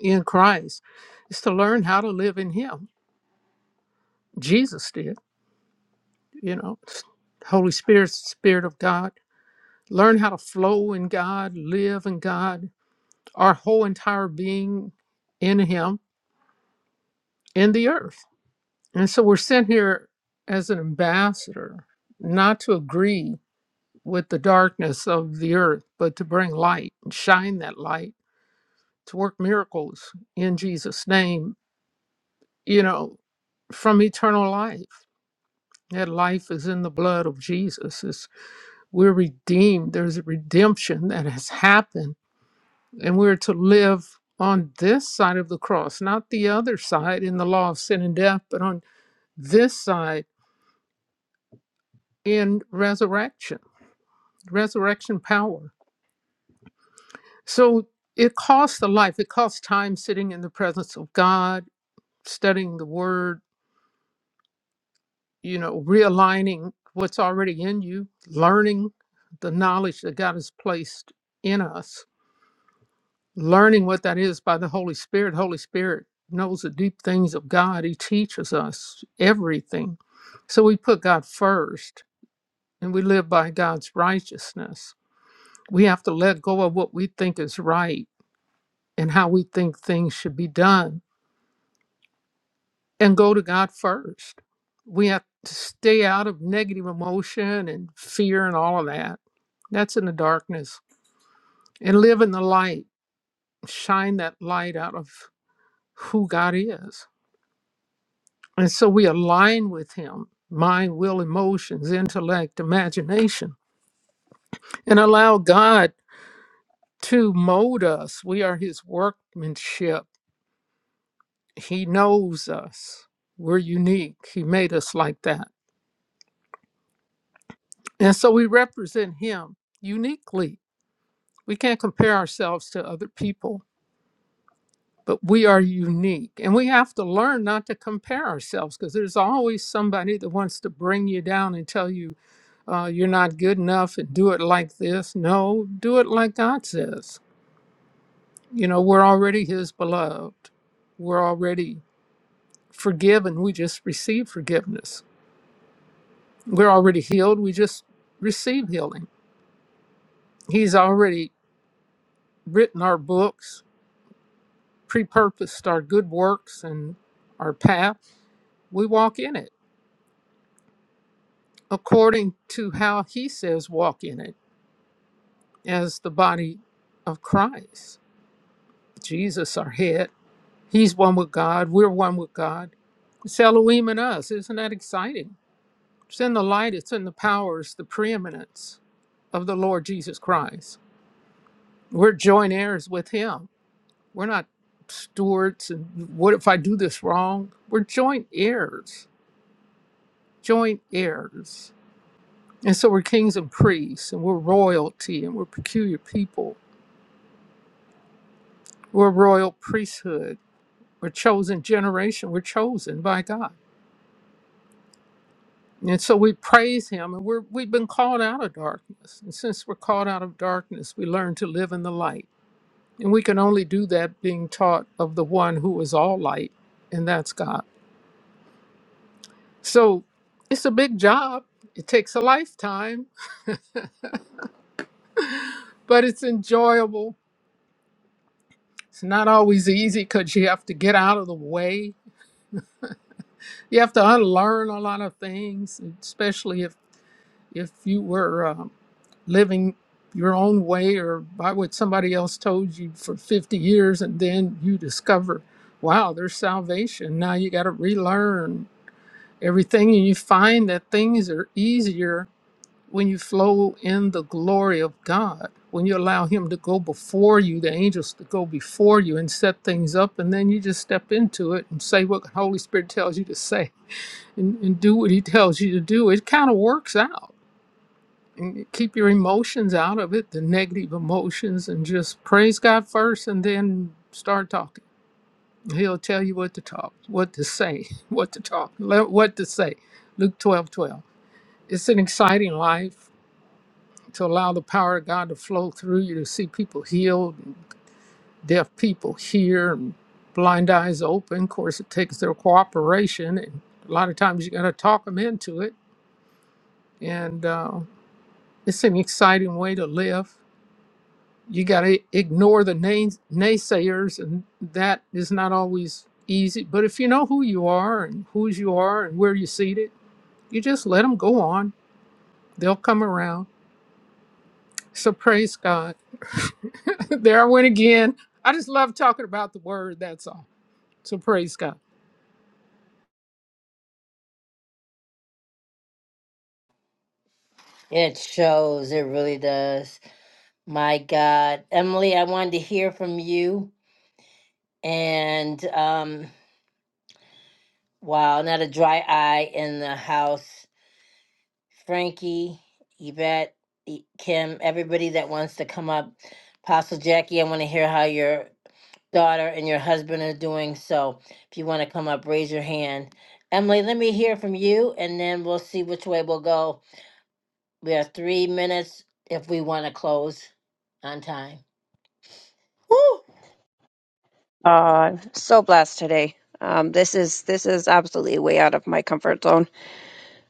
in christ is to learn how to live in him jesus did you know holy spirit spirit of god learn how to flow in god live in god our whole entire being in him in the earth And so we're sent here as an ambassador, not to agree with the darkness of the earth, but to bring light and shine that light, to work miracles in Jesus' name, you know, from eternal life. That life is in the blood of Jesus. It's, we're redeemed. There's a redemption that has happened, and we're to live on this side of the cross, not the other side in the law of sin and death, but on this side in resurrection resurrection power. So it costs a life, it costs time sitting in the presence of God, studying the word, you know, realigning what's already in you, learning the knowledge that God has placed in us, learning what that is by the Holy Spirit. Holy Spirit knows the deep things of God, He teaches us everything. So we put God first and we live by God's righteousness. We have to let go of what we think is right and how we think things should be done and go to God first. We have to stay out of negative emotion and fear and all of that. That's in the darkness and live in the light, shine that light out of who God is. And so we align with Him mind, will, emotions, intellect, imagination, and allow God to mold us. We are His workmanship, He knows us. We're unique. He made us like that And so we represent him uniquely. We can't compare ourselves to other people, but we are unique. And we have to learn not to compare ourselves because there's always somebody that wants to bring you down and tell you uh, you're not good enough and do it like this. No, do it like God says. You know, we're already his beloved, we're already forgiven. We just receive forgiveness. We're already healed. We just receive healing. He's already written our books prepurposed our good works and our path, we walk in it according to how he says walk in it as the body of Christ. Jesus, our head, he's one with God, we're one with God. It's Elohim and us. Isn't that exciting? It's in the light, it's in the power, it's the preeminence of the Lord Jesus Christ. We're joint heirs with him. We're not stewards and what if I do this wrong? We're joint heirs, joint heirs. And so we're kings and priests, and we're royalty, and we're peculiar people. We're royal priesthood. We're chosen generation. We're chosen by God. And so we praise Him, and we're, we've been called out of darkness. And since we're called out of darkness, we learn to live in the light. And we can only do that being taught of the one who is all light, and that's God. So it's a big job. It takes a lifetime, but it's enjoyable. It's not always easy because you have to get out of the way you have to unlearn a lot of things, especially if if you were uh, living your own way or by what somebody else told you for 50 years, and then you discover, wow, there's salvation. Now you got to relearn everything, and you find that things are easier when you flow in the glory of God. When you allow Him to go before you, the angels to go before you and set things up, and then you just step into it and say what the Holy Spirit tells you to say and, and do what he tells you to do, it kind of works out. And keep your emotions out of it, the negative emotions, and just praise God first, and then start talking. He'll tell you what to talk, what to say, what to talk, le- what to say. Luke twelve twelve. It's an exciting life to allow the power of God to flow through you to see people healed, and deaf people hear, and blind eyes open. Of course, it takes their cooperation, and a lot of times you got to talk them into it and. uh, It's an exciting way to live. You got to ignore the nays- naysayers, and that is not always easy. But if you know who you are and whose you are and where you're seated, you just let them go on. They'll come around. So praise God. there I went again. I just love talking about the word. That's all. So praise God. It shows, it really does. My God. Emily, I wanted to hear from you. And um, wow, not a dry eye in the house. Frankie, Yvette, E- Kim, everybody that wants to come up. Apostle Jackie, I want to hear how your daughter and your husband are doing. So if you want to come up, raise your hand. Emily, let me hear from you and then we'll see which way we'll go. We have three minutes if we want to close on time. Woo! Uh, I'm so blessed today. Um, this is this is absolutely way out of my comfort zone.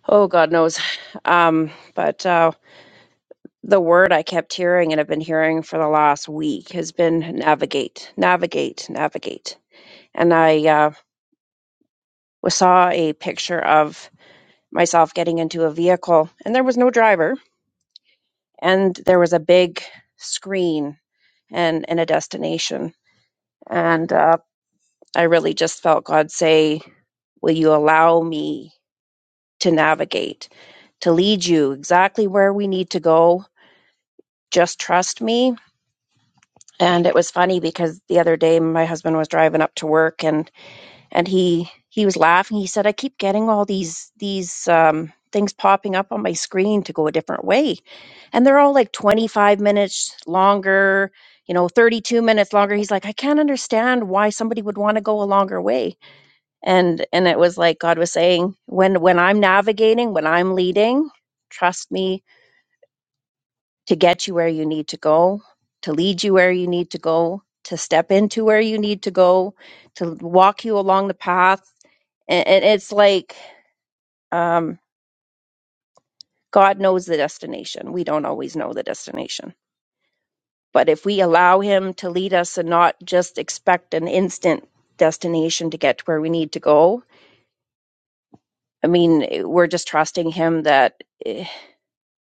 Oh, God knows. Um, but uh, the word I kept hearing and have been hearing for the last week has been navigate, navigate, navigate. And I uh, was, saw a picture of myself getting into a vehicle, and there was no driver, and there was a big screen and, and a destination. And uh, I really just felt God say, Will you allow me to navigate, to lead you exactly where we need to go? Just trust me and it was funny because the other day my husband was driving up to work and and he he was laughing he said i keep getting all these these um things popping up on my screen to go a different way and they're all like 25 minutes longer you know 32 minutes longer he's like i can't understand why somebody would want to go a longer way and and it was like god was saying when when i'm navigating when i'm leading trust me to get you where you need to go, to lead you where you need to go, to step into where you need to go, to walk you along the path. And, and it's like um, God knows the destination. We don't always know the destination. But if we allow Him to lead us and not just expect an instant destination to get to where we need to go, I mean, eh, we're just trusting Him that eh,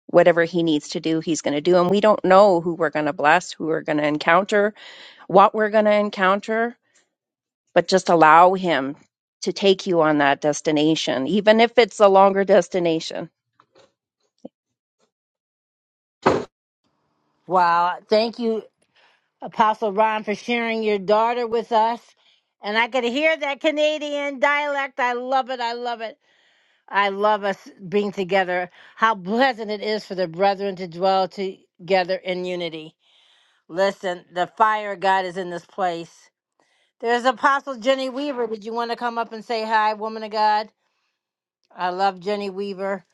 whatever He needs to do, He's going to do. And we don't know who we're going to bless, who we're going to encounter, what we're going to encounter but just allow him to take you on that destination, even if it's a longer destination. Wow. Thank you, Apostle Ron, for sharing your daughter with us. And I could hear that Canadian dialect. I love it. I love it. I love us being together. How pleasant it is for the brethren to dwell together in unity. Listen, the fire of God is in this place. There's Apostle Jenny Weaver. Did you want to come up and say hi, woman of God? I love Jenny Weaver.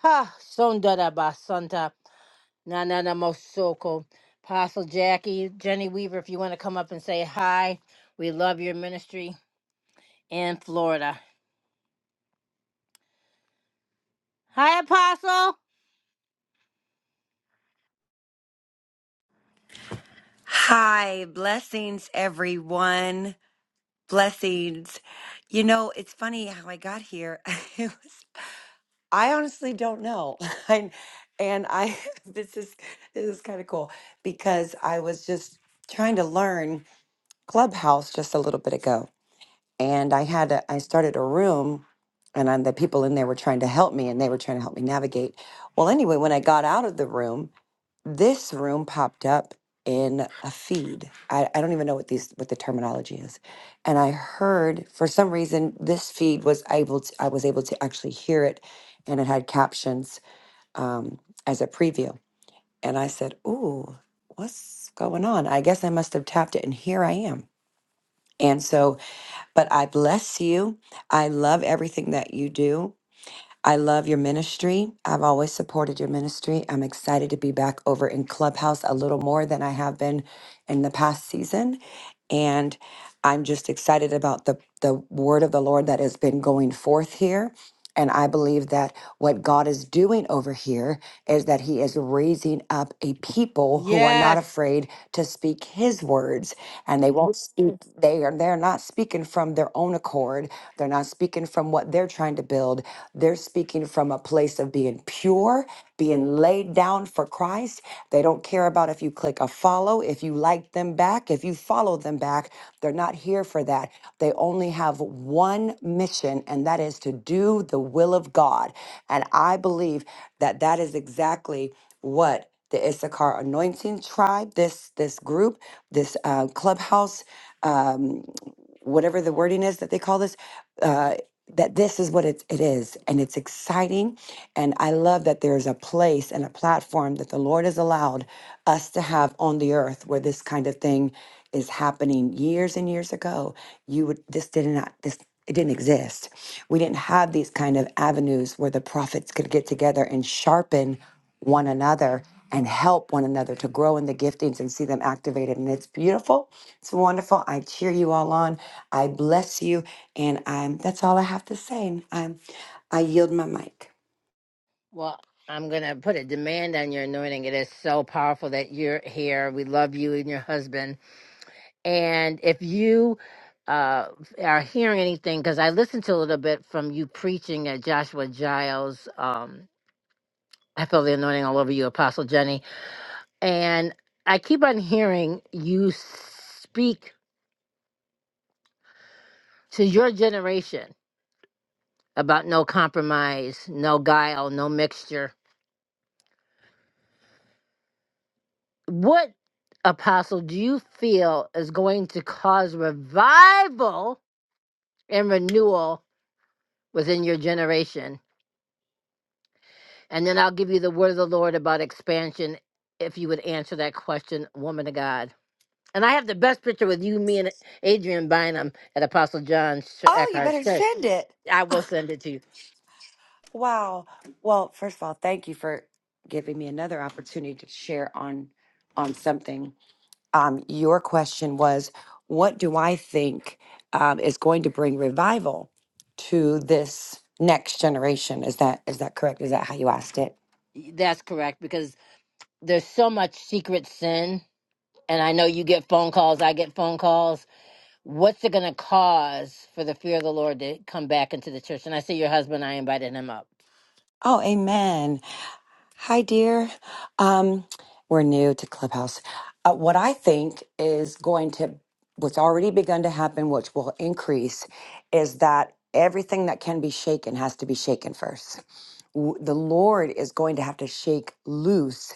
Ha, sonda da ba santa, na na na mosoko. Apostle Jackie, Jenny Weaver, if you want to come up and say hi, we love your ministry in Florida. Hi, Apostle. Hi, blessings, everyone. Blessings. You know, it's funny how I got here. It was, I honestly don't know. I, and I, this is this is kind of cool because I was just trying to learn Clubhouse just a little bit ago, and I had a, I started a room, and i the people in there were trying to help me, and they were trying to help me navigate. Well, anyway, when I got out of the room this room popped up in a feed. I, I don't even know what these what the terminology is. And I heard for some reason this feed was able to I was able to actually hear it and it had captions um, as a preview. And I said, Ooh, what's going on? I guess I must have tapped it and here I am. And so, but I bless you. I love everything that you do. I love your ministry. I've always supported your ministry. I'm excited to be back over in Clubhouse a little more than I have been in the past season. And I'm just excited about the, the word of the Lord that has been going forth here. And I believe that what God is doing over here is that He is raising up a people who are not Yes. afraid to speak His words, and they won't speak. They are they're not speaking from their own accord. They're not speaking from what they're trying to build they're speaking from a place of being pure, being laid down for Christ. They don't care about if you click a follow, if you like them back, if you follow them back. They're not here for that. They only have one mission, and that is to do the will of God. And I believe that that is exactly what the Issachar Anointing Tribe, this this group, this uh, clubhouse. um, whatever the wording is that they call this, uh, that this is what it, it is. And it's exciting. And I love that there's a place and a platform that the Lord has allowed us to have on the earth where this kind of thing is happening years and years ago. You would, this did not, this, it didn't exist. We didn't have these kind of avenues where the prophets could get together and sharpen one another and help one another to grow in the giftings and see them activated. And it's beautiful. It's wonderful. I cheer you all on. I bless you. And I'm that's all I have to say. And I'm I yield my mic. Well, I'm going to put a demand on your anointing. It is so powerful that you're here. We love you and your husband. And if you uh, are hearing anything, because I listened to a little bit from you preaching at Joshua Giles, um, I feel the anointing all over you, Apostle Jenny. And I keep on hearing you speak to your generation about no compromise, no guile, no mixture What apostle do you feel is going to cause revival and renewal within your generation? And then I'll give you the word of the Lord about expansion if you would answer that question, woman of God. And I have the best picture with you, me, and Adrian Bynum at Apostle John Sh- Oh, you Eckhart's better church. send it. I will send it to you. Wow. Well, first of all, thank you for giving me another opportunity to share on on something. um, your question was, what do I think um, is going to bring revival to this next generation? Is that is that correct? Is that how you asked it? That's correct because there's so much secret sin. And I know you get phone calls, I get phone calls What's it going to cause for the fear of the Lord to come back into the church? And I see your husband, I invited him up. Oh, amen. Hi, dear. Um, we're new to Clubhouse. Uh, what I think is going to, what's already begun to happen, which will increase, is that everything that can be shaken has to be shaken first. W- The Lord is going to have to shake loose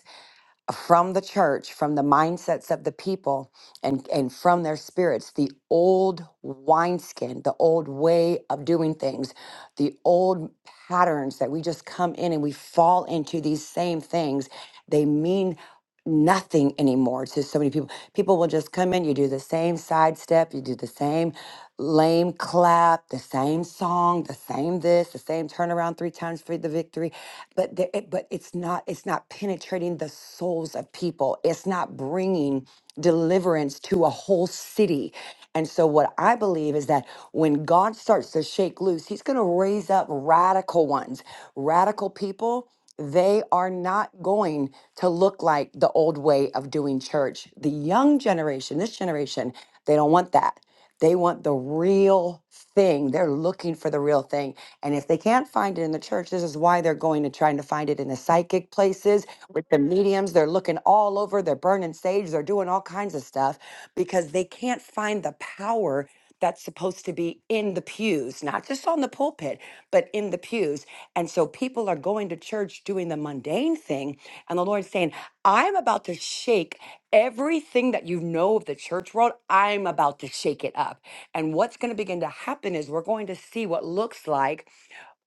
from the church, from the mindsets of the people, and, and from their spirits, the old wineskin, the old way of doing things, the old patterns that we just come in and we fall into these same things. They mean nothing anymore to so many people. People will just come in, you do the same sidestep, you do the same lame clap, the same song, the same this, the same turnaround three times for the victory. But the, it, but it's not it's not penetrating the souls of people. It's not bringing deliverance to a whole city. And so what I believe is that when God starts to shake loose, he's going to raise up radical ones, radical people they are not going to look like the old way of doing church. The young generation, this generation, they don't want that. They want the real thing. They're looking for the real thing. And if they can't find it in the church, this is why they're going and trying to find it in the psychic places with the mediums. They're looking all over, they're burning sage, they're doing all kinds of stuff because they can't find the power that's supposed to be in the pews, not just on the pulpit, but in the pews. And so people are going to church doing the mundane thing. And the Lord's saying, I'm about to shake everything that you know of the church world. I'm about to shake it up. And what's going to begin to happen is we're going to see what looks like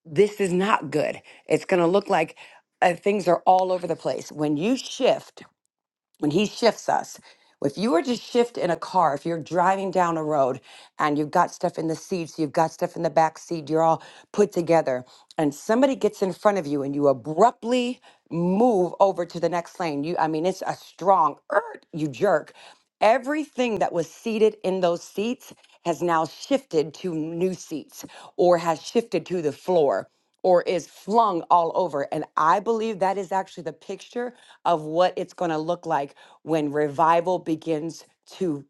this is not good. It's going to look like uh, things are all over the place. When you shift, when he shifts us if you were to shift in a car if you're driving down a road and you've got stuff in the seats you've got stuff in the back seat you're all put together and somebody gets in front of you and you abruptly move over to the next lane you i mean it's a strong er, you jerk everything that was seated in those seats has now shifted to new seats or has shifted to the floor or is flung all over. And I believe that is actually the picture of what it's going to look like when revival begins to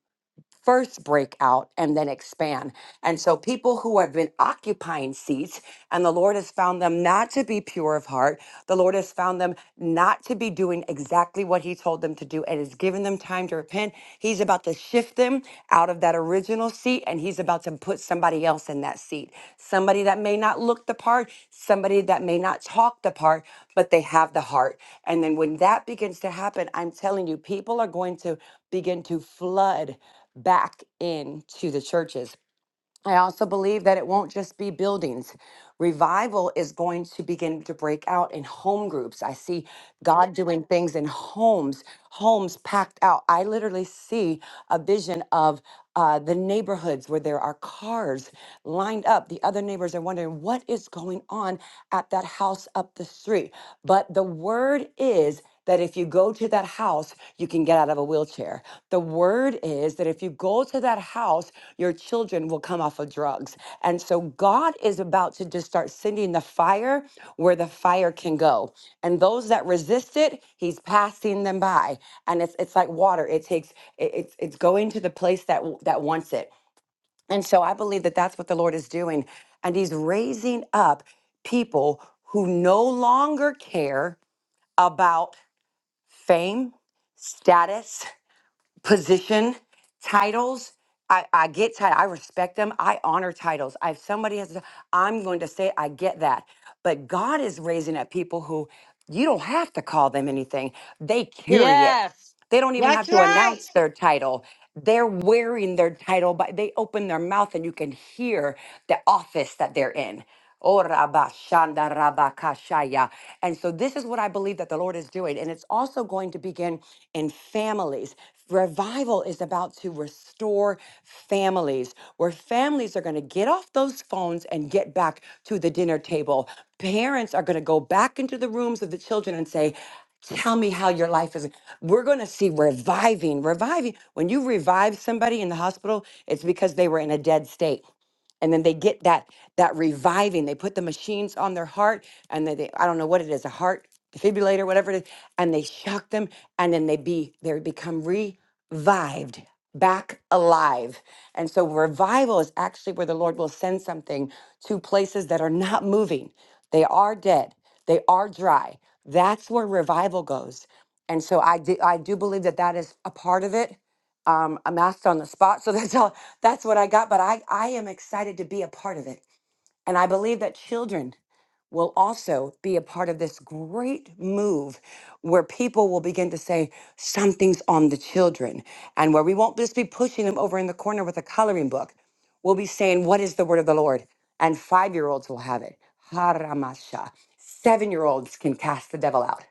first break out and then expand. And so people who have been occupying seats and the Lord has found them not to be pure of heart, the Lord has found them not to be doing exactly what he told them to do and has given them time to repent. He's about to shift them out of that original seat and he's about to put somebody else in that seat. Somebody that may not look the part, somebody that may not talk the part, but they have the heart. And then when that begins to happen, I'm telling you people are going to begin to flood back into the churches. I also believe that it won't just be buildings. Revival is going to begin to break out in home groups. I see God doing things in homes, homes packed out. I literally see a vision of uh, the neighborhoods where there are cars lined up. The other neighbors are wondering what is going on at that house up the street. But the word is that if you go to that house, you can get out of a wheelchair. The word is that if you go to that house, your children will come off of drugs. And so God is about to just start sending the fire where the fire can go. And those that resist it, he's passing them by. And it's it's like water. It takes it- it's it's going to the place that w- that wants it. And so I believe that that's what the Lord is doing and he's raising up people who no longer care about fame, status, position, titles. I, I get title. I respect them. I honor titles. I, if somebody has, a- I'm going to say, I get that. But God is raising up people who you don't have to call them anything. They carry it. Yes, They don't even that's have to right. announce their title. They're wearing their title, but they open their mouth and you can hear the office that they're in. Oh, rabba shanda rabba kashaya. And so this is what I believe that the Lord is doing. And it's also going to begin in families. Revival is about to restore families, where families are going to get off those phones and get back to the dinner table. Parents are going to go back into the rooms of the children and say, Tell me how your life is. We're going to see reviving, reviving. When you revive somebody in the hospital, it's because they were in a dead state and then they get that that reviving they put the machines on their heart and then they i don't know what it is a heart defibrillator whatever it is and they shock them and then they be they become revived back alive and so revival is actually where the lord will send something to places that are not moving they are dead they are dry that's where revival goes and so i do i do believe that that is a part of it um, I'm asked on the spot. So that's all. That's what I got. But I I am excited to be a part of it, and I believe that children will also be a part of this great move where people will begin to say, something's on the children, and where we won't just be pushing them over in the corner with a coloring book. We'll be saying, What is the word of the Lord? And five year olds will have it. Haramasha. Seven year olds can cast the devil out.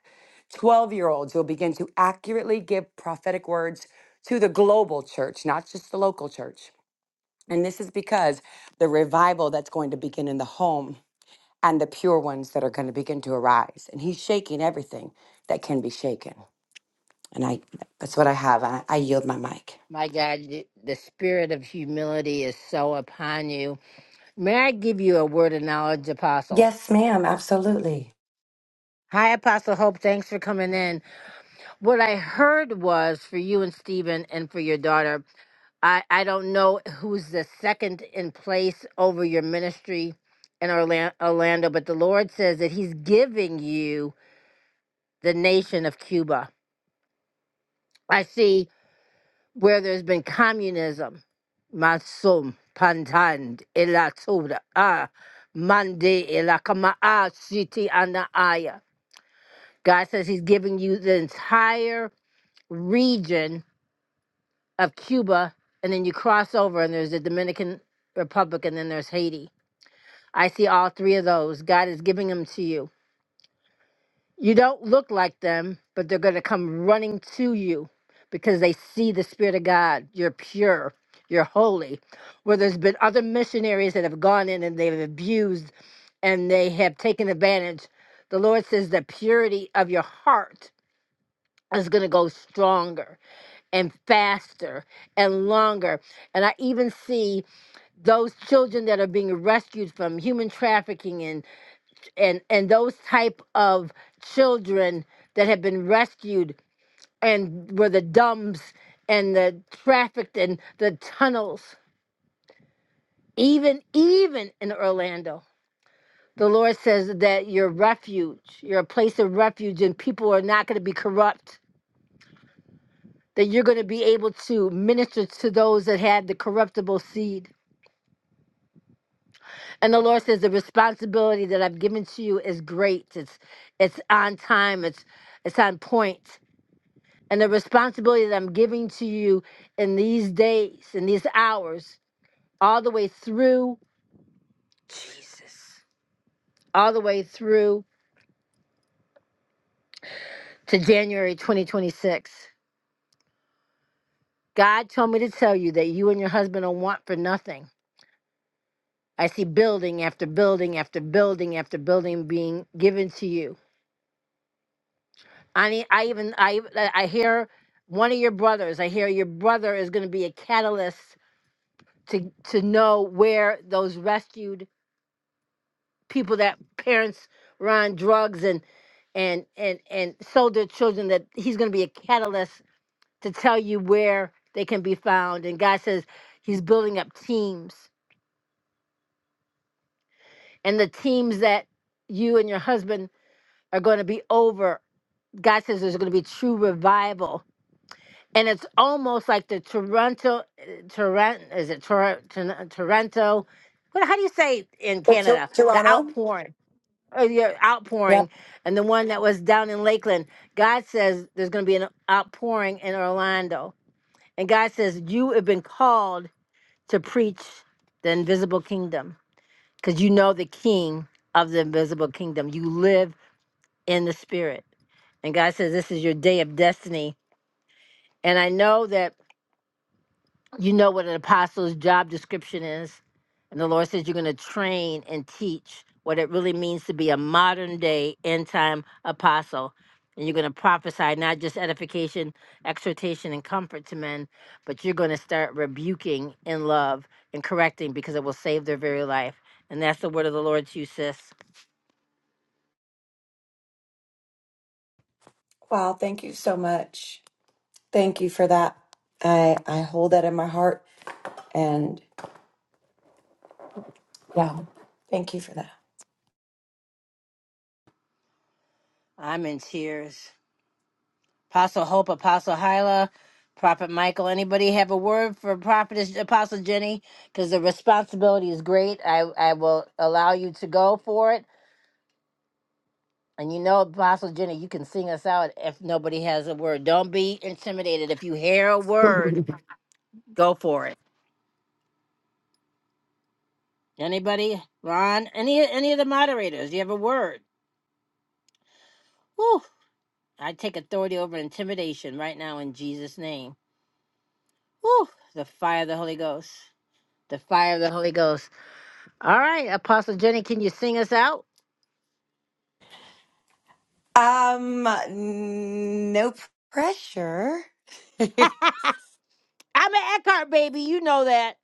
12 year olds will begin to accurately give prophetic words to the global church, not just the local church. And this is because the revival that's going to begin in the home and the pure ones that are going to begin to arise. And he's shaking everything that can be shaken. And I that's what I have. I, I yield my mic. My God, y- the spirit of humility is so upon you. May I give you a word of knowledge, Apostle? Yes, ma'am. Absolutely. Hi, Apostle Hope. Thanks for coming in. What I heard was for you and Stephen and for your daughter, I, I don't know who's the second in place over your ministry in Orla- Orlando, but the Lord says that He's giving you the nation of Cuba. I see where there's been communism. Masum pantand ilatuda ah mande ilakama ah siti anaaya. God says He's giving you the entire region of Cuba, and then you cross over, and there's the Dominican Republic, and then there's Haiti. I see all three of those. God is giving them to you You don't look like them, but they're going to come running to you because they see the Spirit of God. You're pure, you're holy. Where there's been other missionaries that have gone in and they've abused and they have taken advantage, the Lord says the purity of your heart is going to go stronger and faster and longer. And I even see those children that are being rescued from human trafficking and and and those type of children that have been rescued and were the dumbs and the trafficked and the tunnels even even in orlando the lord says that you're refuge you're a place of refuge and people are not going to be corrupt that you're going to be able to minister to those that had the corruptible seed and the lord says the responsibility that i've given to you is great it's it's on time it's it's on point and the responsibility that I'm giving to you in these days, in these hours, all the way through Jesus, all the way through to January 2026. God told me to tell you that you and your husband don't want for nothing. I see building after building after building after building being given to you. I need, I even I I hear one of your brothers. I hear your brother is going to be a catalyst to to know where those rescued people that parents were on drugs and and and and sold their children that he's going to be a catalyst to tell you where they can be found and god says he's building up teams and the teams that you and your husband are going to be over god says there's going to be true revival and it's almost like the toronto toronto is it Tor- Tor- toronto what, how do you say it in But Tor- canada the Toronto, outpouring uh, your Yep. outpouring and the one that was down in Lakeland. God says there's going to be an outpouring in Orlando. And God says you have been called to preach the invisible kingdom because you know the king of the invisible kingdom. You live in the spirit. And God says this is your day of destiny. And I know that you know what an apostle's job description is. And the Lord says you're going to train and teach what it really means to be a modern day end time apostle. And you're going to prophesy not just edification, exhortation, and comfort to men, but you're going to start rebuking in love and correcting because it will save their very life. And that's the word of the Lord to you, sis. wow, thank you so much. Thank you for that. I I hold that in my heart and yeah, thank you for that. I'm in tears. Apostle Hope, Apostle Hyla, Prophet Michael. Anybody have a word for Prophet Apostle Jenny? Because the responsibility is great. I, I will allow you to go for it. And you know, Apostle Jenny, you can sing us out if nobody has a word. Don't be intimidated. If you hear a word, go for it. Anybody? Ron? Any any of the moderators? You have a word? Whew. I take authority over intimidation right now in Jesus' name. Whew. The fire of the Holy Ghost. The fire of the Holy Ghost. All right, Apostle Jenny, can you sing us out? Um, no pressure. oh, I'm an Eckhart baby, you know that.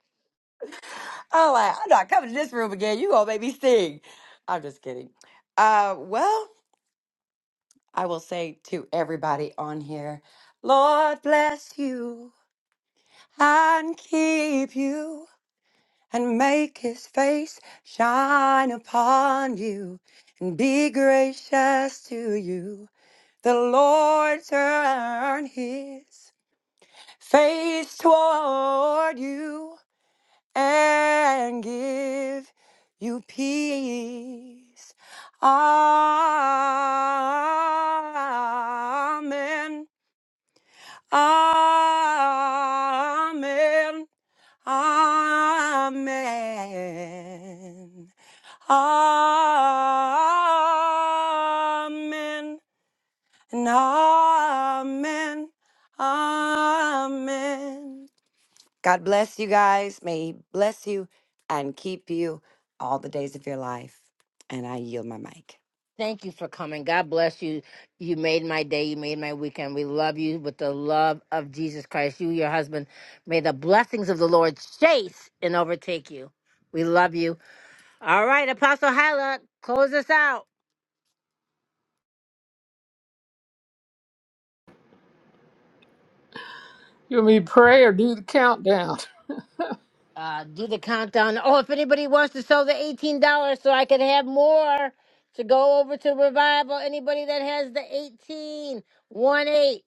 I, I'm not coming to this room again. You gonna make me sing? I'm just kidding. Uh, well. I will say to everybody on here, Lord bless you and keep you and make his face shine upon you and be gracious to you. The Lord turn his face toward you and give you peace. Amen. Amen. Amen. Amen. And amen. Amen. God bless you guys. May He bless you and keep you all the days of your life. And I yield my mic. Thank you for coming. God bless you. You made my day. You made my weekend. We love you with the love of Jesus Christ. You, your husband, may the blessings of the Lord chase and overtake you. We love you. All right, Apostle Hyla, close us out. You want me to pray or do the countdown? Uh, do the countdown. Oh, if anybody wants to sell the $18 so I can have more to go over to revival, anybody that has the eighteen one 8.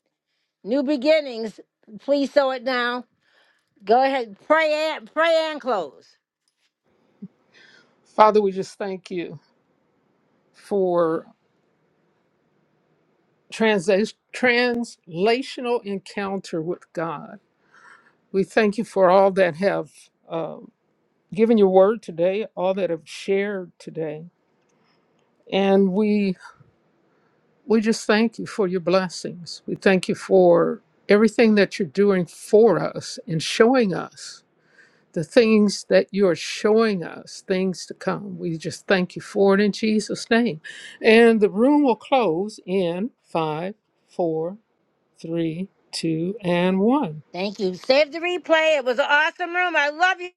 New beginnings. Please sow it now. Go ahead. Pray and pray and close. Father, we just thank you for transa- translational encounter with God. We thank you for all that have um, given your word today, all that have shared today. And we, we just thank you for your blessings. We thank you for everything that you're doing for us and showing us the things that you're showing us, things to come. We just thank you for it in Jesus' name. And the room will close in five, four, three, two, and one. Thank you. Save the replay. It was an awesome room. I love you.